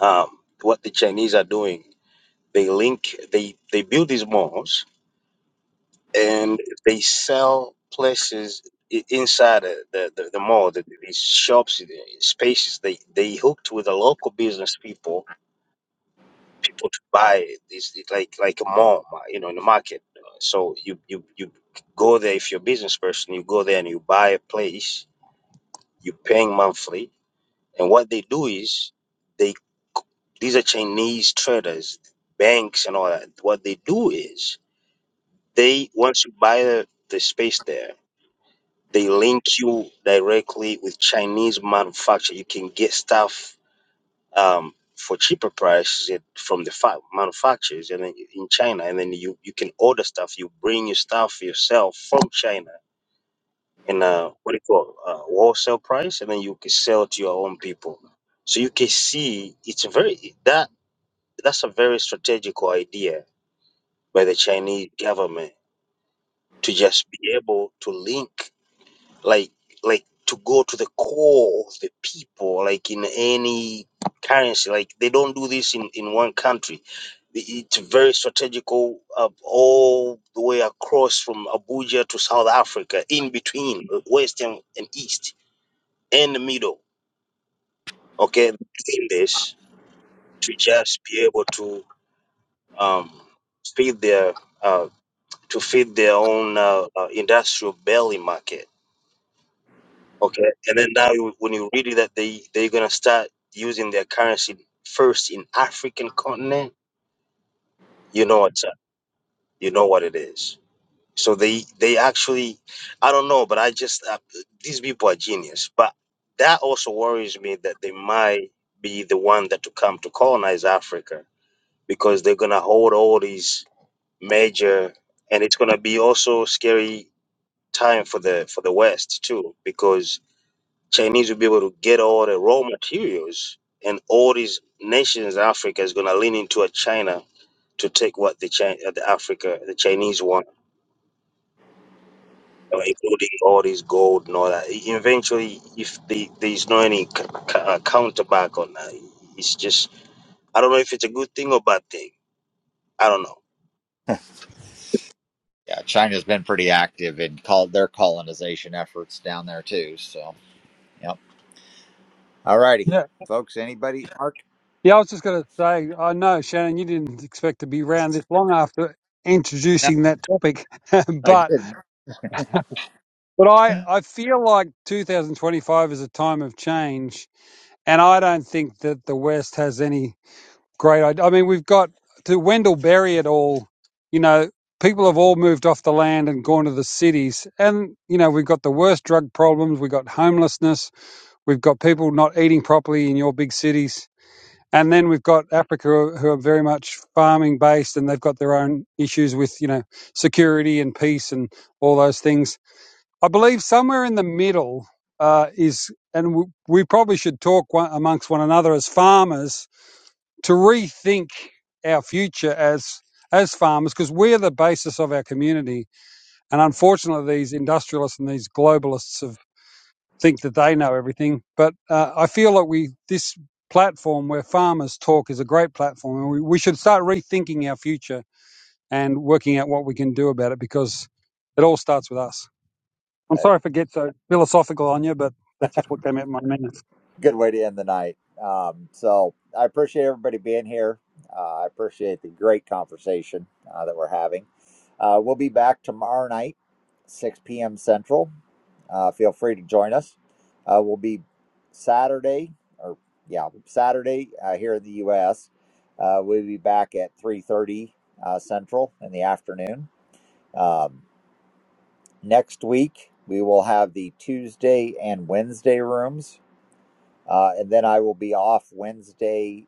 Um, what the Chinese are doing, they link, they, they build these malls and they sell places i- inside the, the, the, the mall, the, these shops, the spaces, they, they hooked with the local business people people to buy this it like like a mall ma- you know in the market Uh, so you you you go there if you're a business person you go there and you buy a place you're paying monthly and what they do is they these are chinese traders banks and all that what they do is they once you buy the, the space there they link you directly with chinese manufacturer you can get stuff um, for cheaper prices it, from the fa- manufacturers and then in China, and then you, you can order stuff. You bring your stuff yourself from China in a what do you call uh wholesale price, and then you can sell to your own people. So you can see it's a very that that's a very strategical idea by the Chinese government to just be able to link like like to go to the core of the people like in any currency like they don't do this in in one country it's very strategical uh, all the way across from abuja to south africa in between uh, west and, and east and the middle okay in this to just be able to um feed their uh to feed their own uh, uh, industrial belly market Okay. And then now you, when you read it that they they're gonna start using their currency first in African continent, you know what's up. You know what it is. So they they actually, I don't know, but I just uh, these people are genius. But that also worries me that they might be the one that to come to colonize Africa because they're gonna hold all these major, and it's gonna be also scary time for the for the West too because Chinese will be able to get all the raw materials, and all these nations, Africa is going to lean into a China to take what the China, the Africa, the Chinese want, uh, including all this gold and all that. E- Eventually, if the, there's no any c- c- uh, counterback on that, it's just I don't know if it's a good thing or bad thing. I don't know. Yeah, China's been pretty active in call their colonization efforts down there too. So, yep. All righty, Yeah. folks. Anybody? Mark? Yeah, I was just going to say, I know, Shannon, you didn't expect to be around this long after No, introducing that topic. I but didn't. but I, I feel like 2025 is a time of change And I don't think that the West has any great idea. I mean, we've got to Wendell Berry at all. You know, people have all moved off the land and gone to the cities. And, you know, we've got the worst drug problems. We've got homelessness. We've got people not eating properly in your big cities. And then we've got Africa who are very much farming based and they've got their own issues with, you know, security and peace and all those things I believe somewhere in the middle uh, is, and w- we probably should talk one, amongst one another as farmers to rethink our future as as farmers because we're the basis of our community. And unfortunately, these industrialists and these globalists have, think that they know everything. But uh, I feel like we this platform where farmers talk is a great platform, and we, we should start rethinking our future and working out what we can do about it because it all starts with us. I'm sorry if it gets so philosophical on you, but that's just what came out of my mouth. good way to end the night. Um, so I appreciate everybody being here. Uh, I appreciate the great conversation uh, that we're having. Uh, we'll be back tomorrow night, 6 p.m. Central. Uh, feel free to join us. Uh, we'll be Saturday, or yeah, Saturday uh, here in the U.S. Uh, we'll be back at 3:30 uh, Central in the afternoon. Um, next week we will have the Tuesday and Wednesday rooms uh, and then I will be off Wednesday,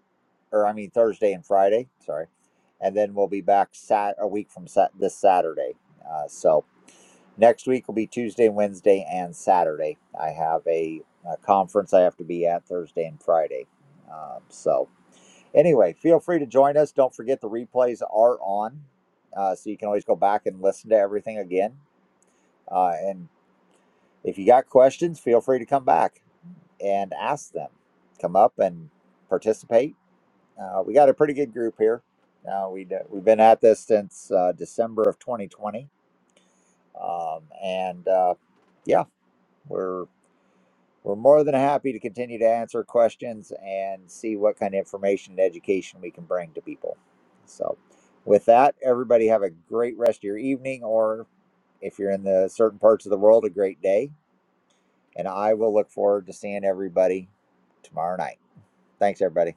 or I mean Thursday and Friday. Sorry, and then we'll be back sat a week from sat- this Saturday. Uh, so next week will be Tuesday, Wednesday, and Saturday. I have a, a conference I have to be at Thursday and Friday. Um, so anyway, feel free to join us. Don't forget the replays are on, uh, so you can always go back and listen to everything again. Uh, and if you got questions, feel free to come back and ask them. Come up and participate. Uh, we got a pretty good group here. Uh, we d- we've been at this since uh, December of 2020, um, and uh, yeah, we're we're more than happy to continue to answer questions and see what kind of information and education we can bring to people. So, with that, everybody have a great rest of your evening, or if you're in the certain parts of the world, a great day and I will look forward to seeing everybody tomorrow night. Thanks, everybody.